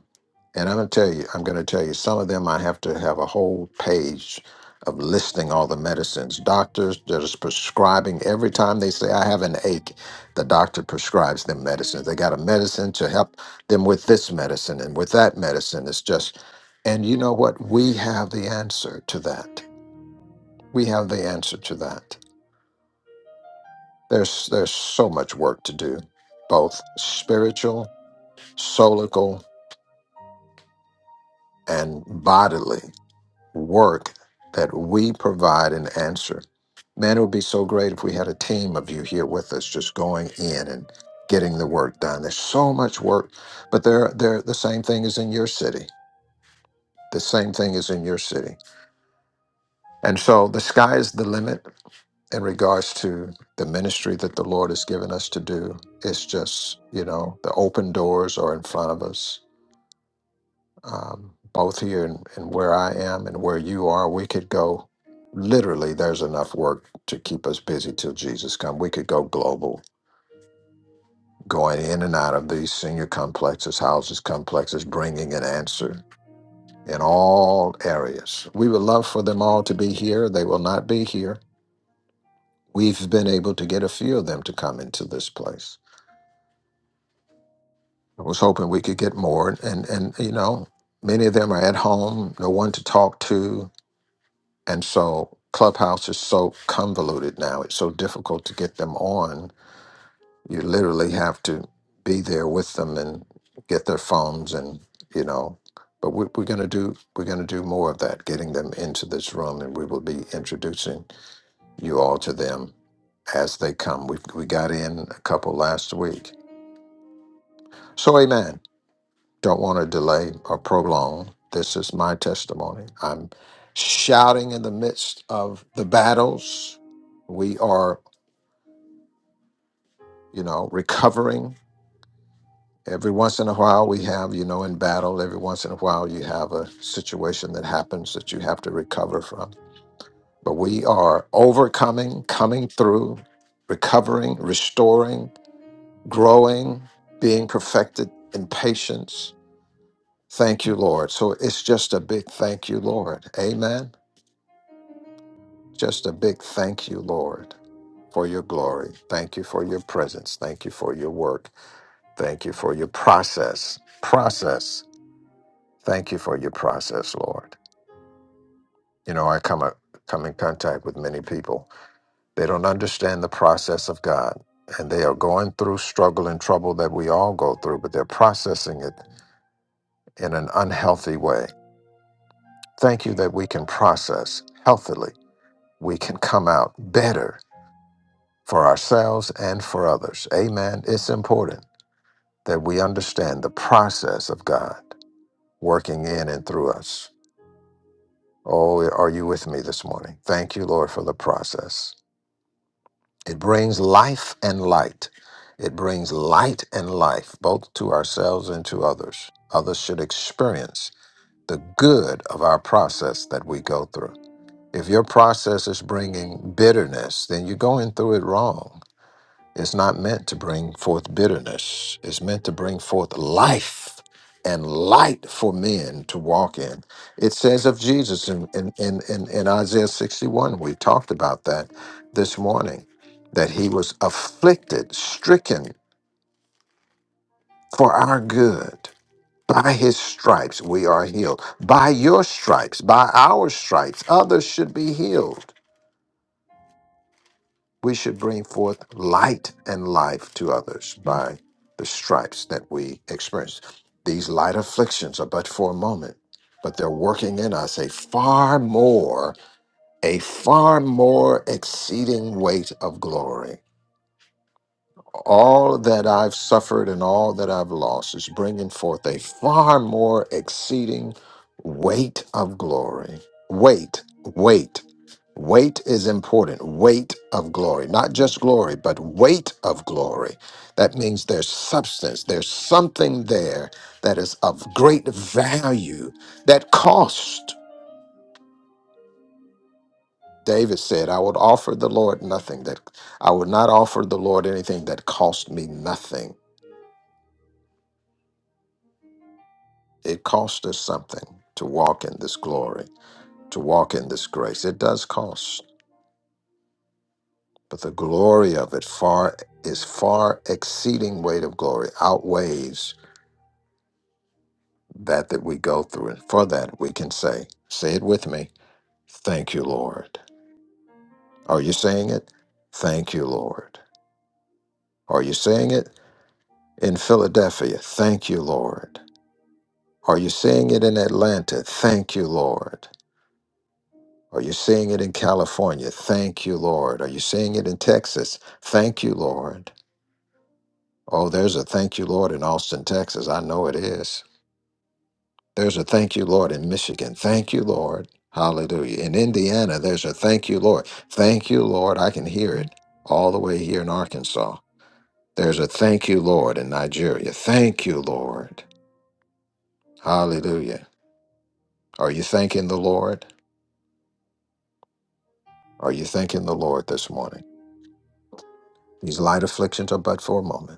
Speaker 1: and I'm gonna tell you, I'm gonna tell you, some of them I have to have a whole page of listing all the medicines. Doctors that is prescribing every time they say I have an ache, the doctor prescribes them medicines. They got a medicine to help them with this medicine and with that medicine. It's just and you know what? We have the answer to that. We have the answer to that. There's there's so much work to do, both spiritual, solical, and bodily work that we provide an answer. Man, it would be so great if we had a team of you here with us just going in and getting the work done. There's so much work, but there, there, the same thing is in your city. The same thing is in your city. And so the sky is the limit in regards to the ministry that the Lord has given us to do. It's just, you know, the open doors are in front of us um, both here and, and where I am and where you are, we could go. Literally, there's enough work to keep us busy till Jesus comes. We could go global, going in and out of these senior complexes, houses, complexes, bringing an answer in all areas. We would love for them all to be here. They will not be here. We've been able to get a few of them to come into this place. I was hoping we could get more, and and you know, many of them are at home, no one to talk to And so Clubhouse is so convoluted now. It's so difficult to get them on. You literally have to be there with them and get their phones and, you know, but we're, we're going to do we're going to do more of that, getting them into this room, and we will be introducing you all to them as they come. We we got in a couple last week, so amen. Don't want to delay or prolong. This is my testimony. I'm shouting in the midst of the battles. We are, you know, recovering. Every once in a while, we have, you know, in battle, every once in a while, you have a situation that happens that you have to recover from. But we are overcoming, coming through, recovering, restoring, growing, being perfected in patience. Thank you, Lord. So it's just a big thank you, Lord. Amen. Just a big thank you, Lord, for your glory. Thank you for your presence. Thank you for your work. Thank you for your process. Process. Thank you for your process, Lord. You know, I come come in contact with many people. They don't understand the process of God, and they are going through struggle and trouble that we all go through, but they're processing it in an unhealthy way. Thank you that we can process healthily. We can come out better for ourselves and for others. Amen. It's important that we understand the process of God working in and through us. Oh, are you with me this morning? Thank you, Lord, for the process. It brings life and light. It brings light and life both to ourselves and to others. Others should experience the good of our process that we go through. If your process is bringing bitterness, then you're going through it wrong It's not meant to bring forth bitterness. It's meant to bring forth life and light for men to walk in. It says of Jesus in, in, in, in, in Isaiah 61, we talked about that this morning, that he was afflicted, stricken for our good. By his stripes we are healed. By your stripes, by our stripes, others should be healed. we should bring forth light and life to others by the stripes that we experience. These light afflictions are but for a moment, but they're working in us a far more, a far more exceeding weight of glory all that I've suffered and all that I've lost is bringing forth a far more exceeding weight of glory. Weight, weight, weight is important. Weight of glory, not just glory, but weight of glory. That means there's substance, there's something there that is of great value that cost. David said, I would offer the Lord nothing that I would not offer the Lord anything that cost me nothing. It costs us something to walk in this glory, to walk in this grace. It does cost, but the glory of it far is far exceeding weight of glory, outweighs that that we go through. And for that, we can say, say it with me, thank you, Lord. Are you saying it? Thank you, Lord. Are you saying it in Philadelphia? Thank you, Lord. Are you saying it in Atlanta? Thank you, Lord. Are you seeing it in California? Thank you, Lord. Are you seeing it in Texas? Thank you, Lord. Oh, there's a thank you, Lord, in Austin, Texas. I know it is. There's a thank you, Lord, in Michigan. Thank you, Lord. Hallelujah. In Indiana, there's a thank you, Lord. Thank you, Lord. I can hear it all the way here in Arkansas. There's a thank you, Lord, in Nigeria. Thank you, Lord. Hallelujah. Are you thanking the Lord? Are you thanking the Lord this morning? These light afflictions are but for a moment.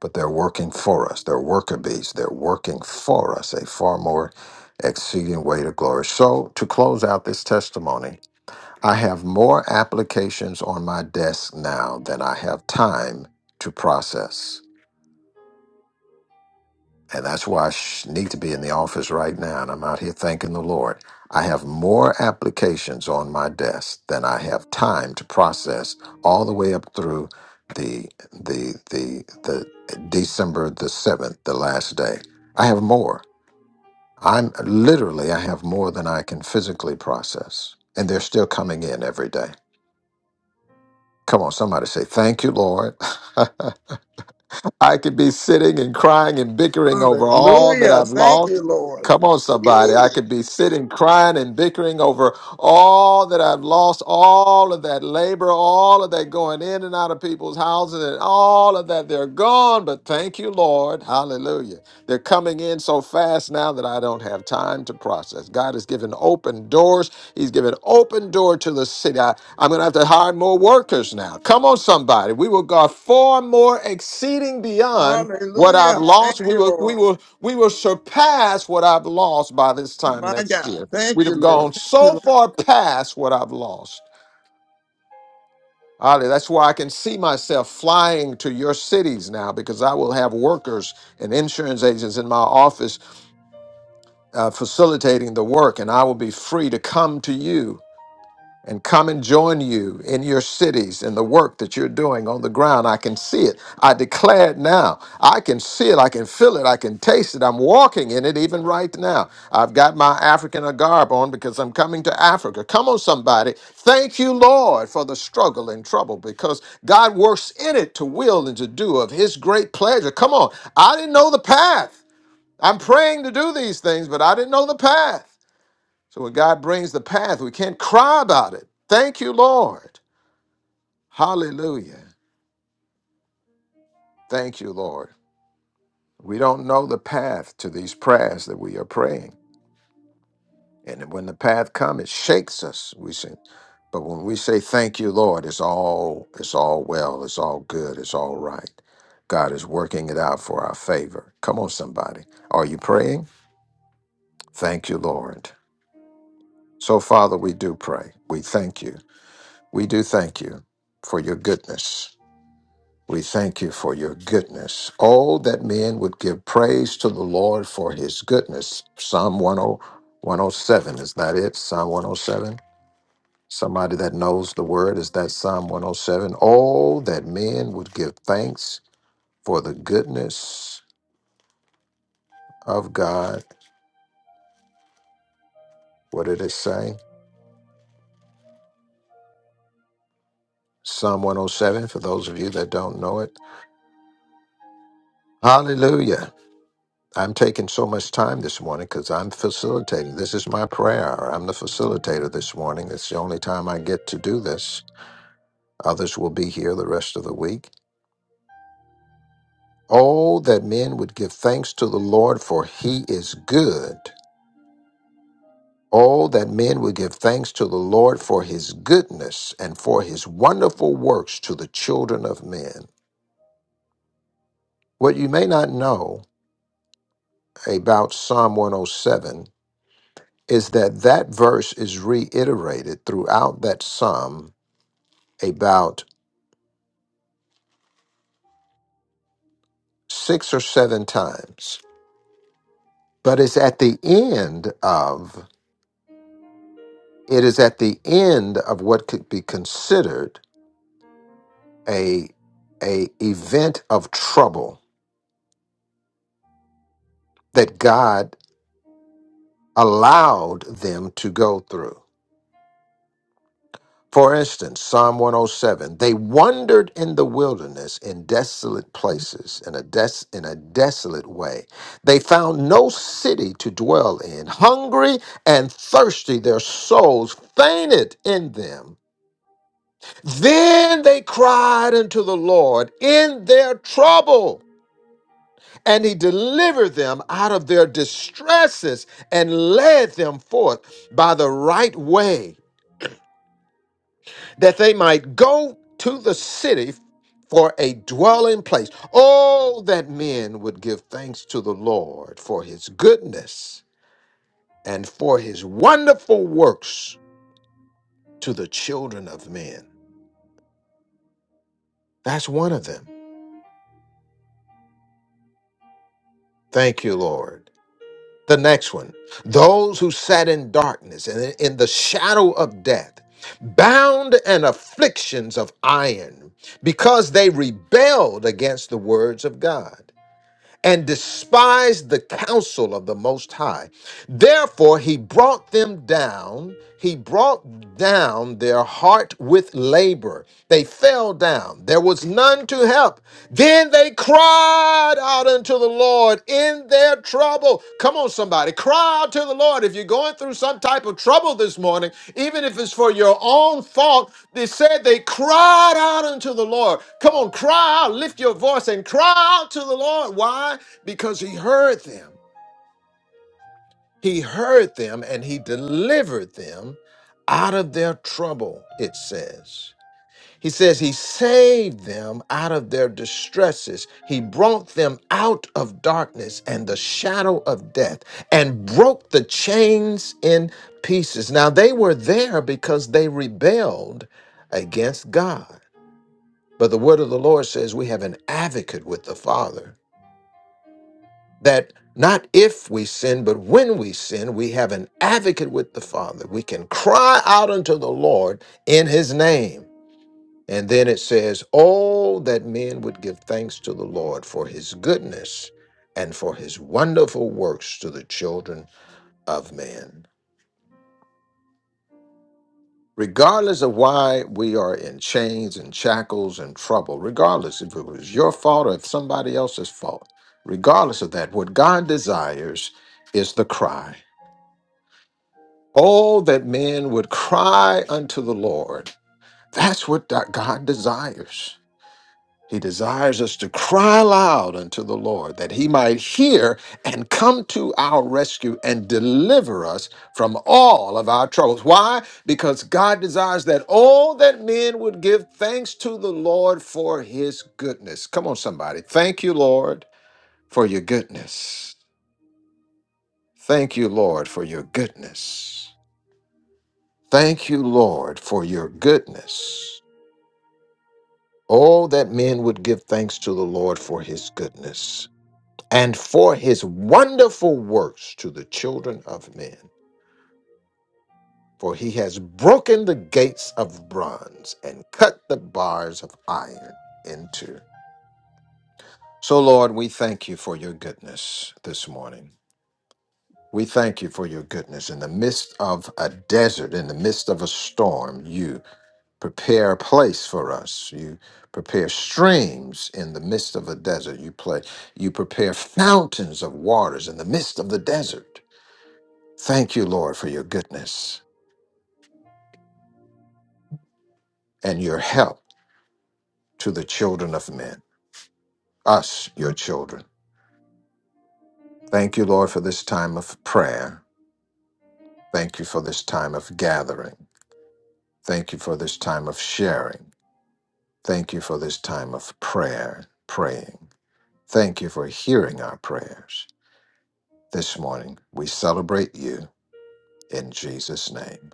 Speaker 1: but they're working for us. They're worker bees. They're working for us, a far more exceeding weight of glory. So, to close out this testimony, I have more applications on my desk now than I have time to process. And that's why I sh- need to be in the office right now. And I'm out here thanking the Lord. I have more applications on my desk than I have time to process all the way up through the the the the December the seventh, the last day. I have more. I'm literally I have more than I can physically process. And they're still coming in every day. Come on, somebody say, Thank you, Lord. I could be sitting and crying and bickering over all that
Speaker 4: Hallelujah.
Speaker 1: I've
Speaker 4: Thank
Speaker 1: lost.
Speaker 4: you, Lord.
Speaker 1: Come on, somebody. I
Speaker 4: Ooh.
Speaker 1: could be sitting crying and bickering over all that I've lost, all of that labor, all of that going in and out of people's houses, and all of that. They're gone, but thank you, Lord. Hallelujah. They're coming in so fast now that I don't have time to process. God has given open doors. He's given open door to the city. I'm going to have to hire more workers now. Come on, somebody. We will go far more exceeding beyond what I've
Speaker 4: Hallelujah. Thank
Speaker 1: lost. We
Speaker 4: you,
Speaker 1: will, we
Speaker 4: Lord.
Speaker 1: will, we will surpass what I've lost by this time
Speaker 4: My
Speaker 1: next
Speaker 4: God.
Speaker 1: year.
Speaker 4: Thank
Speaker 1: We
Speaker 4: you,
Speaker 1: have
Speaker 4: Lord.
Speaker 1: gone
Speaker 4: Thank you,
Speaker 1: so
Speaker 4: Lord.
Speaker 1: far past what I've lost. Ollie, that's why I can see myself flying to your cities now because I will have workers and insurance agents in my office uh, facilitating the work, and I will be free to come to you and come and join you in your cities and the work that you're doing on the ground. I can see it. I declare it now. I can see it. I can feel it. I can taste it. I'm walking in it even right now. I've got my African garb on because I'm coming to Africa. Come on, somebody. Thank you, Lord, for the struggle and trouble because God works in it to will and to do of His great pleasure. Come on. I didn't know the path. I'm praying to do these things, but I didn't know the path. So when God brings the path, we can't cry about it. Thank you, Lord. Hallelujah. Thank you, Lord. We don't know the path to these prayers that we are praying. And when the path comes, it shakes us. We say, but when we say thank you, Lord, it's all it's all well, it's all good, it's all right. God is working it out for our favor. Come on, somebody. Are you praying? Thank you, Lord. So, Father, we do pray. We thank you. We do thank you for your goodness. We thank you for your goodness. Oh, that men would give praise to the Lord for his goodness. Psalm one hundred one hundred seven is that it? Psalm 107? Somebody that knows the word, is that Psalm 107? Oh, seven? Oh, that men would give thanks for the goodness of God. What did it say? Psalm 107, for those of you that don't know it. Hallelujah. I'm taking so much time this morning because I'm facilitating. This is my prayer. I'm the facilitator this morning. It's the only time I get to do this. Others will be here the rest of the week. Oh, that men would give thanks to the Lord, for he is good. Oh, that men would give thanks to the Lord for his goodness and for his wonderful works to the children of men. What you may not know about Psalm 107 is that that verse is reiterated throughout that psalm about six or seven times. But it's at the end of it is at the end of what could be considered a a event of trouble that God allowed them to go through. For instance, Psalm 107, they wandered in the wilderness in desolate places, in a, des- in a desolate way. They found no city to dwell in. Hungry and thirsty, their souls fainted in them. Then they cried unto the Lord in their trouble, and he delivered them out of their distresses and led them forth by the right way that they might go to the city for a dwelling place. Oh, that men would give thanks to the Lord for his goodness and for his wonderful works to the children of men. That's one of them. Thank you, Lord. The next one those who sat in darkness and in the shadow of death, bound and afflictions of iron, because they rebelled against the words of God. and despised the counsel of the Most High Therefore, he brought them down. He brought down their heart with labor. They fell down. There was none to help. Then they cried out unto the Lord in their trouble. Come on, somebody. Cry out to the Lord. If you're going through some type of trouble this morning, even if it's for your own fault, they said they cried out unto the Lord. Come on, cry out. Lift your voice and cry out to the Lord. Why? Because he heard them. He heard them and he delivered them out of their trouble, it says. He says he saved them out of their distresses. He brought them out of darkness and the shadow of death and broke the chains in pieces. Now they were there because they rebelled against God. But the word of the Lord says we have an advocate with the Father that not if we sin, but when we sin, we have an advocate with the Father. We can cry out unto the Lord in his name. And then it says, Oh, that men would give thanks to the Lord for his goodness and for his wonderful works to the children of men. Regardless of why we are in chains and shackles and trouble, regardless if it was your fault or if somebody else's fault, regardless of that, what God desires is the cry. Oh, that men would cry unto the Lord. That's what that God desires. He desires us to cry aloud unto the Lord that he might hear and come to our rescue and deliver us from all of our troubles. Why? Because God desires that all that men would give thanks to the Lord for his goodness. Come on, somebody. Thank you, Lord, for your goodness. Thank you, Lord, for your goodness. Thank you, Lord, for your goodness. Oh, that men would give thanks to the Lord for his goodness and for his wonderful works to the children of men. For he has broken the gates of bronze and cut the bars of iron in two. So, Lord, we thank you for your goodness this morning. We thank you for your goodness. In the midst of a desert, in the midst of a storm, You. prepare a place for us. You prepare streams in the midst of a desert. You play, you prepare fountains of waters in the midst of the desert. Thank you, Lord, for your goodness and your help to the children of men, us, your children. Thank you, Lord, for this time of prayer. Thank you for this time of gathering. Thank you for this time of sharing. Thank you for this time of prayer, praying. Thank you for hearing our prayers. This morning, we celebrate you in Jesus' name.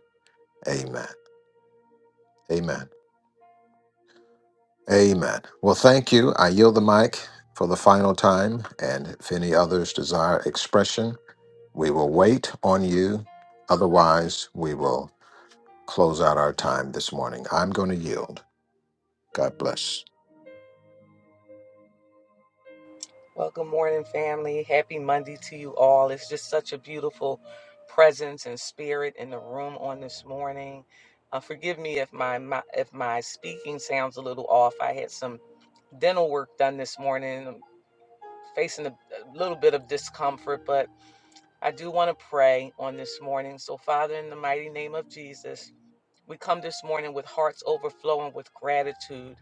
Speaker 1: Amen. Amen. Amen. Well, thank you. I yield the mic for the final time. And if any others desire expression, we will wait on you. Otherwise, we will close out our time this morning. I'm going to yield. God bless.
Speaker 5: Well, good morning, family. Happy Monday to you all. It's just such a beautiful presence and spirit in the room on this morning. Uh, forgive me if my, my if my speaking sounds a little off. I had some dental work done this morning. I'm facing a, a little bit of discomfort, but I do want to pray on this morning. So, Father, in the mighty name of Jesus. We come this morning with hearts overflowing with gratitude.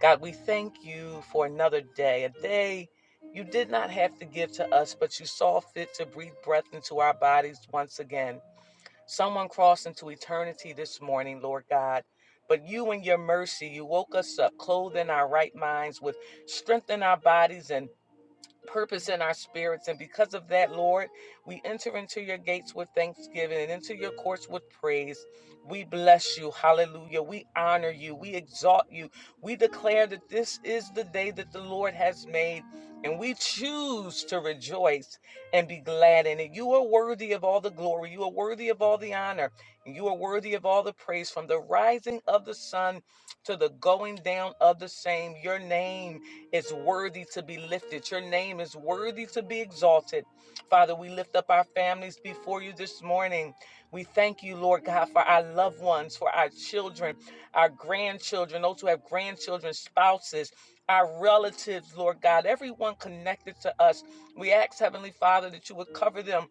Speaker 5: God, we thank you for another day, a day you did not have to give to us, but you saw fit to breathe breath into our bodies once again. Someone crossed into eternity this morning, Lord God. But you, in your mercy, you woke us up, clothed in our right minds, with strength in our bodies, and purpose in our spirits. And because of that, Lord, we enter into your gates with thanksgiving and into your courts with praise. We bless you. Hallelujah. We honor you. We exalt you. We declare that this is the day that the Lord has made. And we choose to rejoice and be glad in it. You are worthy of all the glory. You are worthy of all the honor. And you are worthy of all the praise from the rising of the sun to the going down of the same. Your name is worthy to be lifted. Your name is worthy to be exalted. Father, we lift up our families before you this morning. We thank you, Lord God, for our loved ones, for our children, our grandchildren, those who have grandchildren, spouses. Our relatives, Lord God, everyone connected to us. We ask, Heavenly Father, that you would cover them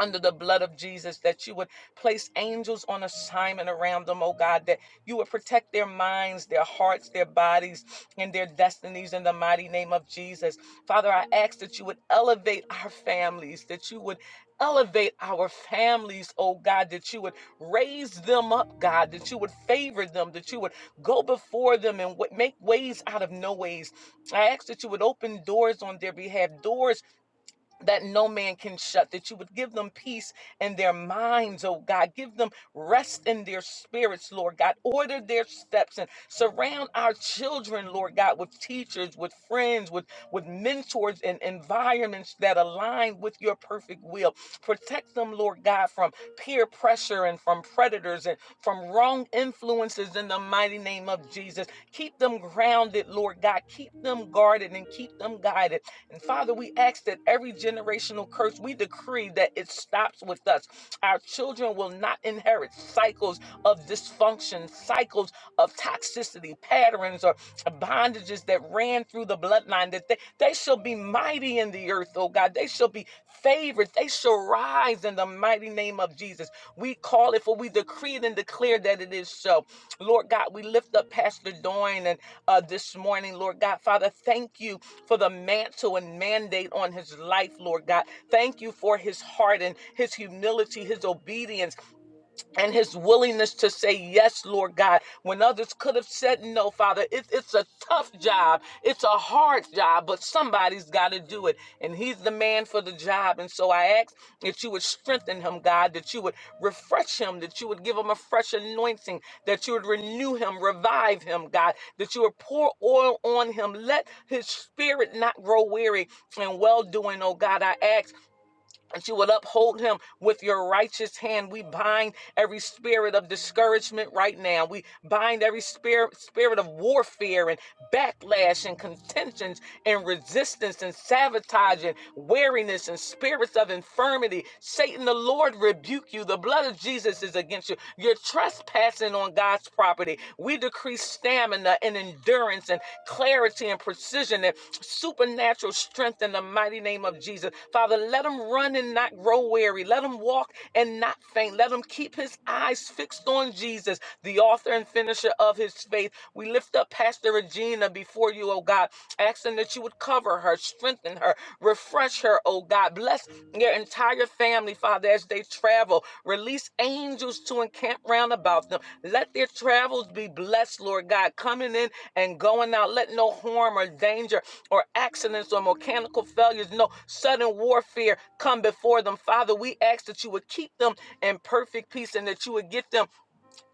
Speaker 5: under the blood of Jesus, that you would place angels on assignment around them, oh God, that you would protect their minds, their hearts, their bodies, and their destinies in the mighty name of Jesus. Father, I ask that you would elevate our families, that you would elevate our families, oh God, that you would raise them up, God, that you would favor them, that you would go before them and wa- make ways out of no ways. I ask that you would open doors on their behalf, doors that no man can shut, that you would give them peace in their minds, oh God. Give them rest in their spirits, Lord God. Order their steps and surround our children, Lord God, with teachers, with friends, with, with mentors and environments that align with your perfect will. Protect them, Lord God, from peer pressure and from predators and from wrong influences in the mighty name of Jesus. Keep them grounded, Lord God. Keep them guarded and keep them guided and Father, we ask that every generational curse, we decree that it stops with us. Our children will not inherit cycles of dysfunction, cycles of toxicity, patterns, or bondages that ran through the bloodline, that they, they shall be mighty in the earth, oh God. They shall be favored. They shall rise in the mighty name of Jesus. We call it for we decree it and declare that it is so. Lord God, we lift up Pastor Doyne and uh, this morning, Lord God, Father, thank you for the mantle and mandate on his life, Lord God. Thank you for his heart and his humility, his obedience and his willingness to say yes, Lord God, when others could have said no, Father. It, it's a tough job, it's a hard job, but somebody's got to do it, and he's the man for the job. And so I ask that you would strengthen him, God, that you would refresh him, that you would give him a fresh anointing, that you would renew him, revive him, God, that you would pour oil on him. Let his spirit not grow weary in well doing, oh God. I ask that you will uphold him with your righteous hand. We bind every spirit of discouragement right now. We bind every spirit spirit of warfare and backlash and contentions and resistance and sabotage and weariness and spirits of infirmity. Satan, the Lord rebuke you. The blood of Jesus is against you. You're trespassing on God's property. We decree stamina and endurance and clarity and precision and supernatural strength in the mighty name of Jesus. Father, let him run and not grow weary. Let him walk and not faint. Let him keep his eyes fixed on Jesus, the author and finisher of his faith. We lift up Pastor Regina before you, oh God, asking that you would cover her, strengthen her, Refresh her, oh God. Bless their entire family, Father, as they travel. Release angels to encamp round about them. Let their travels be blessed, Lord God, coming in and going out. Let no harm or danger or accidents or mechanical failures, no sudden warfare come before them. Father, we ask that you would keep them in perfect peace and that you would get them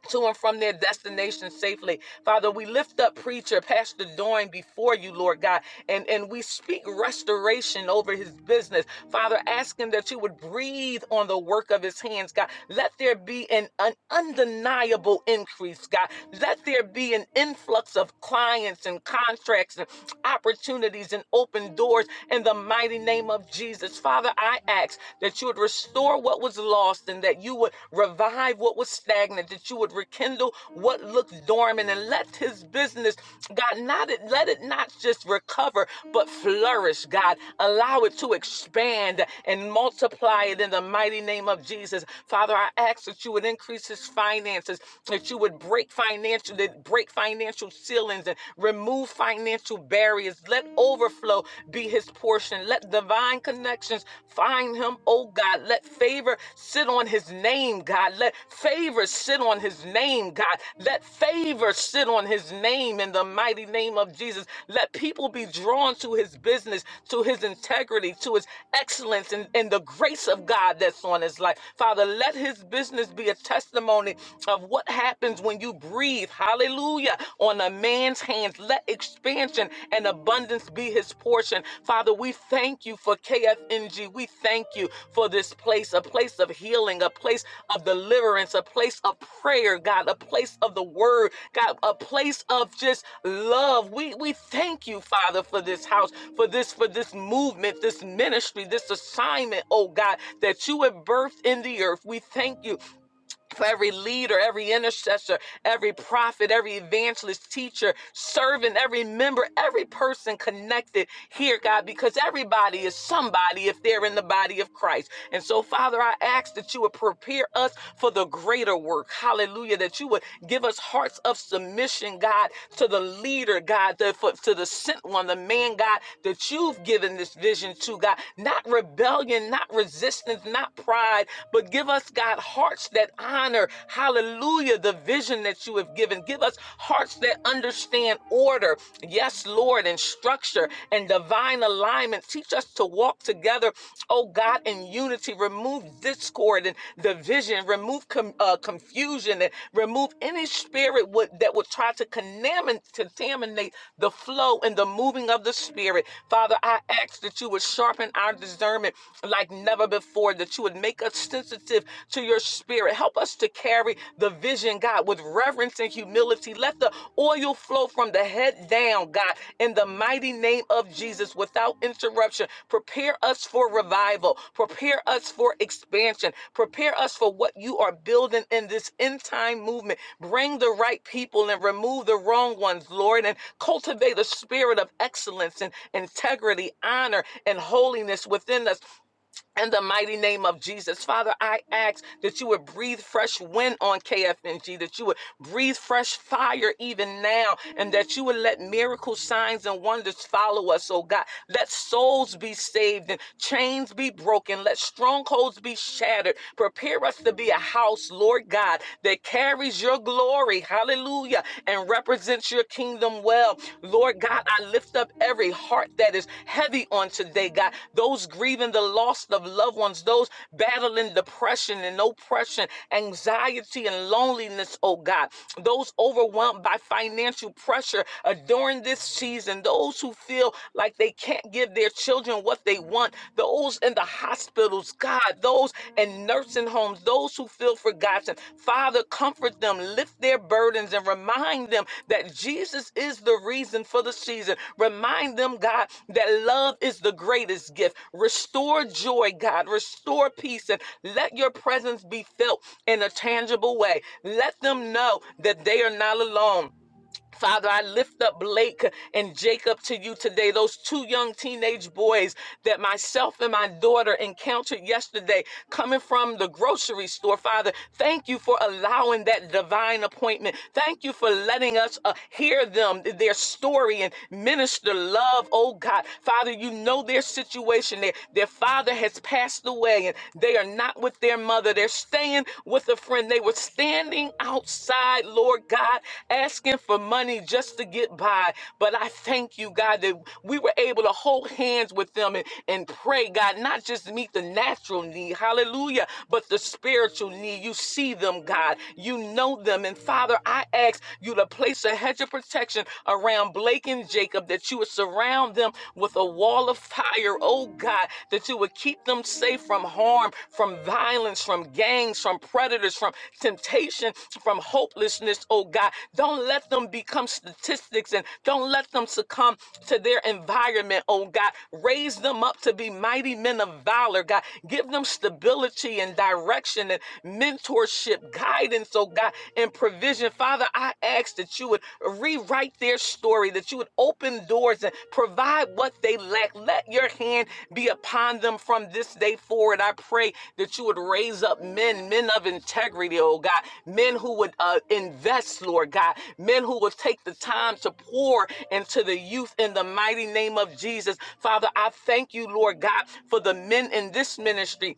Speaker 5: to and from their destination safely. Father, we lift up preacher Pastor Doyne before you, Lord God, and, and we speak restoration over his business. Father, ask him that you would breathe on the work of his hands, God. Let there be an, an undeniable increase, God. Let there be an influx of clients and contracts and opportunities and open doors in the mighty name of Jesus. Father, I ask that you would restore restore what was lost and that you would revive what was stagnant, that you would rekindle what looked dormant and let his business, God, not it, let it not just recover, but flourish, God. Allow it to expand and multiply it in the mighty name of Jesus. Father, I ask that you would increase his finances, that you would break financial, that break financial ceilings and remove financial barriers. Let overflow will be his portion. Let divine connections find him, oh God. Let favor sit on his name, God. Let favor sit on his name, God. Let favor sit on his name in the mighty name of Jesus. Let people be drawn to his business, to his integrity, to his excellence, and, and the grace of God that's on his life. Father, let his business be a testimony of what happens when you breathe. Hallelujah hallelujah, on a man's hands. Let expansion and abundance be his portion. Father, we thank you for KFNG. We thank you for this place, a place of healing, a place of deliverance, a place of prayer, God, a place of the word, God, a place of just love. We we thank you, Father, for this house, for this, for this movement, this ministry, this assignment, oh God, that you have birthed in the earth. We thank you for every leader, every intercessor, every prophet, every evangelist, teacher, servant, every member, every person connected here, God, because everybody is somebody if they're in the body of Christ. And so, Father, I ask that you would prepare us for the greater work. Hallelujah. That you would give us hearts of submission, God, to the leader, God, the, for, to the sent one, the man, God, that you've given this vision to, God. Not rebellion, not resistance, not pride, but give us us, God, hearts that honor, hallelujah, the vision that you have given. Give us hearts that understand order, yes, Lord, and structure and divine alignment. Teach us to walk together, oh God, in unity. Remove discord and division, remove com- uh, confusion, and remove any spirit would, that would try to contaminate the flow and the moving of the spirit. Father, I ask that you would sharpen our discernment like never before, that that you would make us sensitive to your spirit. Help us to carry the vision, God, with reverence and humility. Let the oil flow from the head down, God, in the mighty name of Jesus without interruption. Prepare us for revival. Prepare us for expansion. Prepare us for what you are building in this end time movement. Bring the right people and remove the wrong ones, Lord, and cultivate a spirit of excellence and integrity, honor, and holiness within us in the mighty name of Jesus. Father, I ask that you would breathe fresh wind on KFNG, that you would breathe fresh fire even now, and that you would let miracle signs and wonders follow us, oh God. Let souls be saved and chains be broken. Let strongholds be shattered. Prepare us to be a house, Lord God, that carries your glory. Hallelujah. And represents your kingdom well. Lord God, I lift up every heart that is heavy on today, God. Those grieving the loss of loved ones, those battling depression and oppression, anxiety and loneliness, oh God. Those overwhelmed by financial pressure uh, during this season, those who feel like they can't give their children what they want, those in the hospital hospitals, God, those in nursing homes, those who feel forgotten. Father, comfort them, lift their burdens, and remind them that Jesus is the reason for the season. Remind them, God, that love is the greatest gift. Restore joy, God, restore peace, and let your presence be felt in a tangible way. Let them know that they are not alone Father, I lift up Blake and Jacob to you today, those two young teenage boys that myself and my daughter encountered yesterday coming from the grocery store. Father, thank you for allowing that divine appointment. Thank you for letting us uh, hear them, their story, and minister love, oh God. Father, you know their situation. Their, their father has passed away and they are not with their mother brother. They're staying with a friend. They were standing outside, Lord God, asking for money just to get by. But I thank you, God, that we were able to hold hands with them and, and pray, God, not just meet the natural need, hallelujah, but the spiritual need. You see them, God. You know them. And Father, I ask you to place a hedge of protection around Blake and Jacob, that you would surround them with a with a wall of fire, oh God, that you would keep them safe from harm, from violence, from gangs, from predators, from temptation, from hopelessness, oh God. Don't let them become statistics and don't let them succumb to their environment, oh God. Raise them up to be mighty men of valor, God. Give them stability and direction and mentorship, guidance, oh God, and provision. Father, Father, I ask that you would rewrite their story, that you would open doors and provide what they lack. Let your hand be upon them from this day forward. I pray that you would raise up men, men of integrity, oh God, men who would uh, invest, Lord God, men who would take the time to pour into the youth in the mighty name of Jesus. Father, I thank you, Lord God, for the men in this ministry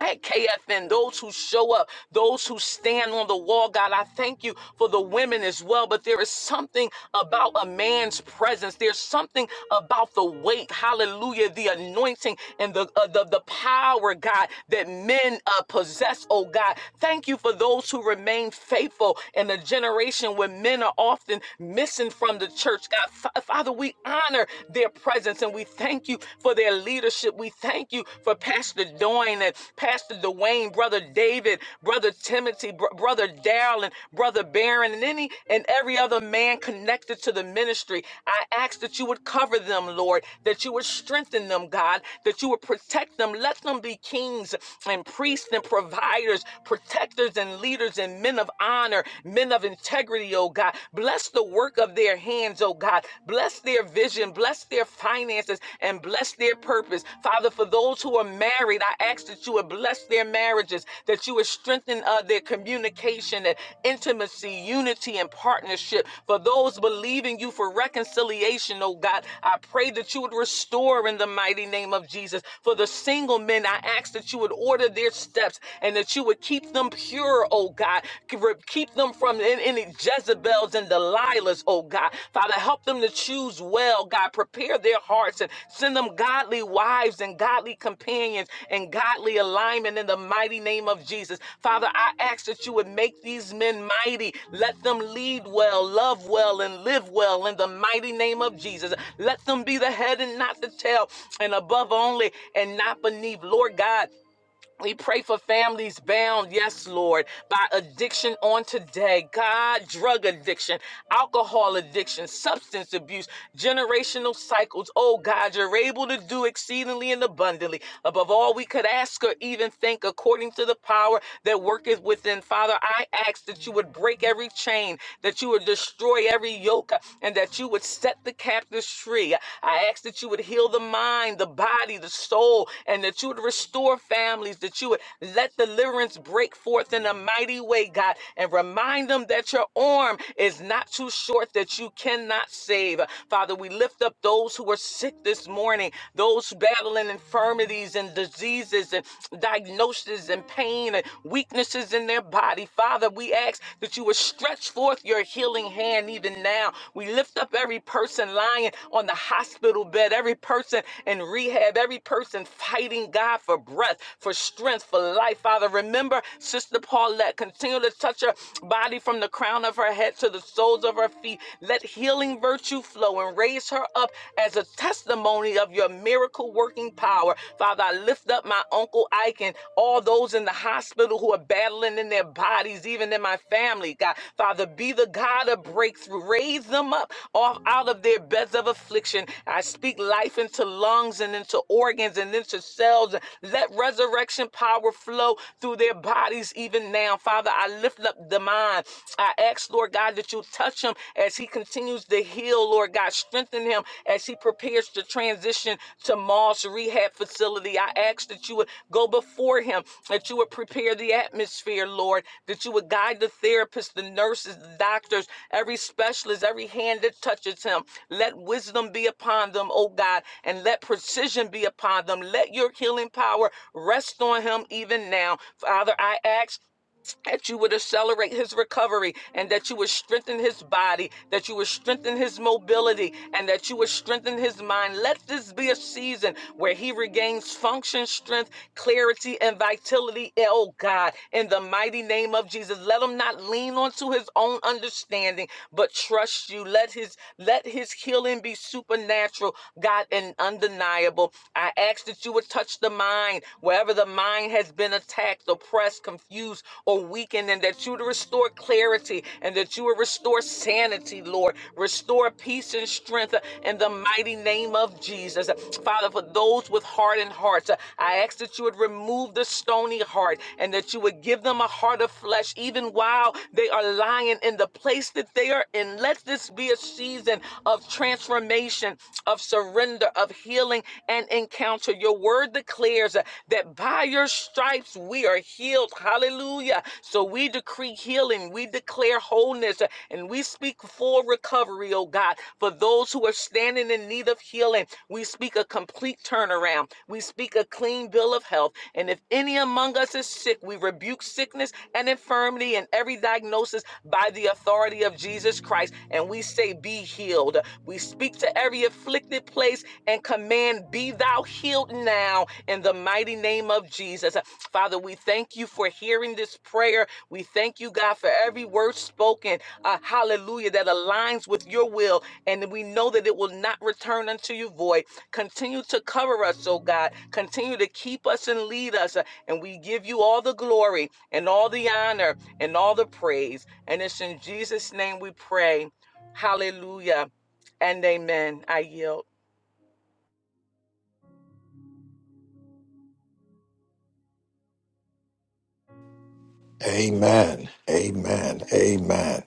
Speaker 5: at KFN, those who show up, those who stand on the wall, God, I thank you for the women as well. But there is something about a man's presence. There's something about the weight, hallelujah, the anointing and the uh, the, the power, God, that men uh, possess, oh God. Thank you for those who remain faithful in a generation where men are often missing from the church, God. Fa- Father, we honor their presence and we thank thank you for their leadership. We thank you for Pastor Doyne and Pastor Dwayne, Brother David, Brother Timothy, Br- Brother Darrell, and Brother Barron, and any and every other man connected to the ministry. I ask that you would cover them, Lord, that you would strengthen them, God, that you would protect them. Let them be kings and priests and providers, protectors and leaders and men of honor, men of integrity, oh God. Bless the work of their their hands, oh God. Bless their vision, bless their finances, and bless their purpose. Father, for those who are married, I ask that you would bless their marriages, that you would strengthen uh, their communication and intimacy, unity, and partnership. For those believing you for reconciliation, oh God, I pray that you would restore in the mighty name of Jesus. For the single men, I ask that you would order their steps and that you would keep them pure, oh God. Keep them from any, any Jezebels and Delilahs, oh God. Father, help them to choose well, God. Prepare their hearts and send them godly wives and godly companions and godly alignment in the mighty name of Jesus. Father, I ask that you would make these men mighty. Let them lead well, love well, and live well in the mighty name of Jesus. Let them be the head and not the tail, and above only and not beneath. Lord God, we pray for families bound, yes, Lord, by addiction on today. God, drug addiction, alcohol addiction, substance abuse, generational cycles. Oh, God, you're able to do exceedingly and abundantly above all we could ask or even think, according to the power that worketh within. Father, I ask that you would break every chain, that you would destroy every yoke, and that you would set the captives free tree. I ask that you would heal the mind, the body, the soul, and that you would restore families, that you would let deliverance break forth in a mighty way, God, and remind them that your arm is not too short, that you cannot save. Father, we lift up those who are sick this morning, those battling infirmities and diseases and diagnoses and pain and weaknesses in their body. Father, we ask ask that you would stretch forth your healing hand even now. We lift up every person lying on the hospital bed, every person in rehab, every person fighting God for breath, for strength, for life. Father, remember Sister Paulette. Continue to touch her body from the crown of her head to the soles of her feet. Let healing virtue flow and raise her up as a testimony of your miracle working power. Father, I I lift up my Uncle Ike and all those in the hospital who are battling in their bodies, even in my family. God, Father, be the God of breakthrough. Raise them up off out of their beds of affliction. I speak life into lungs and into organs and into cells. Let resurrection power flow through their bodies even now. Father, I lift up the mind. I ask, Lord God, that you touch him as he continues to heal heal, Lord God. Strengthen him as he prepares to transition to Moss Rehab Facility. I ask that you would go before him, that you would prepare the atmosphere, Lord, that you would guide the therapists, the nurses, the doctors, every specialist, every hand that touches him. Let wisdom be upon them, oh God, and let precision be upon them. Let your healing power rest on him even now. Father, I ask that you would accelerate his recovery and that you would strengthen his body, that you would strengthen his mobility, and that you would strengthen his mind. Let this be a season where he regains function, strength, clarity, and vitality. Oh God, in the mighty name of Jesus, let him not lean onto his own understanding, but trust you. Let his let his healing be supernatural, God, and undeniable. I ask that you would touch the mind wherever the mind has been attacked, or oppressed, confused, or weakened, and that you would restore clarity and that you would restore sanity, Lord. Restore peace and strength uh, in the mighty name of Jesus. Uh, Father, for those with hardened hearts, uh, I ask that you would remove the stony heart and that you would give them a heart of flesh, even while they are lying in the place that they are in. Let this be a season of transformation, of surrender, of healing, and encounter. Your word declares uh, that by by your stripes we are healed. Hallelujah. So we decree healing, we declare wholeness, and we speak full recovery, oh God, for those who are standing in need of healing. We speak a complete turnaround. We speak a clean bill of health. And if any among us is sick, we rebuke sickness and infirmity and every diagnosis by the authority of Jesus Christ. And we say, Be healed. We speak to every afflicted place and command, Be thou healed now in the mighty name of Jesus. Uh, Father, we thank you for hearing this prayer. We thank you, God, for every word spoken. Uh, hallelujah, that aligns with your will. And we know that it will not return unto you void. Continue to cover us, oh God. Continue to keep us and lead us. Uh, And we give you all the glory and all the honor and all the praise. And it's in Jesus' name we pray. Hallelujah and amen. I yield.
Speaker 1: Amen. Amen. Amen.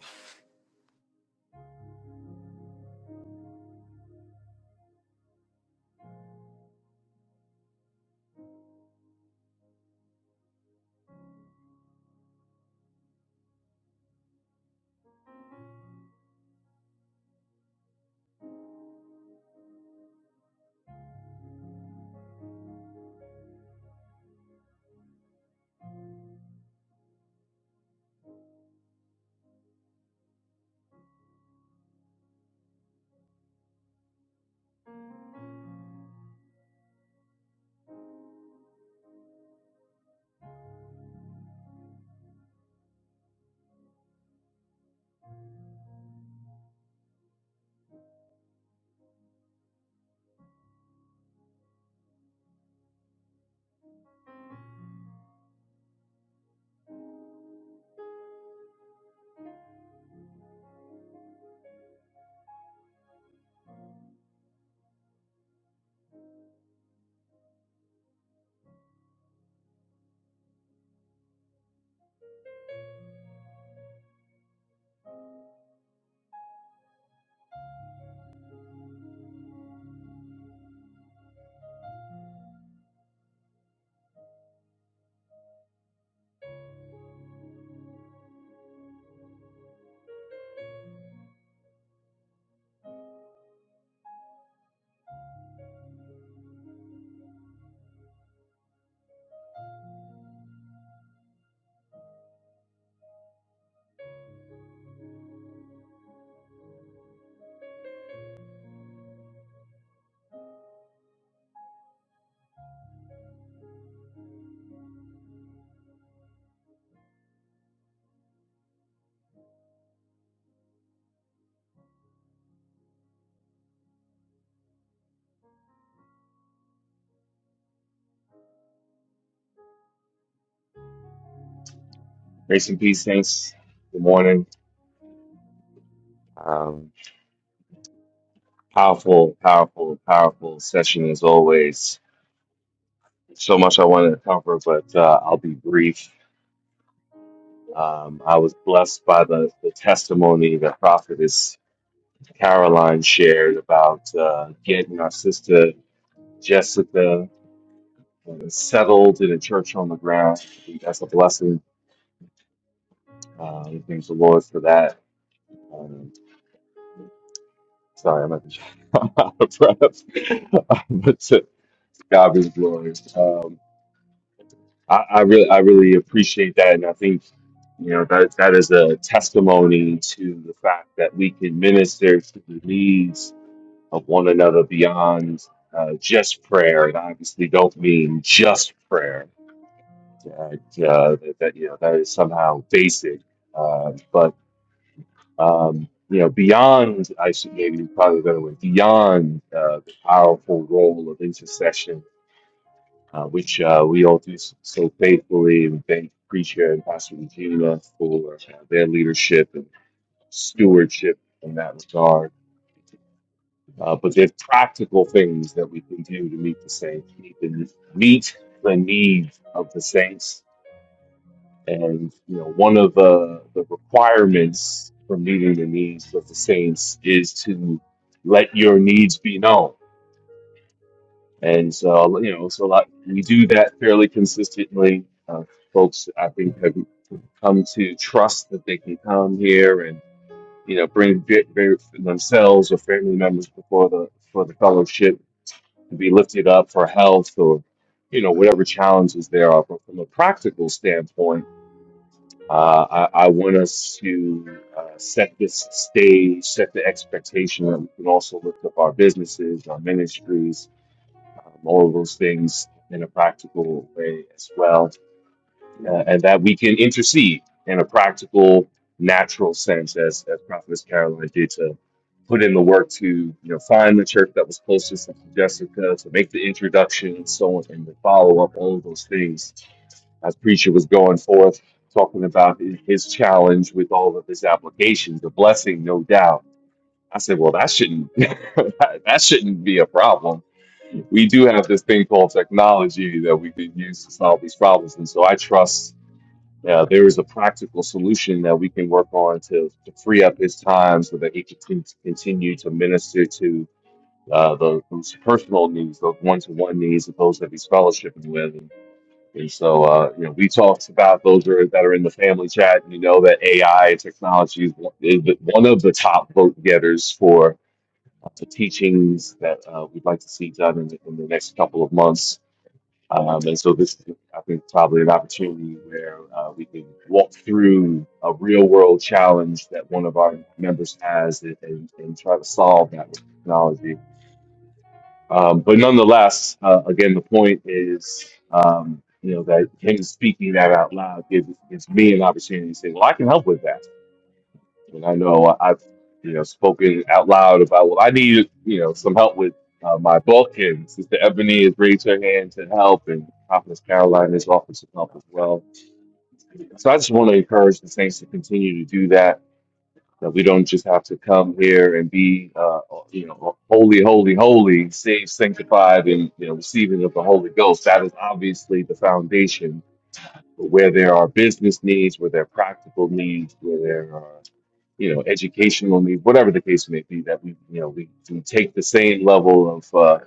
Speaker 10: Grace and peace, saints. Good morning. Um, powerful, powerful, powerful session as always. So much I wanted to cover, but uh, I'll be brief. Um, I was blessed by the, the testimony that Prophetess Caroline shared about uh, getting our sister Jessica uh, settled in a church on the ground. I think That's a blessing. Uh, we thank the Lord for that. Um, sorry, I'm at the out of breath. but uh, God is glorious. Um, I, I really, I really appreciate that, and I think you know that that is a testimony to the fact that we can minister to the needs of one another beyond uh, just prayer. And I obviously, don't mean just prayer. That, uh, that, that you know that is somehow basic, uh, but um, you know beyond. I should maybe probably a better way beyond uh, the powerful role of intercession uh, which uh, we all do s- so faithfully. We thank Preacher and Pastor Regina for uh, their leadership and stewardship in that regard. Uh, but there's practical things that we can do to meet the saints, meet the, meet the needs of the saints. And you know, one of the, the requirements for meeting the needs of the saints is to let your needs be known And so, you know, so like we do that fairly consistently. Uh, folks, I think, have come to trust that they can come here and, you know, bring ve- very themselves or family members before the for the fellowship and be lifted up for health or, you know, whatever challenges there are. But from a practical standpoint, uh, I, I want us to uh, set this stage, set the expectation that we can also lift up our businesses, our ministries, um, all of those things in a practical way as well, uh, and that we can intercede in a practical, natural sense, as as Prophetess Caroline did to put in the work to you know find the church that was closest to Jessica, to make the introduction and so on, and the follow up, all of those things. As preacher was going forth talking about his his challenge with all of his applications, the blessing, no doubt. I said, well, that shouldn't that shouldn't be a problem we do have this thing called technology that we can use to solve these problems. And so I trust uh, there is a practical solution that we can work on to, to free up his time so that he can con- continue to minister to uh, the, those personal needs, those one to one needs of those that he's fellowshipping with. And, and so, uh, you know, we talked about those are, that are in the family chat. And you know that AI and technology is one is one of the top vote getters for the teachings that uh, we'd like to see done in the, in the next couple of months. Um, and so this, I think, is probably an opportunity where uh, we can walk through a real world challenge that one of our members has and, and, and try to solve that with technology. Um, but nonetheless, uh, again, the point is, um, you know, that him speaking that out loud gives, gives me an opportunity to say, well, I can help with that and I know I- I've you know spoken out loud about well, I need you know some help with uh, my book, and Sister Ebony has raised her hand to help, and Prophetess Caroline has offered some help as well. So I just want to encourage the saints to continue to do that. That we don't just have to come here and be, uh, you know, holy, holy, holy, saved, sanctified, and you know, receiving of the Holy Ghost. That is obviously the foundation. But where there are business needs, where there are practical needs, where there are you know, educational needs, whatever the case may be, that we, you know, we, we take the same level of, uh,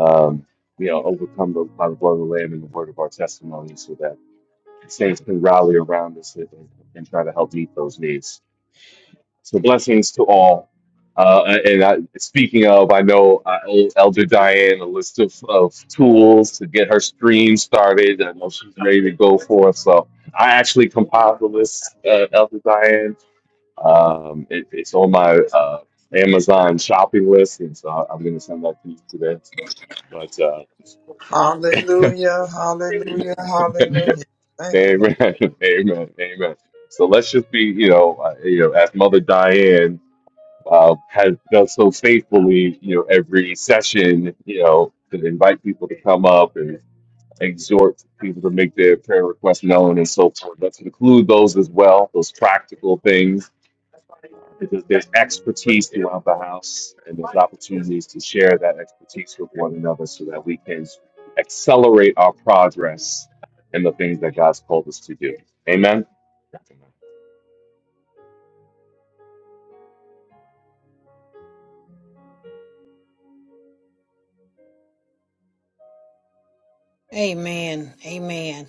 Speaker 10: um, you know, overcome the, by the blood of the Lamb and the word of our testimony so that saints can rally around us and, and try to help meet those needs. So blessings to all. Uh, and I, speaking of, I know I owe Elder Diane a list of, of tools to get her stream started. I know she's ready to go for it. So I actually compiled the list, uh, Elder Diane um, it, it's on my uh, Amazon shopping list, and so I'm going to send that to you today. But uh,
Speaker 4: Hallelujah, hallelujah, hallelujah.
Speaker 10: amen,
Speaker 4: Thank you, Lord.
Speaker 10: amen, amen. So let's just be, you know, uh, you know, as Mother Diane uh, has done so faithfully, you know, every session, you know, to invite people to come up and exhort people to make their prayer requests known and so forth. Let's include those as well, those practical things There's, there's expertise throughout the house, and there's opportunities to share that expertise with one another so that we can accelerate our progress in the things that God's called us to do. Amen.
Speaker 7: Amen. Amen.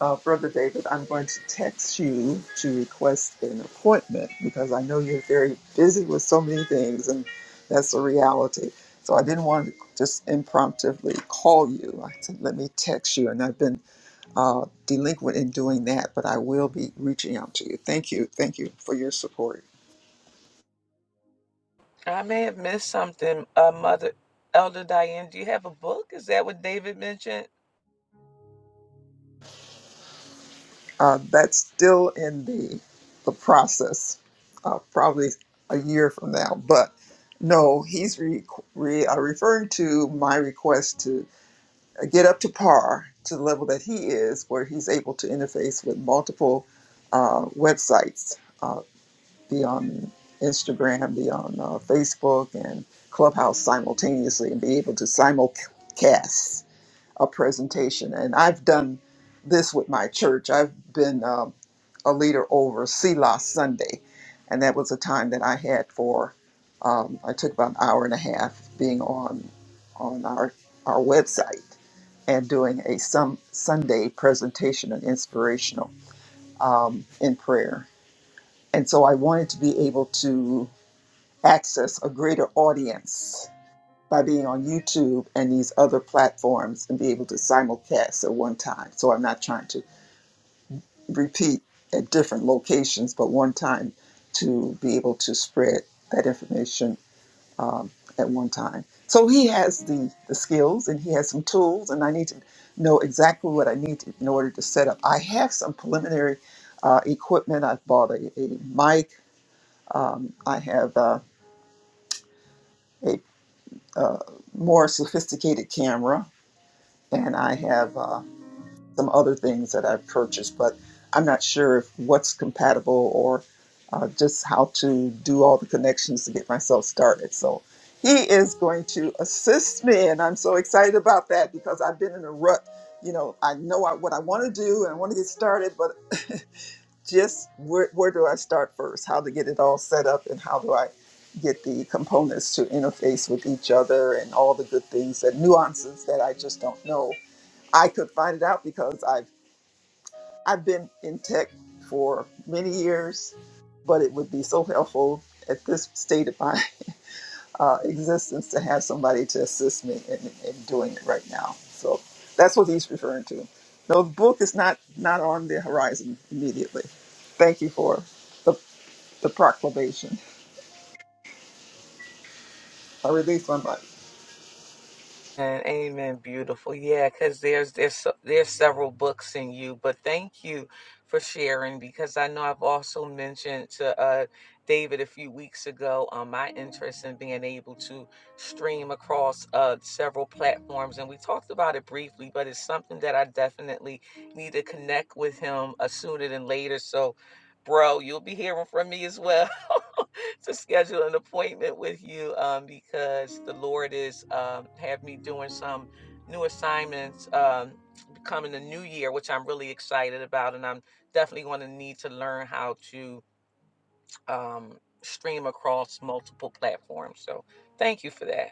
Speaker 4: Uh, Brother David, I'm going to text you to request an appointment because I know you're very busy with so many things, and that's the reality. So I didn't want to just impromptu call you. I said, let me text you. And I've been uh, delinquent in doing that, but I will be reaching out to you. Thank you. Thank you for your support.
Speaker 5: I may have missed something. Uh, Mother Elder Diane, do you have a book? Is that what David mentioned?
Speaker 4: Uh, that's still in the, the process, uh, probably a year from now. But no, he's re, re, uh, referring to my request to uh, get up to par to the level that he is, where he's able to interface with multiple uh, websites. uh, be on Instagram, be on uh, Facebook and Clubhouse simultaneously and be able to simulcast a presentation. And I've done this with my church. I've been um a leader over Selah Sunday, and that was a time that I had for, um, I took about an hour and a half being on on our, our website and doing a some Sunday presentation and inspirational um, in prayer. And so I wanted to be able to access a greater audience by being on YouTube and these other platforms and be able to simulcast at one time. So I'm not trying to repeat at different locations, but one time to be able to spread that information at one time. So he has the, the skills and he has some tools, and I need to know exactly what I need in order to set up. I have some preliminary uh, equipment. I've bought a, a mic. Um, I have uh, A more sophisticated camera, and I have uh, some other things that I've purchased, but I'm not sure if what's compatible or uh, just how to do all the connections to get myself started. So he is going to assist me, and I'm so excited about that because I've been in a rut. You know, I know I, what I want to do and I want to get started, but just where, where do I start first? How to get it all set up and how do I get the components to interface with each other and all the good things and nuances that I just don't know. I could find it out because I've I've been in tech for many years, but it would be so helpful at this state of my uh, existence to have somebody to assist me in, in doing it right now. So that's what he's referring to. No, the book is not not on the horizon immediately. Thank you for the the proclamation. I release my mic.
Speaker 5: And amen, beautiful. Yeah, because there's there's so- there's several books in you, but thank you for sharing because I know I've also mentioned to uh, David a few weeks ago on my interest in being able to stream across uh, several platforms, and we talked about it briefly, but it's something that I definitely need to connect with him uh, sooner than later. So, bro, you'll be hearing from me as well. to schedule an appointment with you um, because the Lord is um, have me doing some new assignments um, coming the new year, which I'm really excited about, and I'm definitely going to need to learn how to um, stream across multiple platforms. So thank you for that.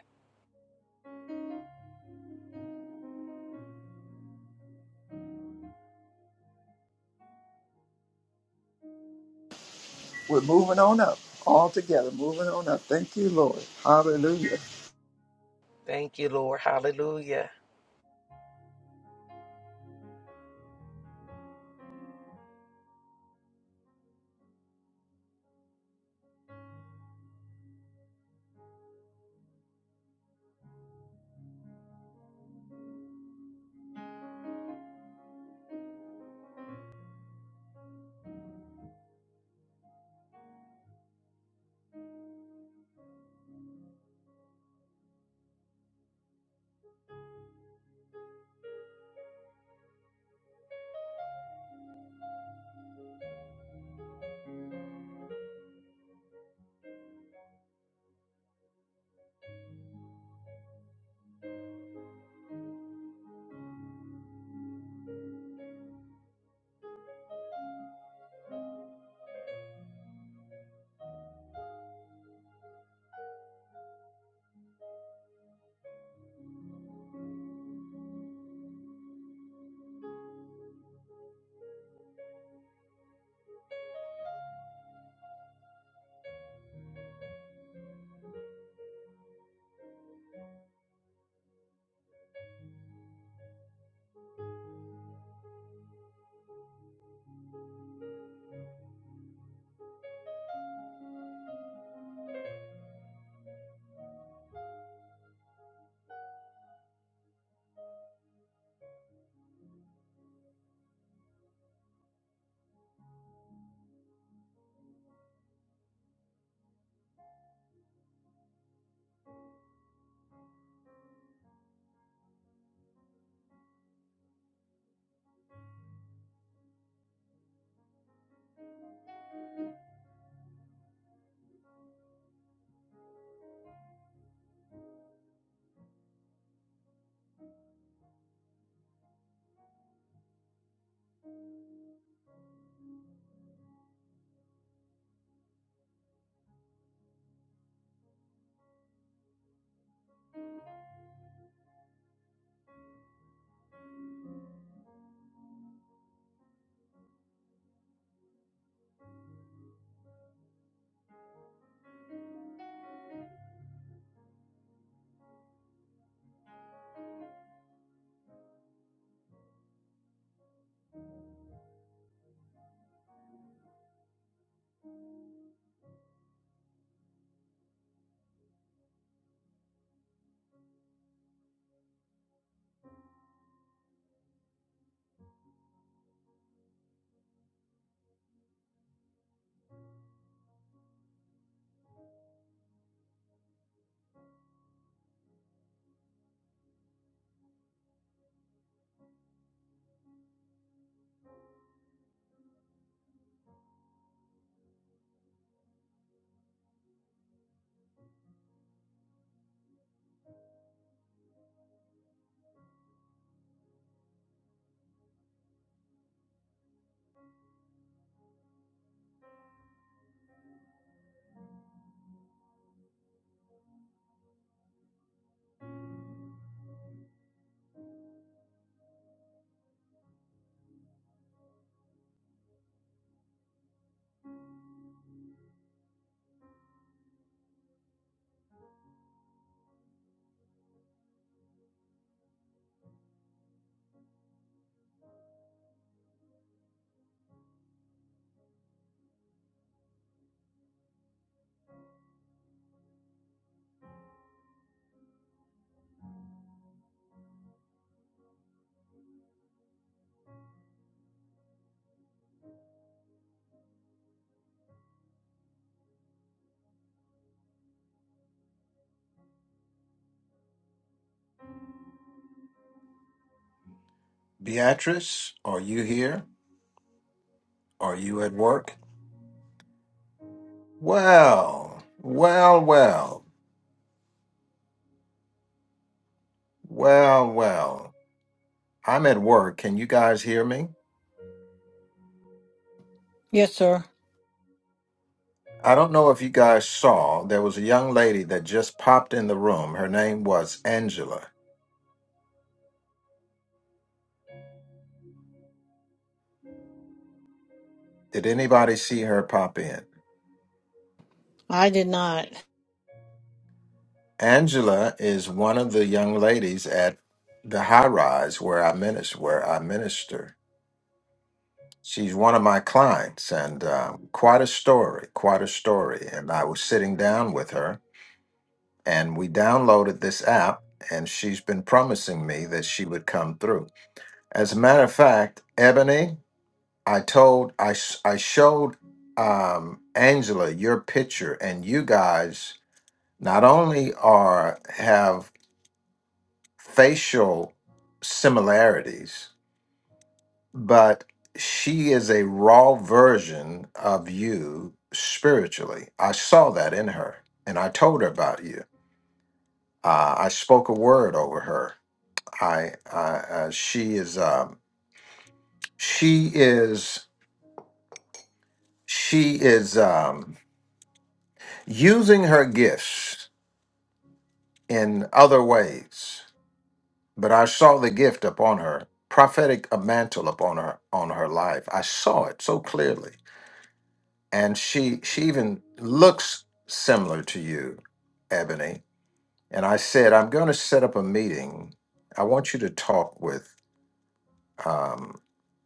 Speaker 4: We're moving on up, all together, moving on up. Thank you, Lord. Hallelujah.
Speaker 5: Thank you, Lord. Hallelujah.
Speaker 1: Beatrice, are you here? Are you at work? Well, well, well, well, well. I'm at work. Can you guys hear me?
Speaker 7: Yes, sir.
Speaker 1: I don't know if you guys saw, there was a young lady that just popped in the room. Her name was Angela. Did anybody see her pop in?
Speaker 7: I did not.
Speaker 1: Angela is one of the young ladies at the high rise where I minister. Where I minister, she's one of my clients, and um, quite a story, quite a story. And I was sitting down with her, and we downloaded this app, and she's been promising me that she would come through. As a matter of fact, Ebony. I told I sh- I showed um, Angela your picture, and you guys not only are have facial similarities, but she is a raw version of you spiritually. I saw that in her, and I told her about you. Uh, I spoke a word over her. I, I uh, she is um, she is she is um, using her gifts in other ways, but I saw the gift upon her, prophetic a mantle upon her on her life. I saw it so clearly, and she she even looks similar to you, Ebony. And I said, I'm going to set up a meeting. I want you to talk with um,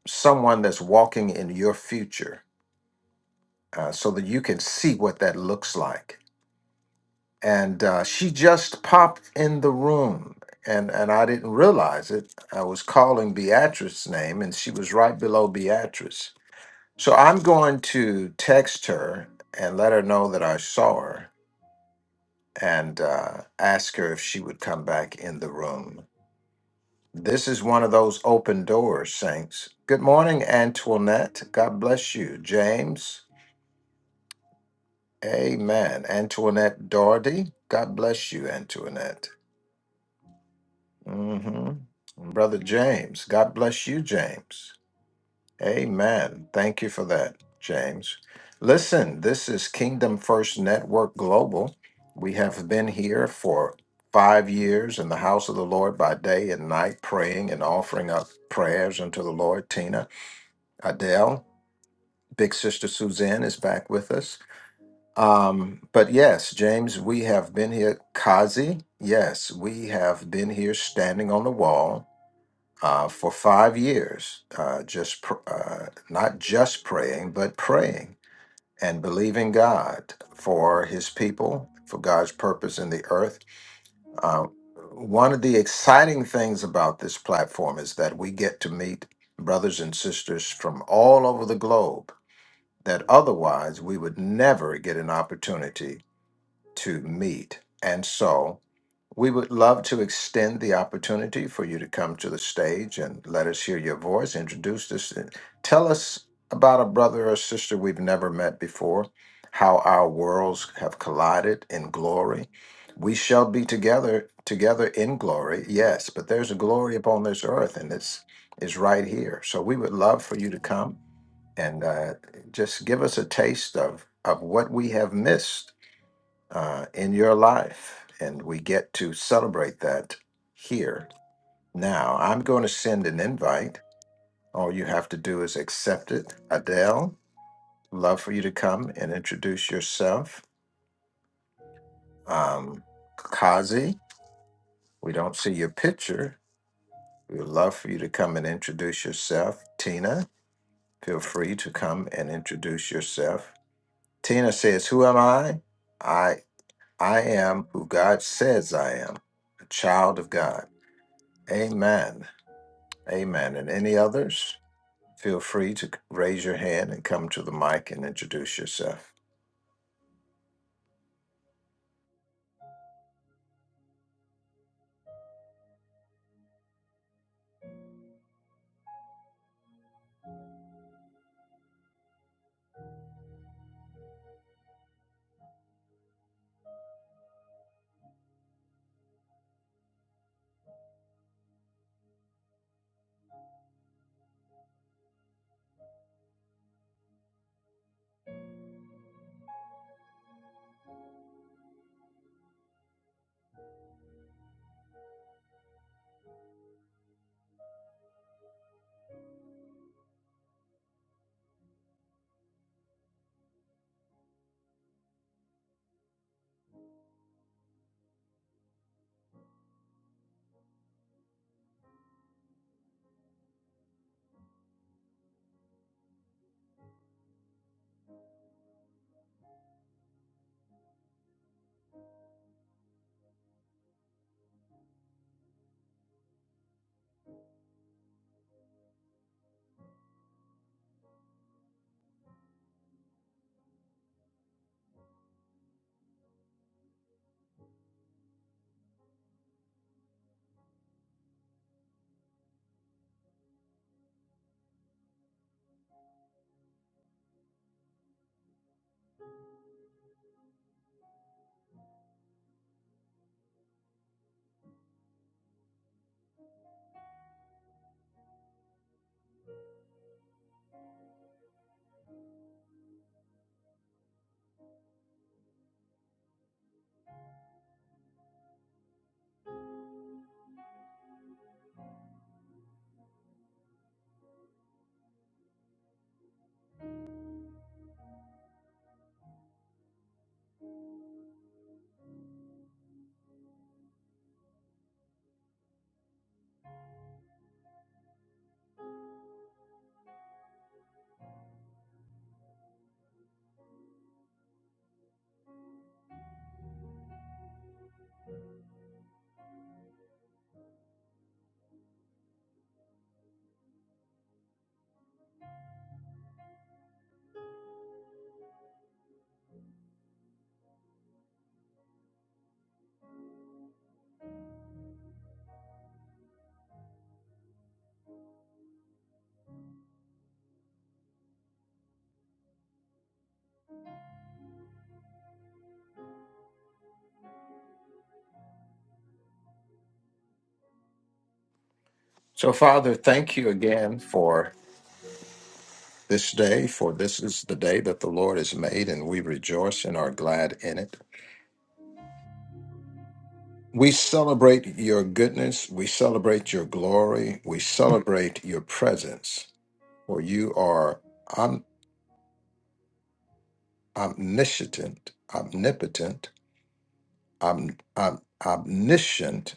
Speaker 1: someone that's walking in your future, uh, so that you can see what that looks like and uh, she just popped in the room and and i didn't realize it i was calling beatrice's name and she was right below beatrice so i'm going to text her and let her know that i saw her and uh, ask her if she would come back in the room this is one of those open doors saints good morning antoinette god bless you james amen antoinette doherty god bless you antoinette hmm Brother James, God bless you, James. Amen. Thank you for that, James. Listen, this is Kingdom First Network Global. We have been here for five years in the house of the Lord by day and night, praying and offering up prayers unto the Lord. Tina, Adele, Big Sister Suzanne is back with us. Um, but yes, James, we have been here. Kazi, yes, we have been here standing on the wall uh, for five years, uh, just pr- uh, not just praying, but praying and believing God for His people, for God's purpose in the earth. Uh, one of the exciting things about this platform is that we get to meet brothers and sisters from all over the globe that otherwise we would never get an opportunity to meet. And so, we would love to extend the opportunity for you to come to the stage and let us hear your voice, introduce us, and tell us about a brother or sister we've never met before, how our worlds have collided in glory. We shall be together together in glory, yes, but there's a glory upon this earth, and it's is right here. So we would love for you to come and uh, just give us a taste of of what we have missed uh, in your life. And we get to celebrate that here now. I'm going to send an invite. All you have to do is accept it. Adele, love for you to come and introduce yourself. Um, Kazi, we don't see your picture. We would love for you to come and introduce yourself. Tina, feel free to come and introduce yourself. Tina says, Who am I? I I am who God says I am, a child of God. Amen. Amen. And any others, feel free to raise your hand and come to the mic and introduce yourself. So, Father, thank you again for this day, for this is the day that the Lord has made, and we rejoice and are glad in it. We celebrate your goodness, we celebrate your glory, we celebrate your presence, for you are om- omniscient, omnipotent, om- om- omniscient,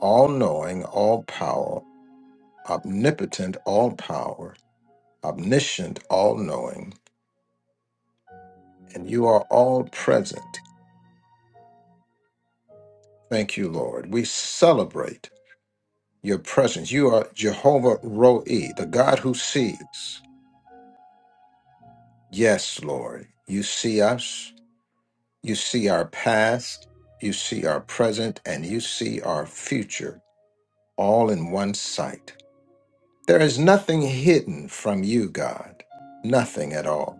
Speaker 1: all knowing, all powerful omnipotent, all power, omniscient, all knowing, and you are all present. Thank you, Lord. We celebrate your presence. You are Jehovah Roe, the God who sees. Yes, Lord. You see us, you see our past, you see our present, and you see our future all in one sight. There is nothing hidden from you, God. Nothing at all.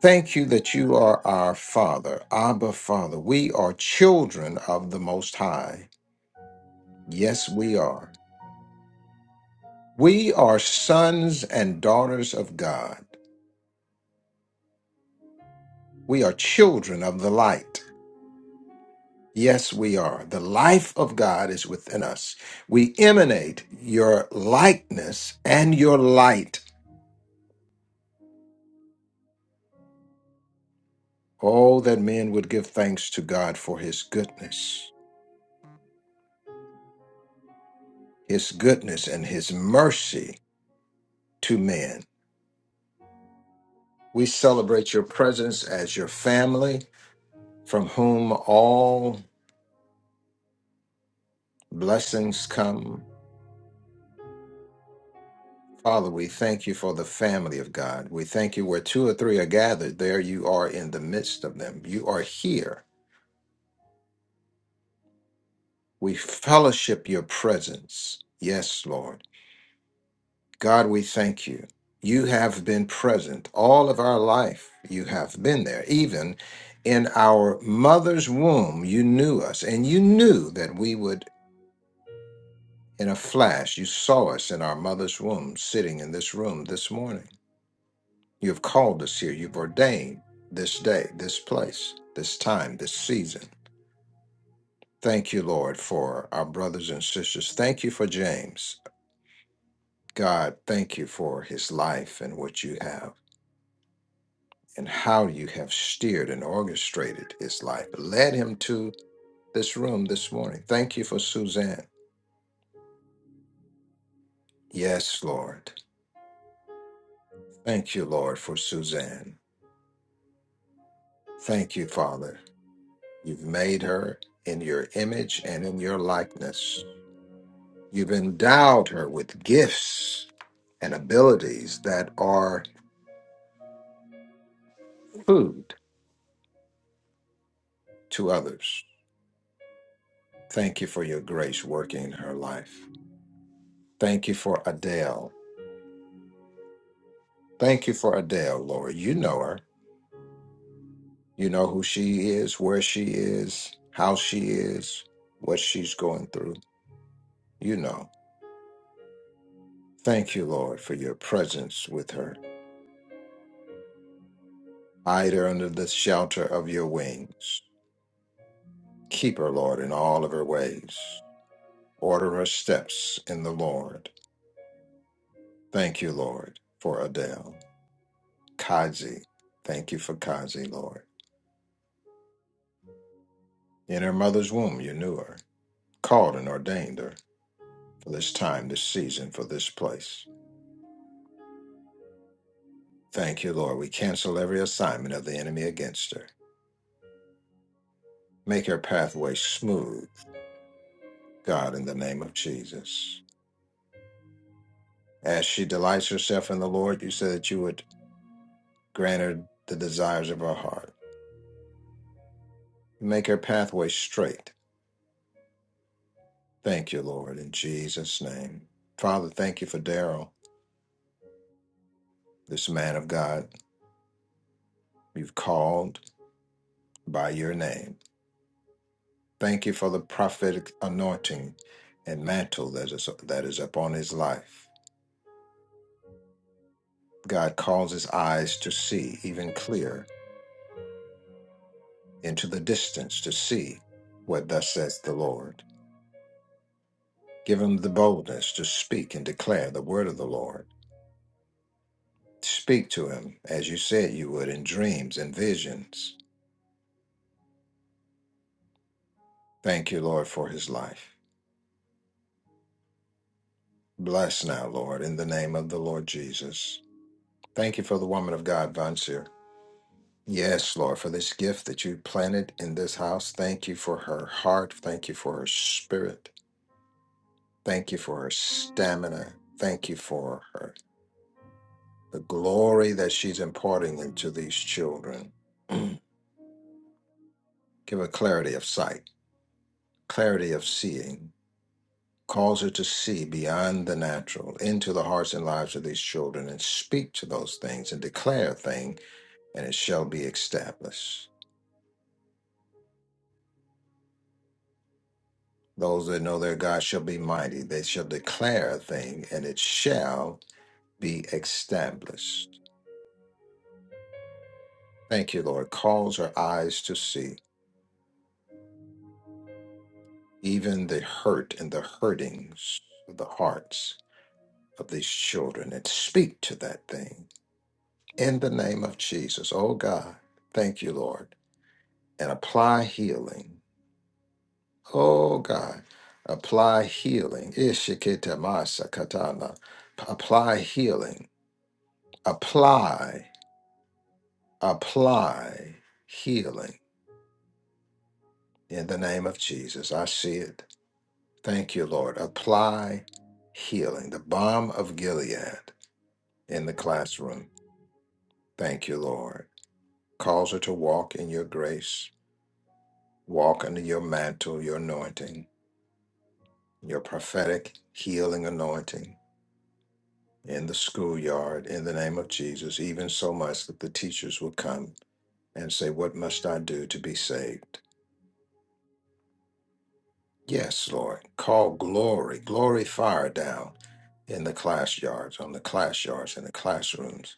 Speaker 1: Thank you that you are our Father, Abba Father. We are children of the Most High. Yes, we are. We are sons and daughters of God. We are children of the light. Yes, we are. The life of God is within us. We emanate your likeness and your light. Oh, that men would give thanks to God for his goodness, his goodness and his mercy to men. We celebrate your presence as your family from whom all blessings come. Father, we thank you for the family of God. We thank you where two or three are gathered, there you are in the midst of them. You are here. We fellowship your presence. Yes, Lord. God, we thank you. You have been present all of our life. You have been there. Even in our mother's womb, you knew us and you knew that we would In a flash, you saw us in our mother's womb, sitting in this room this morning. You have called us here. You've ordained this day, this place, this time, this season. Thank you, Lord, for our brothers and sisters. Thank you for James. God, thank you for his life and what you have and how you have steered and orchestrated his life, led him to this room this morning. Thank you for Suzanne. Yes, Lord. Thank you, Lord, for Suzanne. Thank you, Father. You've made her in your image and in your likeness. You've endowed her with gifts and abilities that are food to others. Thank you for your grace working in her life. Thank you for Adele. Thank you for Adele, Lord. You know her. You know who she is, where she is, how she is, what she's going through. You know. Thank you, Lord, for your presence with her. Hide her under the shelter of your wings. Keep her, Lord, in all of her ways. Order her steps in the Lord. Thank you, Lord, for Adele. Kazi, thank you for Kazi, Lord. In her mother's womb, you knew her, called and ordained her for this time, this season, for this place. Thank you, Lord. We cancel every assignment of the enemy against her. Make her pathway smooth, God, in the name of Jesus. As she delights herself in the Lord, you said that you would grant her the desires of her heart. Make her pathway straight Thank you, Lord, in Jesus' name. Father, thank you for Daryl, this man of God you've called by your name. Thank you for the prophetic anointing and mantle that is, that is upon his life. God calls his eyes to see even clear into the distance to see what thus says the Lord. Give him the boldness to speak and declare the word of the Lord. Speak to him as you said you would in dreams and visions. Thank you, Lord, for his life. Bless now, Lord, in the name of the Lord Jesus. Thank you for the woman of God, Vansir. Yes, Lord, for this gift that you planted in this house. Thank you for her heart. Thank you for her spirit. Thank you for her stamina. Thank you for her the glory that she's imparting into these children. Mm. Give her clarity of sight, clarity of seeing. Cause her to see beyond the natural into the hearts and lives of these children and speak to those things and declare things and it shall be established. Those that know their God shall be mighty. They shall declare a thing, and it shall be established. Thank you, Lord. Cause our eyes to see even the hurt and the hurtings of the hearts of these children and speak to that thing in the name of Jesus. Oh, God. Thank you, Lord. And apply healing. Oh, God. Apply healing. Ishikita katana. Apply healing apply, apply healing in the name of Jesus. I see it. Thank you, Lord. Apply healing, the balm of Gilead in the classroom. Thank you, Lord. Cause her to walk in your grace, walk under your mantle, your anointing, your prophetic healing anointing in the schoolyard in the name of Jesus, even so much that the teachers will come and say, What must I do to be saved? Yes, Lord. Call glory, glory fire down in the class yards, on the class yards, in the classrooms.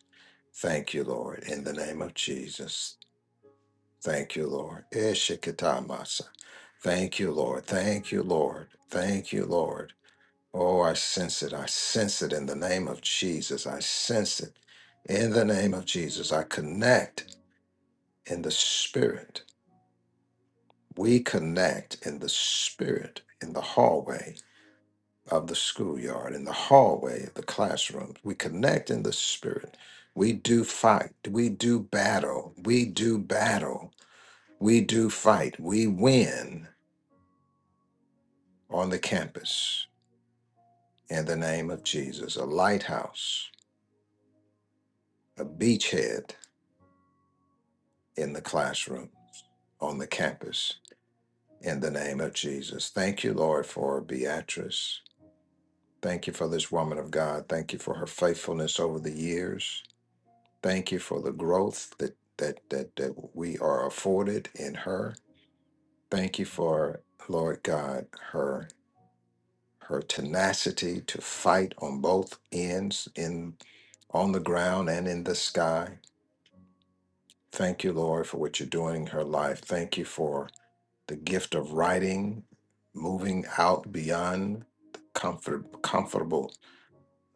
Speaker 1: Thank you, Lord, in the name of Jesus. Thank you, Lord. Ishikatamasa. Thank you, Lord. Thank you, Lord. Thank you, Lord. Oh, I sense it. I sense it in the name of Jesus. I sense it in the name of Jesus. I connect in the spirit. We connect in the spirit, in the hallway of the schoolyard, in the hallway of the classroom. We connect in the spirit. We do fight. We do battle. We do battle. We do fight. We win on the campus in the name of Jesus. A lighthouse, a beachhead in the classroom, on the campus in the name of Jesus. Thank you, Lord, for Beatrice. Thank you for this woman of God. Thank you for her faithfulness over the years. Thank you for the growth that that that that we are afforded in her. Thank you for Lord God her her tenacity to fight on both ends in on the ground and in the sky. Thank you, Lord, for what you're doing in her life. Thank you for the gift of writing, moving out beyond the comfort, comfortable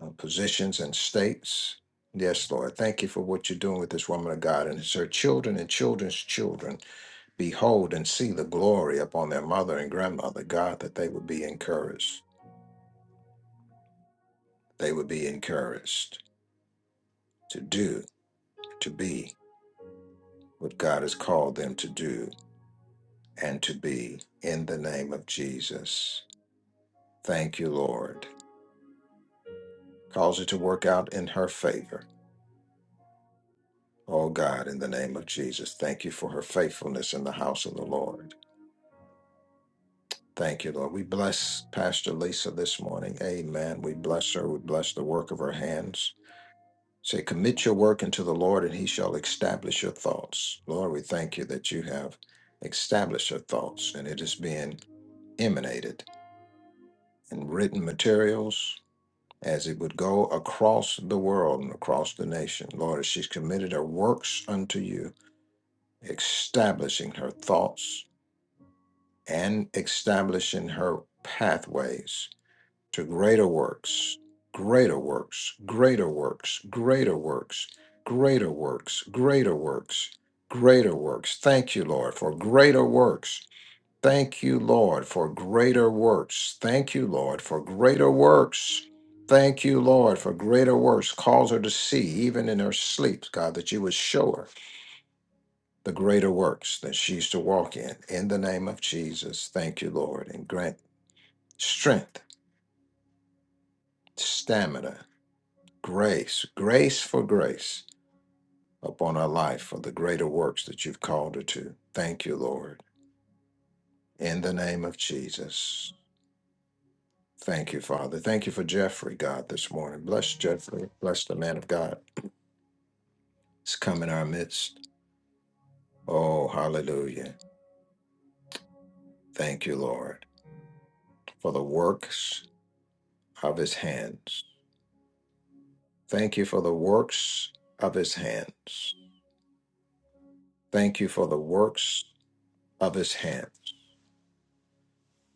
Speaker 1: uh, positions and states. Yes, Lord, thank you for what you're doing with this woman of God and it's her children and children's children. Behold and see the glory upon their mother and grandmother, God, that they would be encouraged. They would be encouraged to do, to be what God has called them to do and to be in the name of Jesus. Thank you, Lord. Cause it to work out in her favor. Oh God, in the name of Jesus, thank you for her faithfulness in the house of the Lord. Thank you, Lord. We bless Pastor Lisa this morning. Amen. We bless her. We bless the work of her hands. Say, commit your work unto the Lord, and he shall establish your thoughts. Lord, we thank you that you have established her thoughts, and it is being emanated in written materials as it would go across the world and across the nation. Lord, as she's committed her works unto you, establishing her thoughts and establishing her pathways to greater works, greater works, greater works, greater works, greater works, greater works, greater works. Thank you, Lord, for greater works. Thank you, Lord, for greater works. Thank you, Lord, for greater works. Thank you, Lord, for greater works. Cause her to see, even in her sleep, God, that you would show her the greater works that she's to walk in. In the name of Jesus, thank you, Lord, and grant strength, stamina, grace, grace for grace upon our life for the greater works that you've called her to. Thank you, Lord. In the name of Jesus. Thank you, Father. Thank you for Jeffrey, God, this morning. Bless Jeffrey. Bless the man of God. It's come in our midst. Oh, hallelujah. Thank you, Lord, for the works of his hands. Thank you for the works of his hands. Thank you for the works of his hands.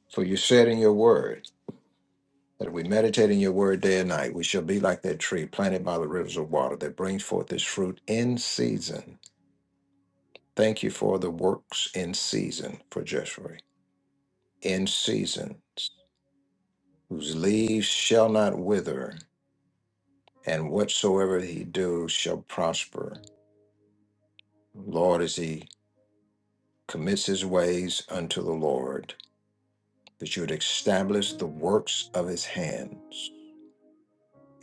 Speaker 1: For you said in your word, That if we meditate in your word day and night, we shall be like that tree planted by the rivers of water that brings forth its fruit in season. Thank you for the works in season for Jeshurun, in seasons, whose leaves shall not wither, and whatsoever he do shall prosper. Lord, as he commits his ways unto the Lord, that you would establish the works of his hands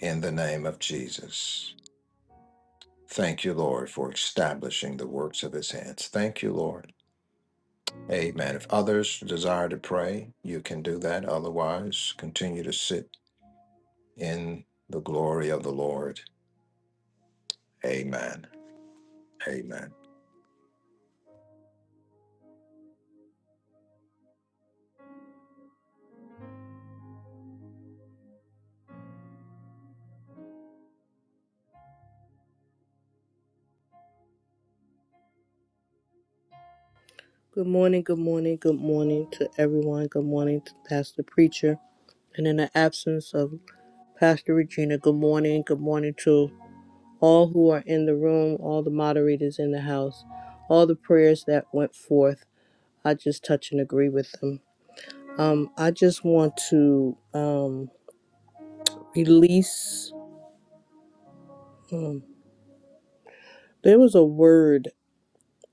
Speaker 1: in the name of Jesus. Thank you, Lord, for establishing the works of his hands. Thank you, Lord. Amen. If others desire to pray, you can do that. Otherwise, continue to sit in the glory of the Lord. Amen. Amen.
Speaker 11: Good morning, good morning, good morning to everyone. Good morning to Pastor Preacher. And in the absence of Pastor Regina, good morning, good morning to all who are in the room, all the moderators in the house, all the prayers that went forth. I just touch and agree with them. Um, I just want to um, release. There was a word.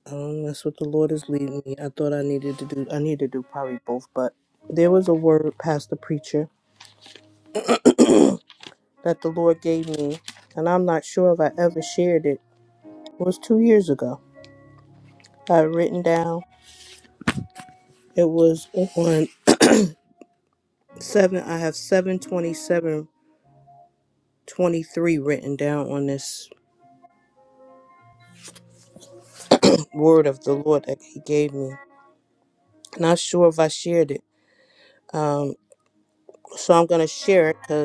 Speaker 11: Um, that's what the Lord is leading me. I thought I needed to do. I need to do probably both, but there was a word, Pastor Preacher that the Lord gave me, and I'm not sure if I ever shared it, was two years ago. I had written down it was on seven. I have seven twenty seven twenty three written down on this word of the Lord that He gave me. Not sure if I shared it, um, so I'm gonna share it because.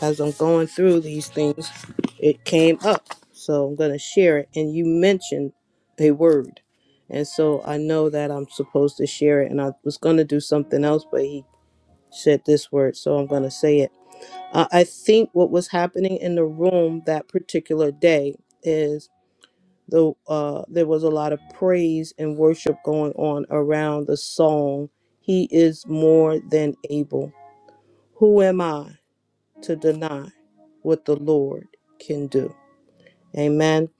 Speaker 11: as I'm going through these things, it came up. So I'm going to share it. And you mentioned a word. And so I know that I'm supposed to share it. And I was going to do something else, but he said this word. So I'm going to say it. I I think what was happening in the room that particular day is. The, uh, there was a lot of praise and worship going on around the song, He is More Than Able. Who am I? to deny what the Lord can do. Amen.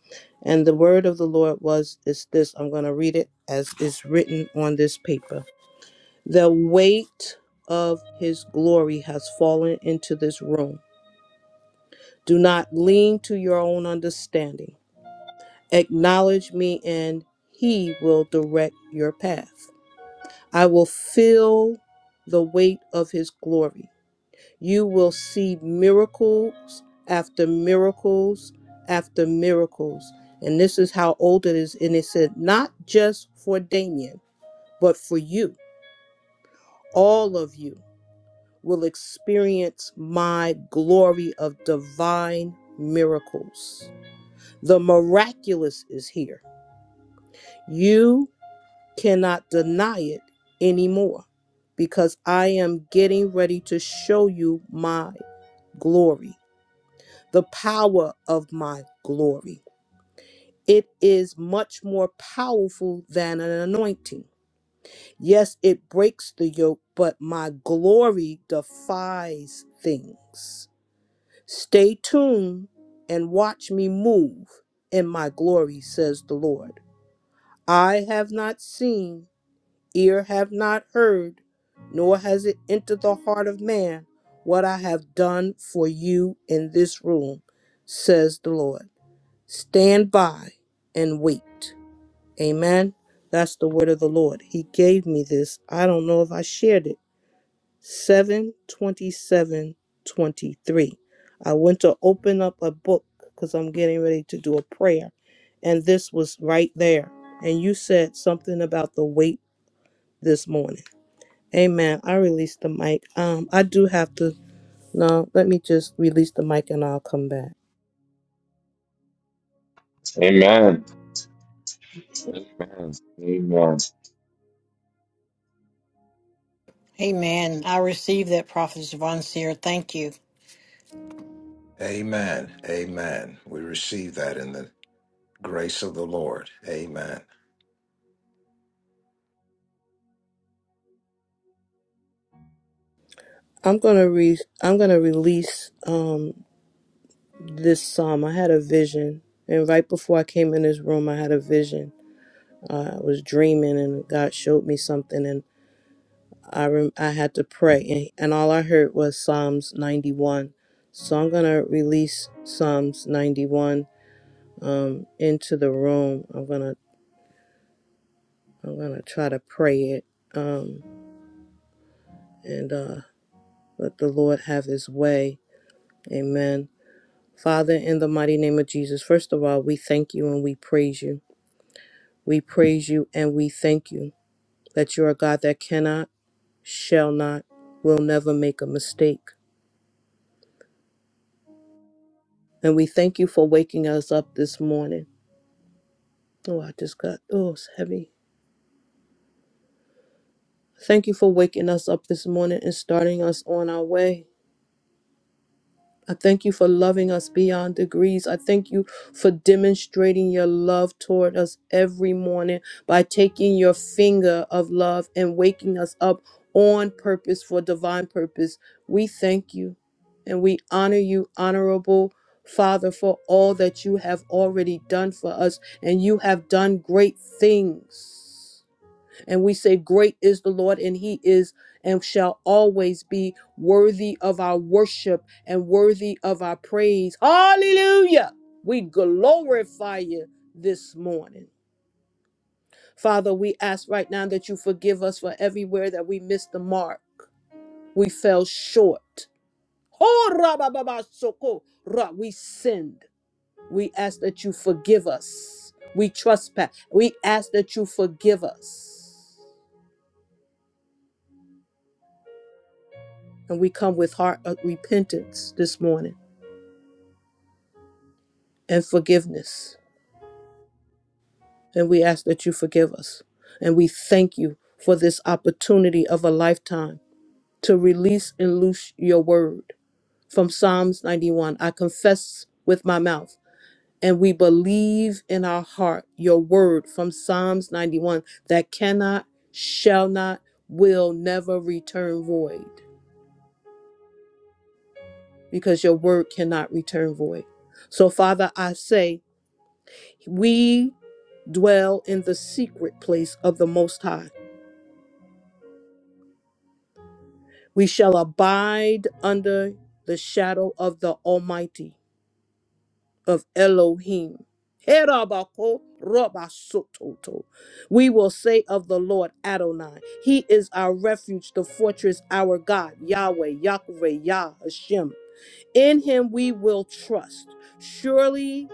Speaker 11: And the word of the Lord was is this. I'm going to read it as is written on this paper. The weight of his glory has fallen into this room. Do not lean to your own understanding. Acknowledge me and he will direct your path. I will feel the weight of his glory. You will see miracles after miracles after miracles. And this is how old it is. And it said, not just for Damien, but for you. All of you will experience my glory of divine miracles. The miraculous is here. You cannot deny it anymore because I am getting ready to show you my glory. the power of my glory. It is much more powerful than an anointing. Yes, it breaks the yoke, but my glory defies things. Stay tuned and watch me move in my glory, says the Lord. I have not seen, ear have not heard, nor has it entered the heart of man what I have done for you in this room, says the Lord. Stand by and wait. Amen. That's the word of the Lord. He gave me this. I don't know if I shared it. Seven twenty-seven twenty-three. I went to open up a book because I'm getting ready to do a prayer. And this was right there. And you said something about the wait this morning. Amen. I released the mic. Um, I do have to no, let me just release the mic and I'll come back.
Speaker 10: Amen. Amen. Amen.
Speaker 7: Amen. I received that, Prophet Von Seer. Thank you.
Speaker 1: Amen. Amen. We receive that in the grace of the Lord. Amen. I
Speaker 11: I'm gonna re I'm gonna release. Um, this psalm. I had a vision, and right before I came in this room, I had a vision. Uh, I was dreaming, and God showed me something, and I rem- I had to pray, and, and all I heard was Psalms 91. So I'm gonna release Psalms 91 um, into the room. I'm gonna I'm gonna try to pray it, um, and uh, let the Lord have His way. Amen. Father, in the mighty name of Jesus, first of all, we thank you and we praise you. We praise you and we thank you. that you are a God that cannot, shall not, will never make a mistake. And we thank you for waking us up this morning. Oh, I just got, oh, it's heavy. Thank you for waking us up this morning and starting us on our way. I thank you for loving us beyond degrees. I thank you for demonstrating your love toward us every morning by taking your finger of love and waking us up on purpose for divine purpose. We thank you and we honor you, honorable Father, for all that you have already done for us, and you have done great things. And we say, Great is the Lord, and he is and shall always be worthy of our worship and worthy of our praise. Hallelujah. We glorify you this morning. Father, we ask right now that you forgive us for everywhere that we missed the mark, we fell short. Oh, rabababasoko, ra- We sinned. We ask that you forgive us. We trespass. We ask that you forgive us. And we come with heart of repentance this morning and forgiveness. And we ask that you forgive us. And we thank you for this opportunity of a lifetime to release and loose your word. From Psalms 91, I confess with my mouth. And we believe in our heart your word from Psalms 91 that cannot, shall not, will never return void because your word cannot return void. So, Father, I say We dwell in the secret place of the Most High. We shall abide under the shadow of the Almighty, of Elohim. Herabako robasototo. We will say of the Lord Adonai, He is our refuge, the fortress, our God, Yahweh, Yahweh, Yah, Hashem. In Him we will trust. Surely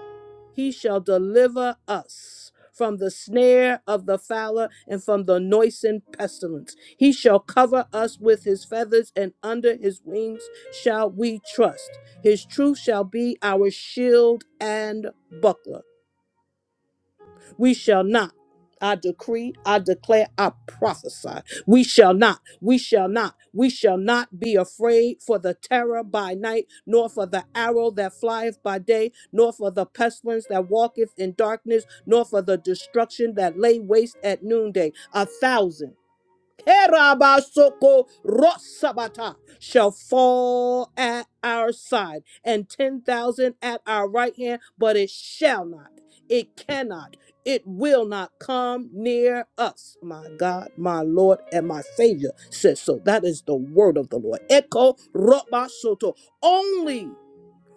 Speaker 11: He shall deliver us from the snare of the fowler and from the noisome pestilence. He shall cover us with his feathers, and under his wings shall we trust. His truth shall be our shield and buckler. We shall not. I decree, I declare, I prophesy. We shall not, we shall not, we shall not be afraid for the terror by night, nor for the arrow that flieth by day, nor for the pestilence that walketh in darkness, nor for the destruction that lay waste at noonday. A thousand. Terabasoko Rosabata shall fall at our side, and 10,000 at our right hand, but it shall not, it cannot, it will not come near us. My God, my Lord, and my Savior says so. That is the word of the Lord. Echo Robasoto. Only.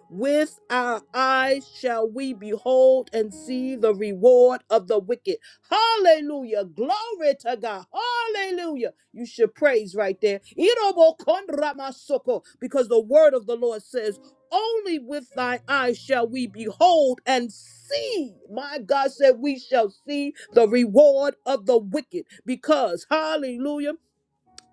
Speaker 11: With our eyes shall we behold and see the reward of the wicked. Hallelujah. Glory to God. Hallelujah. You should praise right there. Irobokondramasoko, Because the word of the Lord says, only with thy eyes shall we behold and see. My God said, We shall see the reward of the wicked. Because, hallelujah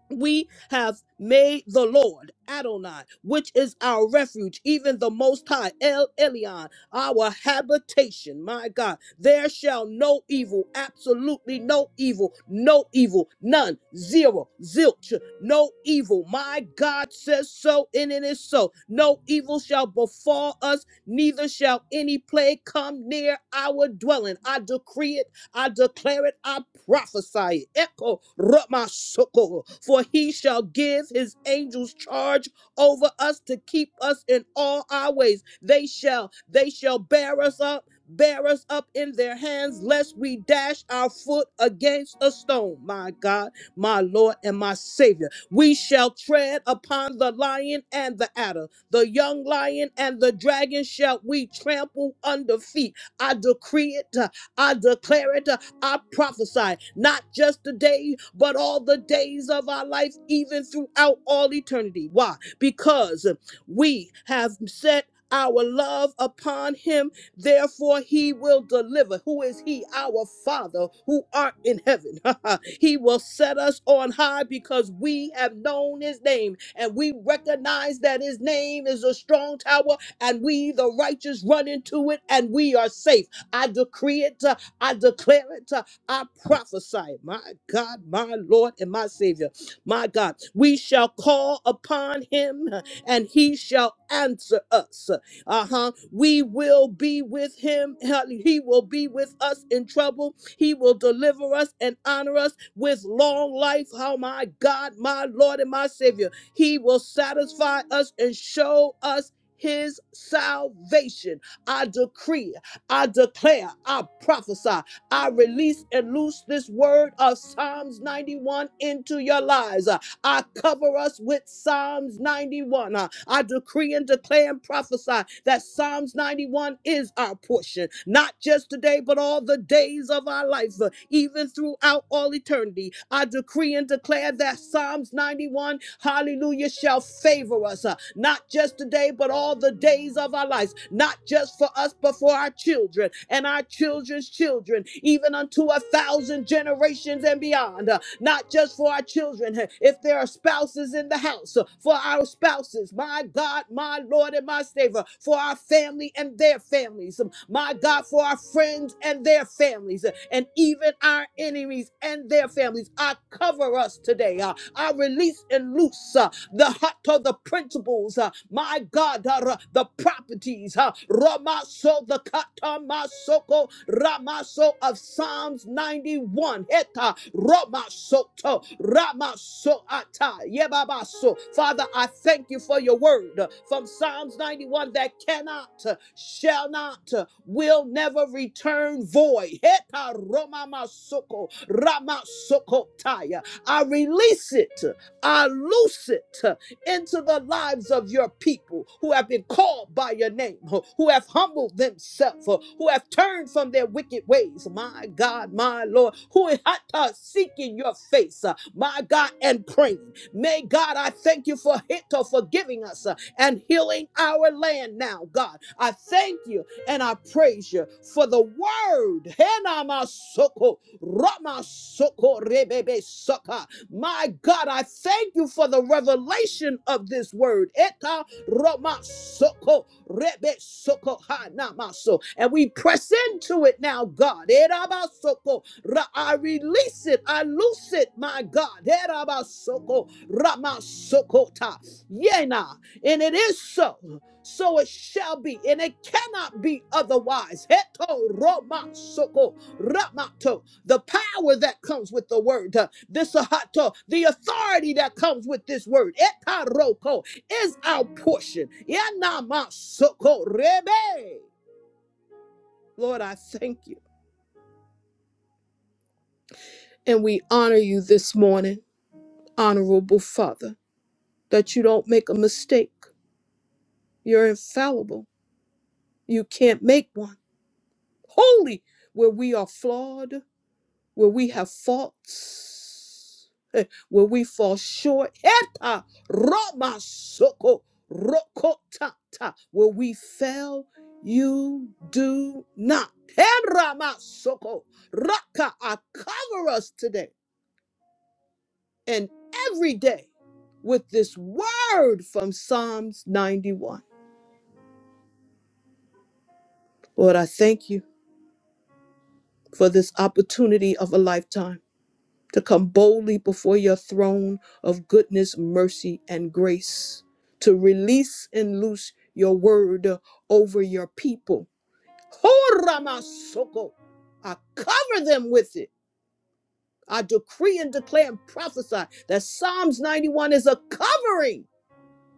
Speaker 11: we have made the Lord Adonai, which is our refuge, even the Most High, El Elyon, our habitation. My God, there shall no evil, absolutely no evil, no evil, none, zero, zilch, no evil. My God says so, and it is so. No evil shall befall us, neither shall any plague come near our dwelling. I decree it I declare it, I prophesy it. Echo Ramasoko, for he shall give his angels charge over us to keep us in all our ways. They shall, they shall bear us up, bear us up in their hands, lest we dash our foot against a stone. My God, my Lord, and my Savior. We shall tread upon the lion and the adder, the young lion and the dragon shall we trample under feet. I decree it, I declare it. uh, I prophesy, not just today, but all the days of our life, even throughout all eternity. Why? Because we have set our love upon him, therefore he will deliver. Who is he? Our Father who art in heaven. he will set us on high because we have known his name and we recognize that his name is a strong tower and we, the righteous, run into it and we are safe. I decree it. uh, I declare it. uh, I prophesy it. My God, my Lord, and my Savior. My God, we shall call upon him uh, and he shall answer us. Uh huh. We will be with him. uh, He will be with us in trouble. He will deliver us and honor us with long life. Oh, my God, my Lord, and my Savior. He will satisfy us and show us his salvation. I decree it. I declare, I prophesy, I release and loose this word of Psalms 91 into your lives. I cover us with Psalms 91. Uh, I decree and declare and prophesy that Psalms 91 is our portion, not just today, but all the days of our life, uh, even throughout all eternity. I decree and declare that Psalms 91, hallelujah, shall favor us, uh, not just today, but all the days of our lives, not just for us, but for our children and our children's children children, even unto a thousand generations and beyond. Uh, Not just for our children, uh, if there are spouses in the house, uh, for our spouses, my God, my Lord, and my Savior, for our family and their families, um, my God, for our friends and their families, uh, and even our enemies and their families. I cover us today. uh, I release and loose uh, the heart of the principles, uh, my God. God, uh, the properties, uh, Ramaso, the Katamasoko, Ramaso of Psalms 91, Heta, Ramasoto, Ramasoata, Yebabaso. Father, I thank you for your word uh, from Psalms 91 that cannot, uh, shall not, uh, will never return void. Heta, Romamasoko, Ramasokotaya. I release it. I loose it into the lives of your people who have been called by your name, huh, who have humbled themselves, who who have turned from their wicked ways. My God, my Lord, who are seeking your face, uh, my God, and praying. May God, I thank you for it, for forgiving us uh, and healing our land now, God. I thank you and I praise you for the word. Rama Soko, Rama Soko, Rebebe Saka. My God, I thank you for the revelation of this word. Eta Rama Soko, Rebe Soko, Ha Namaso. And we press into it now, God. Eraba Soko, Ra- I release it, I loose it, my God. Eraba Soko, Rama Soko Ta. Yena, and it is so so it shall be, and it cannot be otherwise. Heto roma Soko Ramato, the power that comes with the word, uh, this ahato, the authority that comes with this word, etaroko, is our portion. Yanamasoko rebe. Lord, I thank you. And we honor you this morning, honorable Father, that you don't make a mistake. You're infallible. You can't make one. Holy, where we are flawed. where we have faults, eh, where we fall short, Eta Roma Soko Rokota, where we fail, you do not. Herama Soko Raka, I cover us today and every day with this word from Psalms 91. Lord, I thank you for this opportunity of a lifetime. to come boldly before your throne of goodness, mercy, and grace, to release and loose your word uh, over your people. Horamasoko. I cover them with it. I decree and declare and prophesy that Psalms 91 is a covering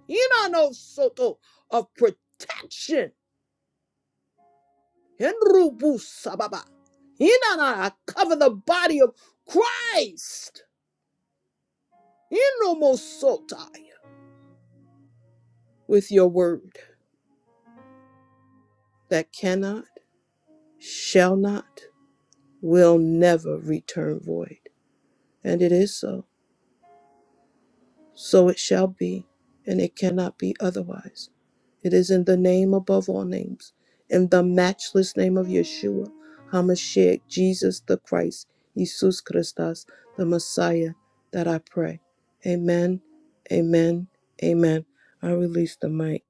Speaker 11: Inano soto, of protection. Henrubu sababa. Inana, I cover the body of Christ Inomosotai, with your word. that cannot, shall not, will never return void. And it is so. So it shall be, and it cannot be otherwise. It is in the name above all names, in the matchless name of Yeshua, HaMashiach, Jesus the Christ, Jesus Christus, the Messiah, that I pray. Amen, amen, amen. I release the mic.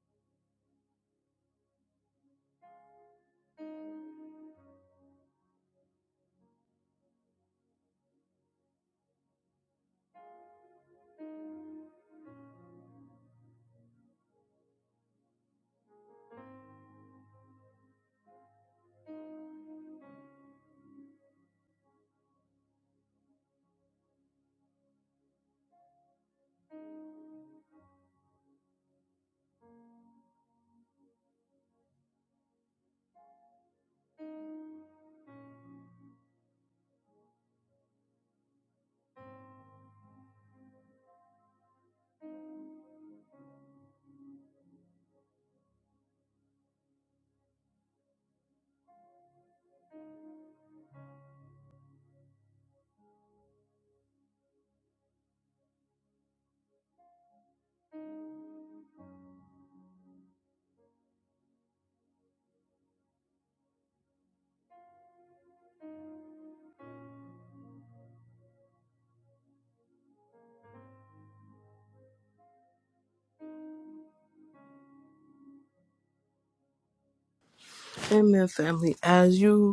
Speaker 11: Amen, family. As you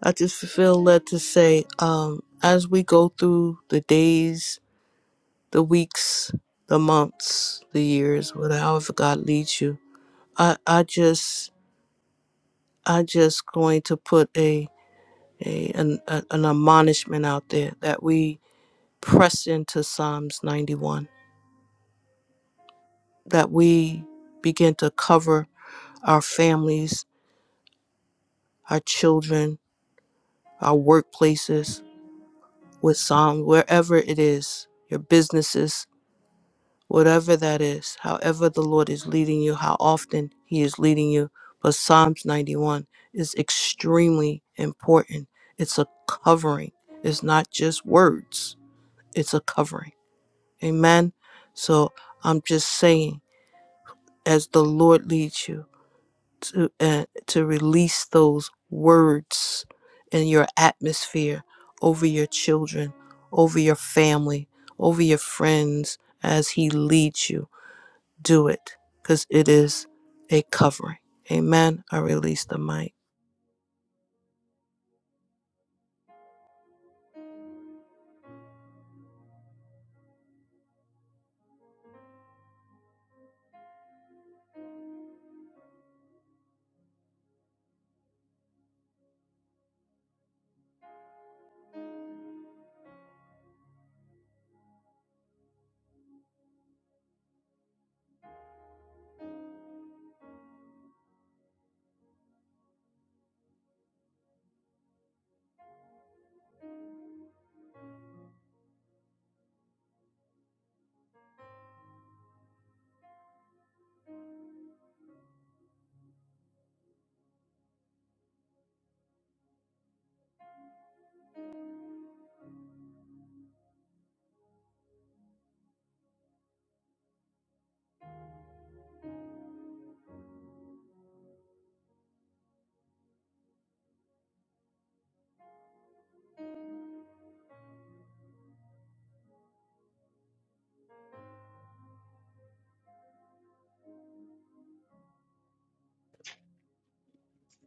Speaker 11: I just feel led to say, um, as we go through the days, the weeks, the months, the years, whatever however God leads you, I, I just, I just going to put a, a an, a an admonishment out there that we press into Psalms 91, that we begin to cover our families, our children, our workplaces with Psalm, wherever it is, your businesses, whatever that is, however the Lord is leading you, how often He is leading you. But Psalms 91 is extremely important. It's a covering, it's not just words, it's a covering. Amen. So I'm just saying, as the Lord leads you to, uh, to release those words in your atmosphere over your children, over your family, over your friends, as He leads you do it because it is a covering. Amen. I release the mic.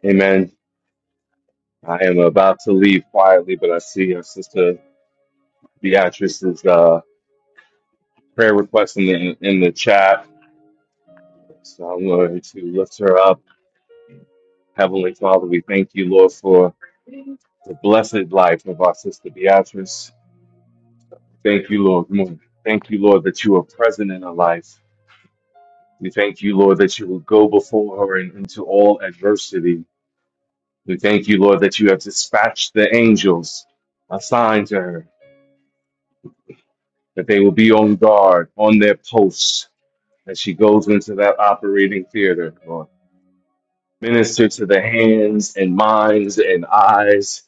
Speaker 10: Amen. I am about to leave quietly, but I see our sister Beatrice's uh, prayer request in the in the chat, so I'm going to lift her up. Heavenly Father, we thank you, Lord, for the blessed life of our sister Beatrice. Thank you, Lord. Mo- Thank you, Lord, that you are present in her life. We thank you, Lord, that you will go before her and into all adversity. We thank you, Lord, that you have dispatched the angels assigned to her, that they will be on guard, on their posts, as she goes into that operating theater, Lord. minister to the hands and minds and eyes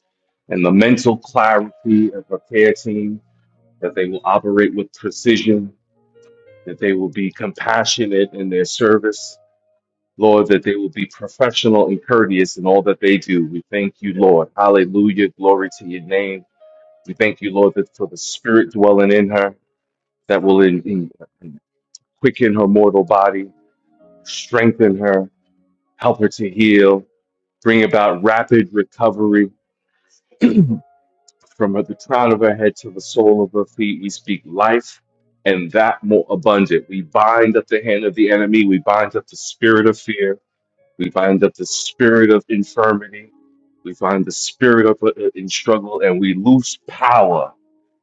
Speaker 10: and the mental clarity of a care team, that they will operate with precision, that they will be compassionate in their service. Lord, that they will be professional and courteous in all that they do. We thank you, Lord. Hallelujah. Glory to your name. We thank you, Lord, that for the spirit dwelling in her that will in, in- quicken her mortal body, strengthen her, help her to heal, bring about rapid recovery From the crown of her head to the sole of her feet, we speak life and that more abundant. We bind up the hand of the enemy. We bind up the spirit of fear. We bind up the spirit of infirmity. We find the spirit of uh, in struggle, and we lose power.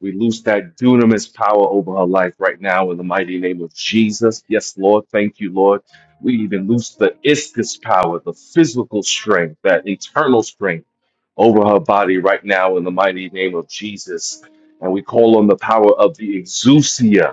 Speaker 10: We lose that dunamis power over her life right now in the mighty name of Jesus. Yes, Lord. Thank you, Lord. We even lose the iscus power, the physical strength, that internal strength over her body right now in the mighty name of Jesus. And we call on the power of the exousia,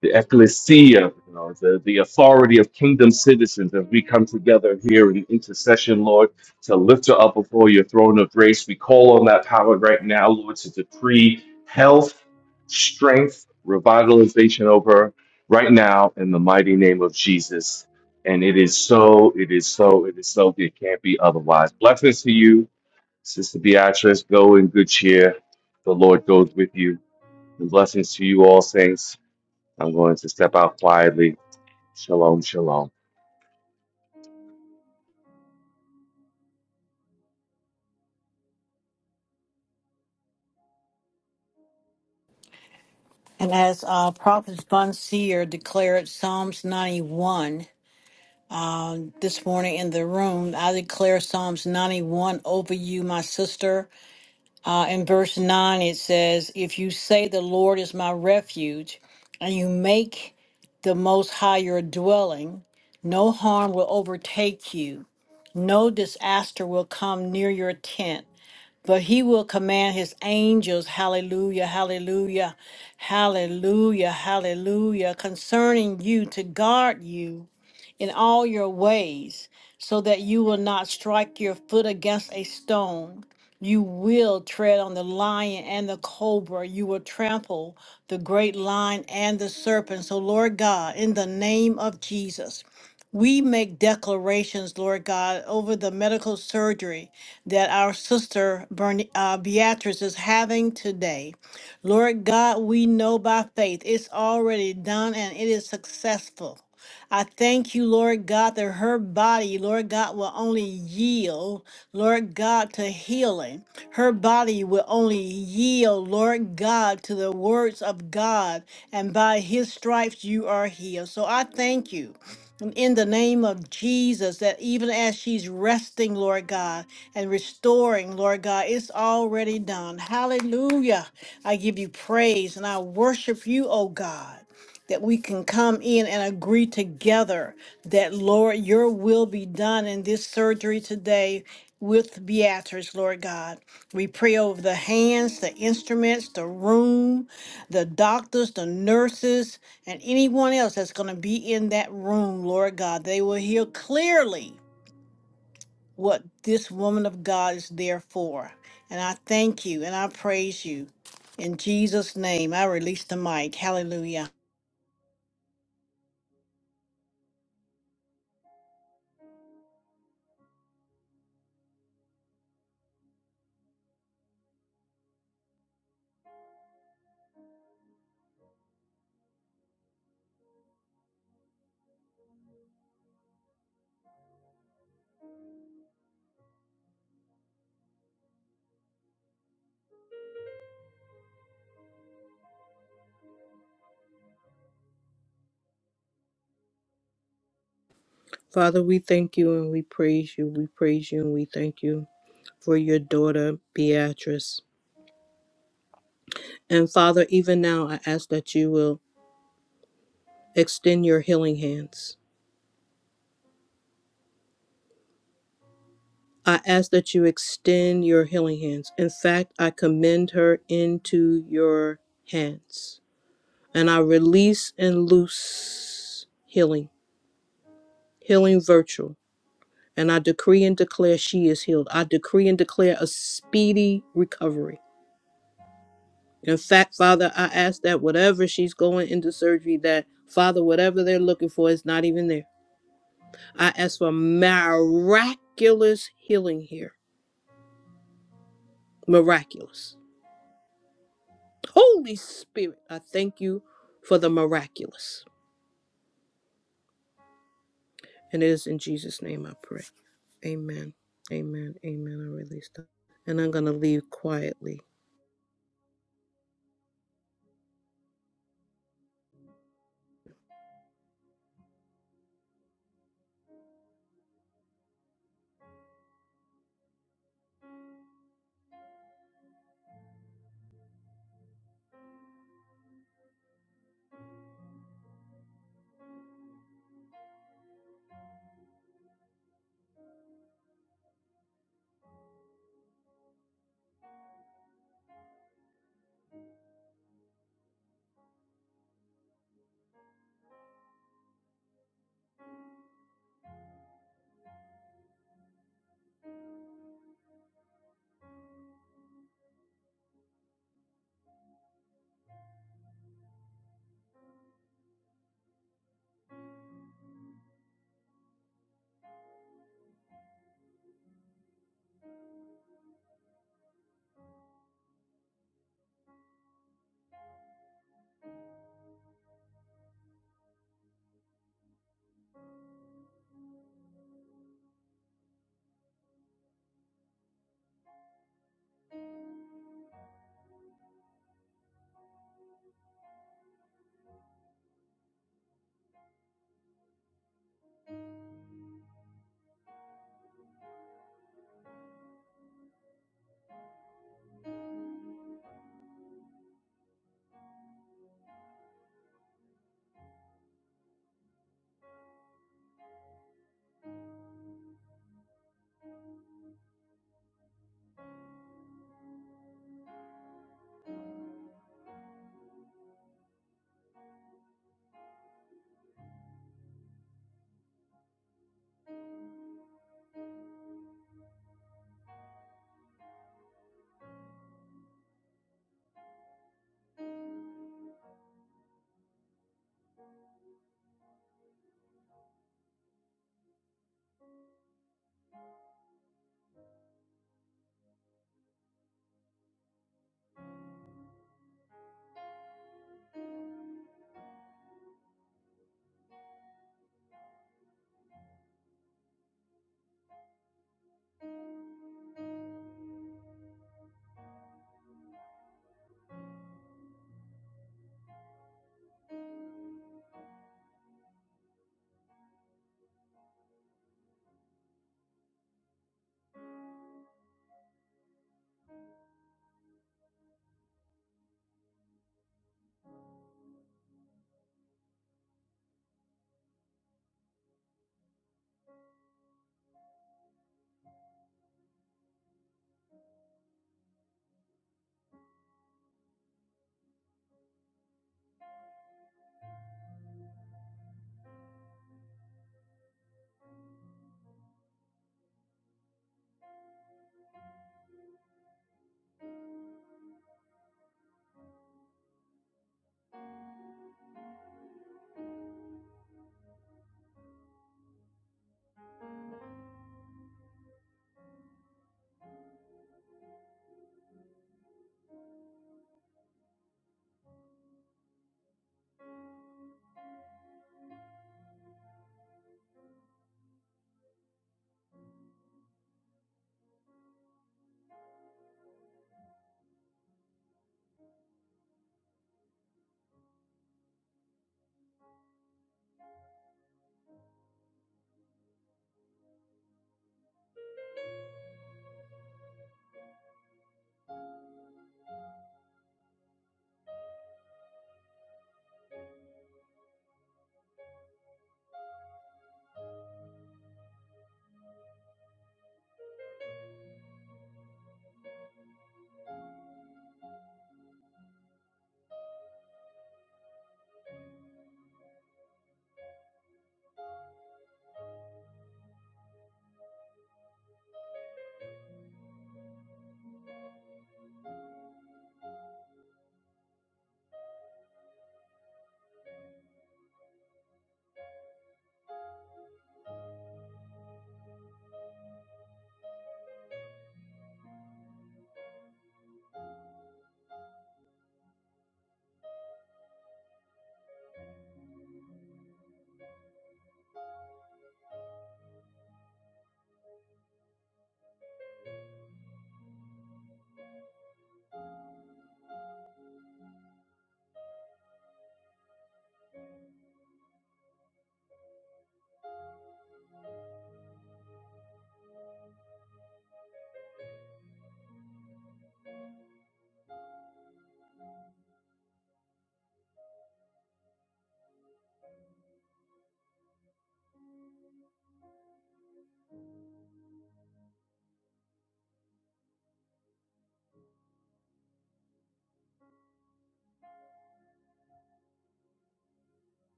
Speaker 10: the ecclesia, you know, the, the authority of kingdom citizens as we come together here in intercession, Lord, to lift her up before your throne of grace. We call on that power right now, Lord, to decree health, strength, revitalization over her right now in the mighty name of Jesus. And it is so, it is so, it is so, it can't be otherwise. Blessings to you, Sister Beatrice. Go in good cheer. The Lord goes with you. And blessings to you all, saints. I'm going to step out quietly. Shalom, shalom.
Speaker 7: And as uh, Prophet Von Seer declared Psalms 91 uh, this morning in the room, I declare Psalms 91 over you, my sister. Uh, in verse 9, it says, If you say the Lord is my refuge, and you make the Most High your dwelling, no harm will overtake you. No disaster will come near your tent, but he will command his angels, hallelujah, hallelujah, hallelujah, hallelujah, concerning you to guard you in all your ways, so that you will not strike your foot against a stone. You will tread on the lion and the cobra. You will trample the great lion and the serpent. So, Lord God, in the name of Jesus, we make declarations, Lord God, over the medical surgery that our sister Bern- uh, Beatrice is having today. Lord God, we know by faith it's already done and it is successful. I thank you, Lord God, that her body, Lord God, will only yield, Lord God, to healing. Her body will only yield, Lord God, to the words of God. And by his stripes you are healed. So I thank you. And in the name of Jesus, that even as she's resting, Lord God, and restoring, Lord God, it's already done. Hallelujah. I give you praise and I worship you, oh God that we can come in and agree together that, Lord, your will be done in this surgery today with Beatrice, Lord God. We pray over the hands, the instruments, the room, the doctors, the nurses, and anyone else that's going to be in that room, Lord God. They will hear clearly what this woman of God is there for. And I thank you and I praise you. In Jesus' name, I release the mic. Hallelujah.
Speaker 11: Father, we thank you and we praise you. We praise you and we thank you for your daughter, Beatrice. And Father, even now, I ask that you will extend your healing hands. I ask that you extend your healing hands. In fact, I commend her into your hands. And I release and loose healing, healing virtue And I decree and declare she is healed. I decree and declare a speedy recovery. In fact, Father, I ask that whatever she's going into surgery, that Father, whatever they're looking for is not even there. I ask for miraculous healing here. Miraculous. Holy Spirit, I thank you for the miraculous. And it is in Jesus' name I pray. Amen. Amen. Amen. I release that. And I'm going to leave quietly.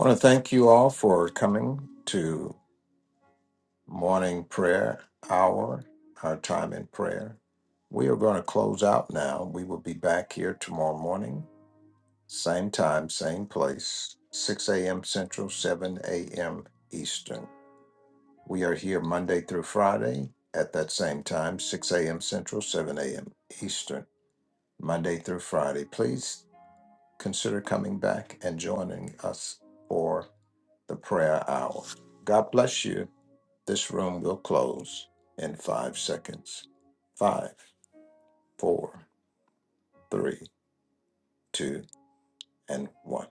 Speaker 1: want to thank you all for coming to morning prayer hour, our time in prayer. We are going to close out now. We will be back here tomorrow morning Same time, same place, 6 a.m. Central, 7 a.m. Eastern. We are here Monday through Friday at that same time, 6 a.m. Central, 7 a.m. Eastern, Monday through Friday. Please consider coming back and joining us for the prayer hour. God bless you. This room will close in five seconds. Five, four, three, two, and one.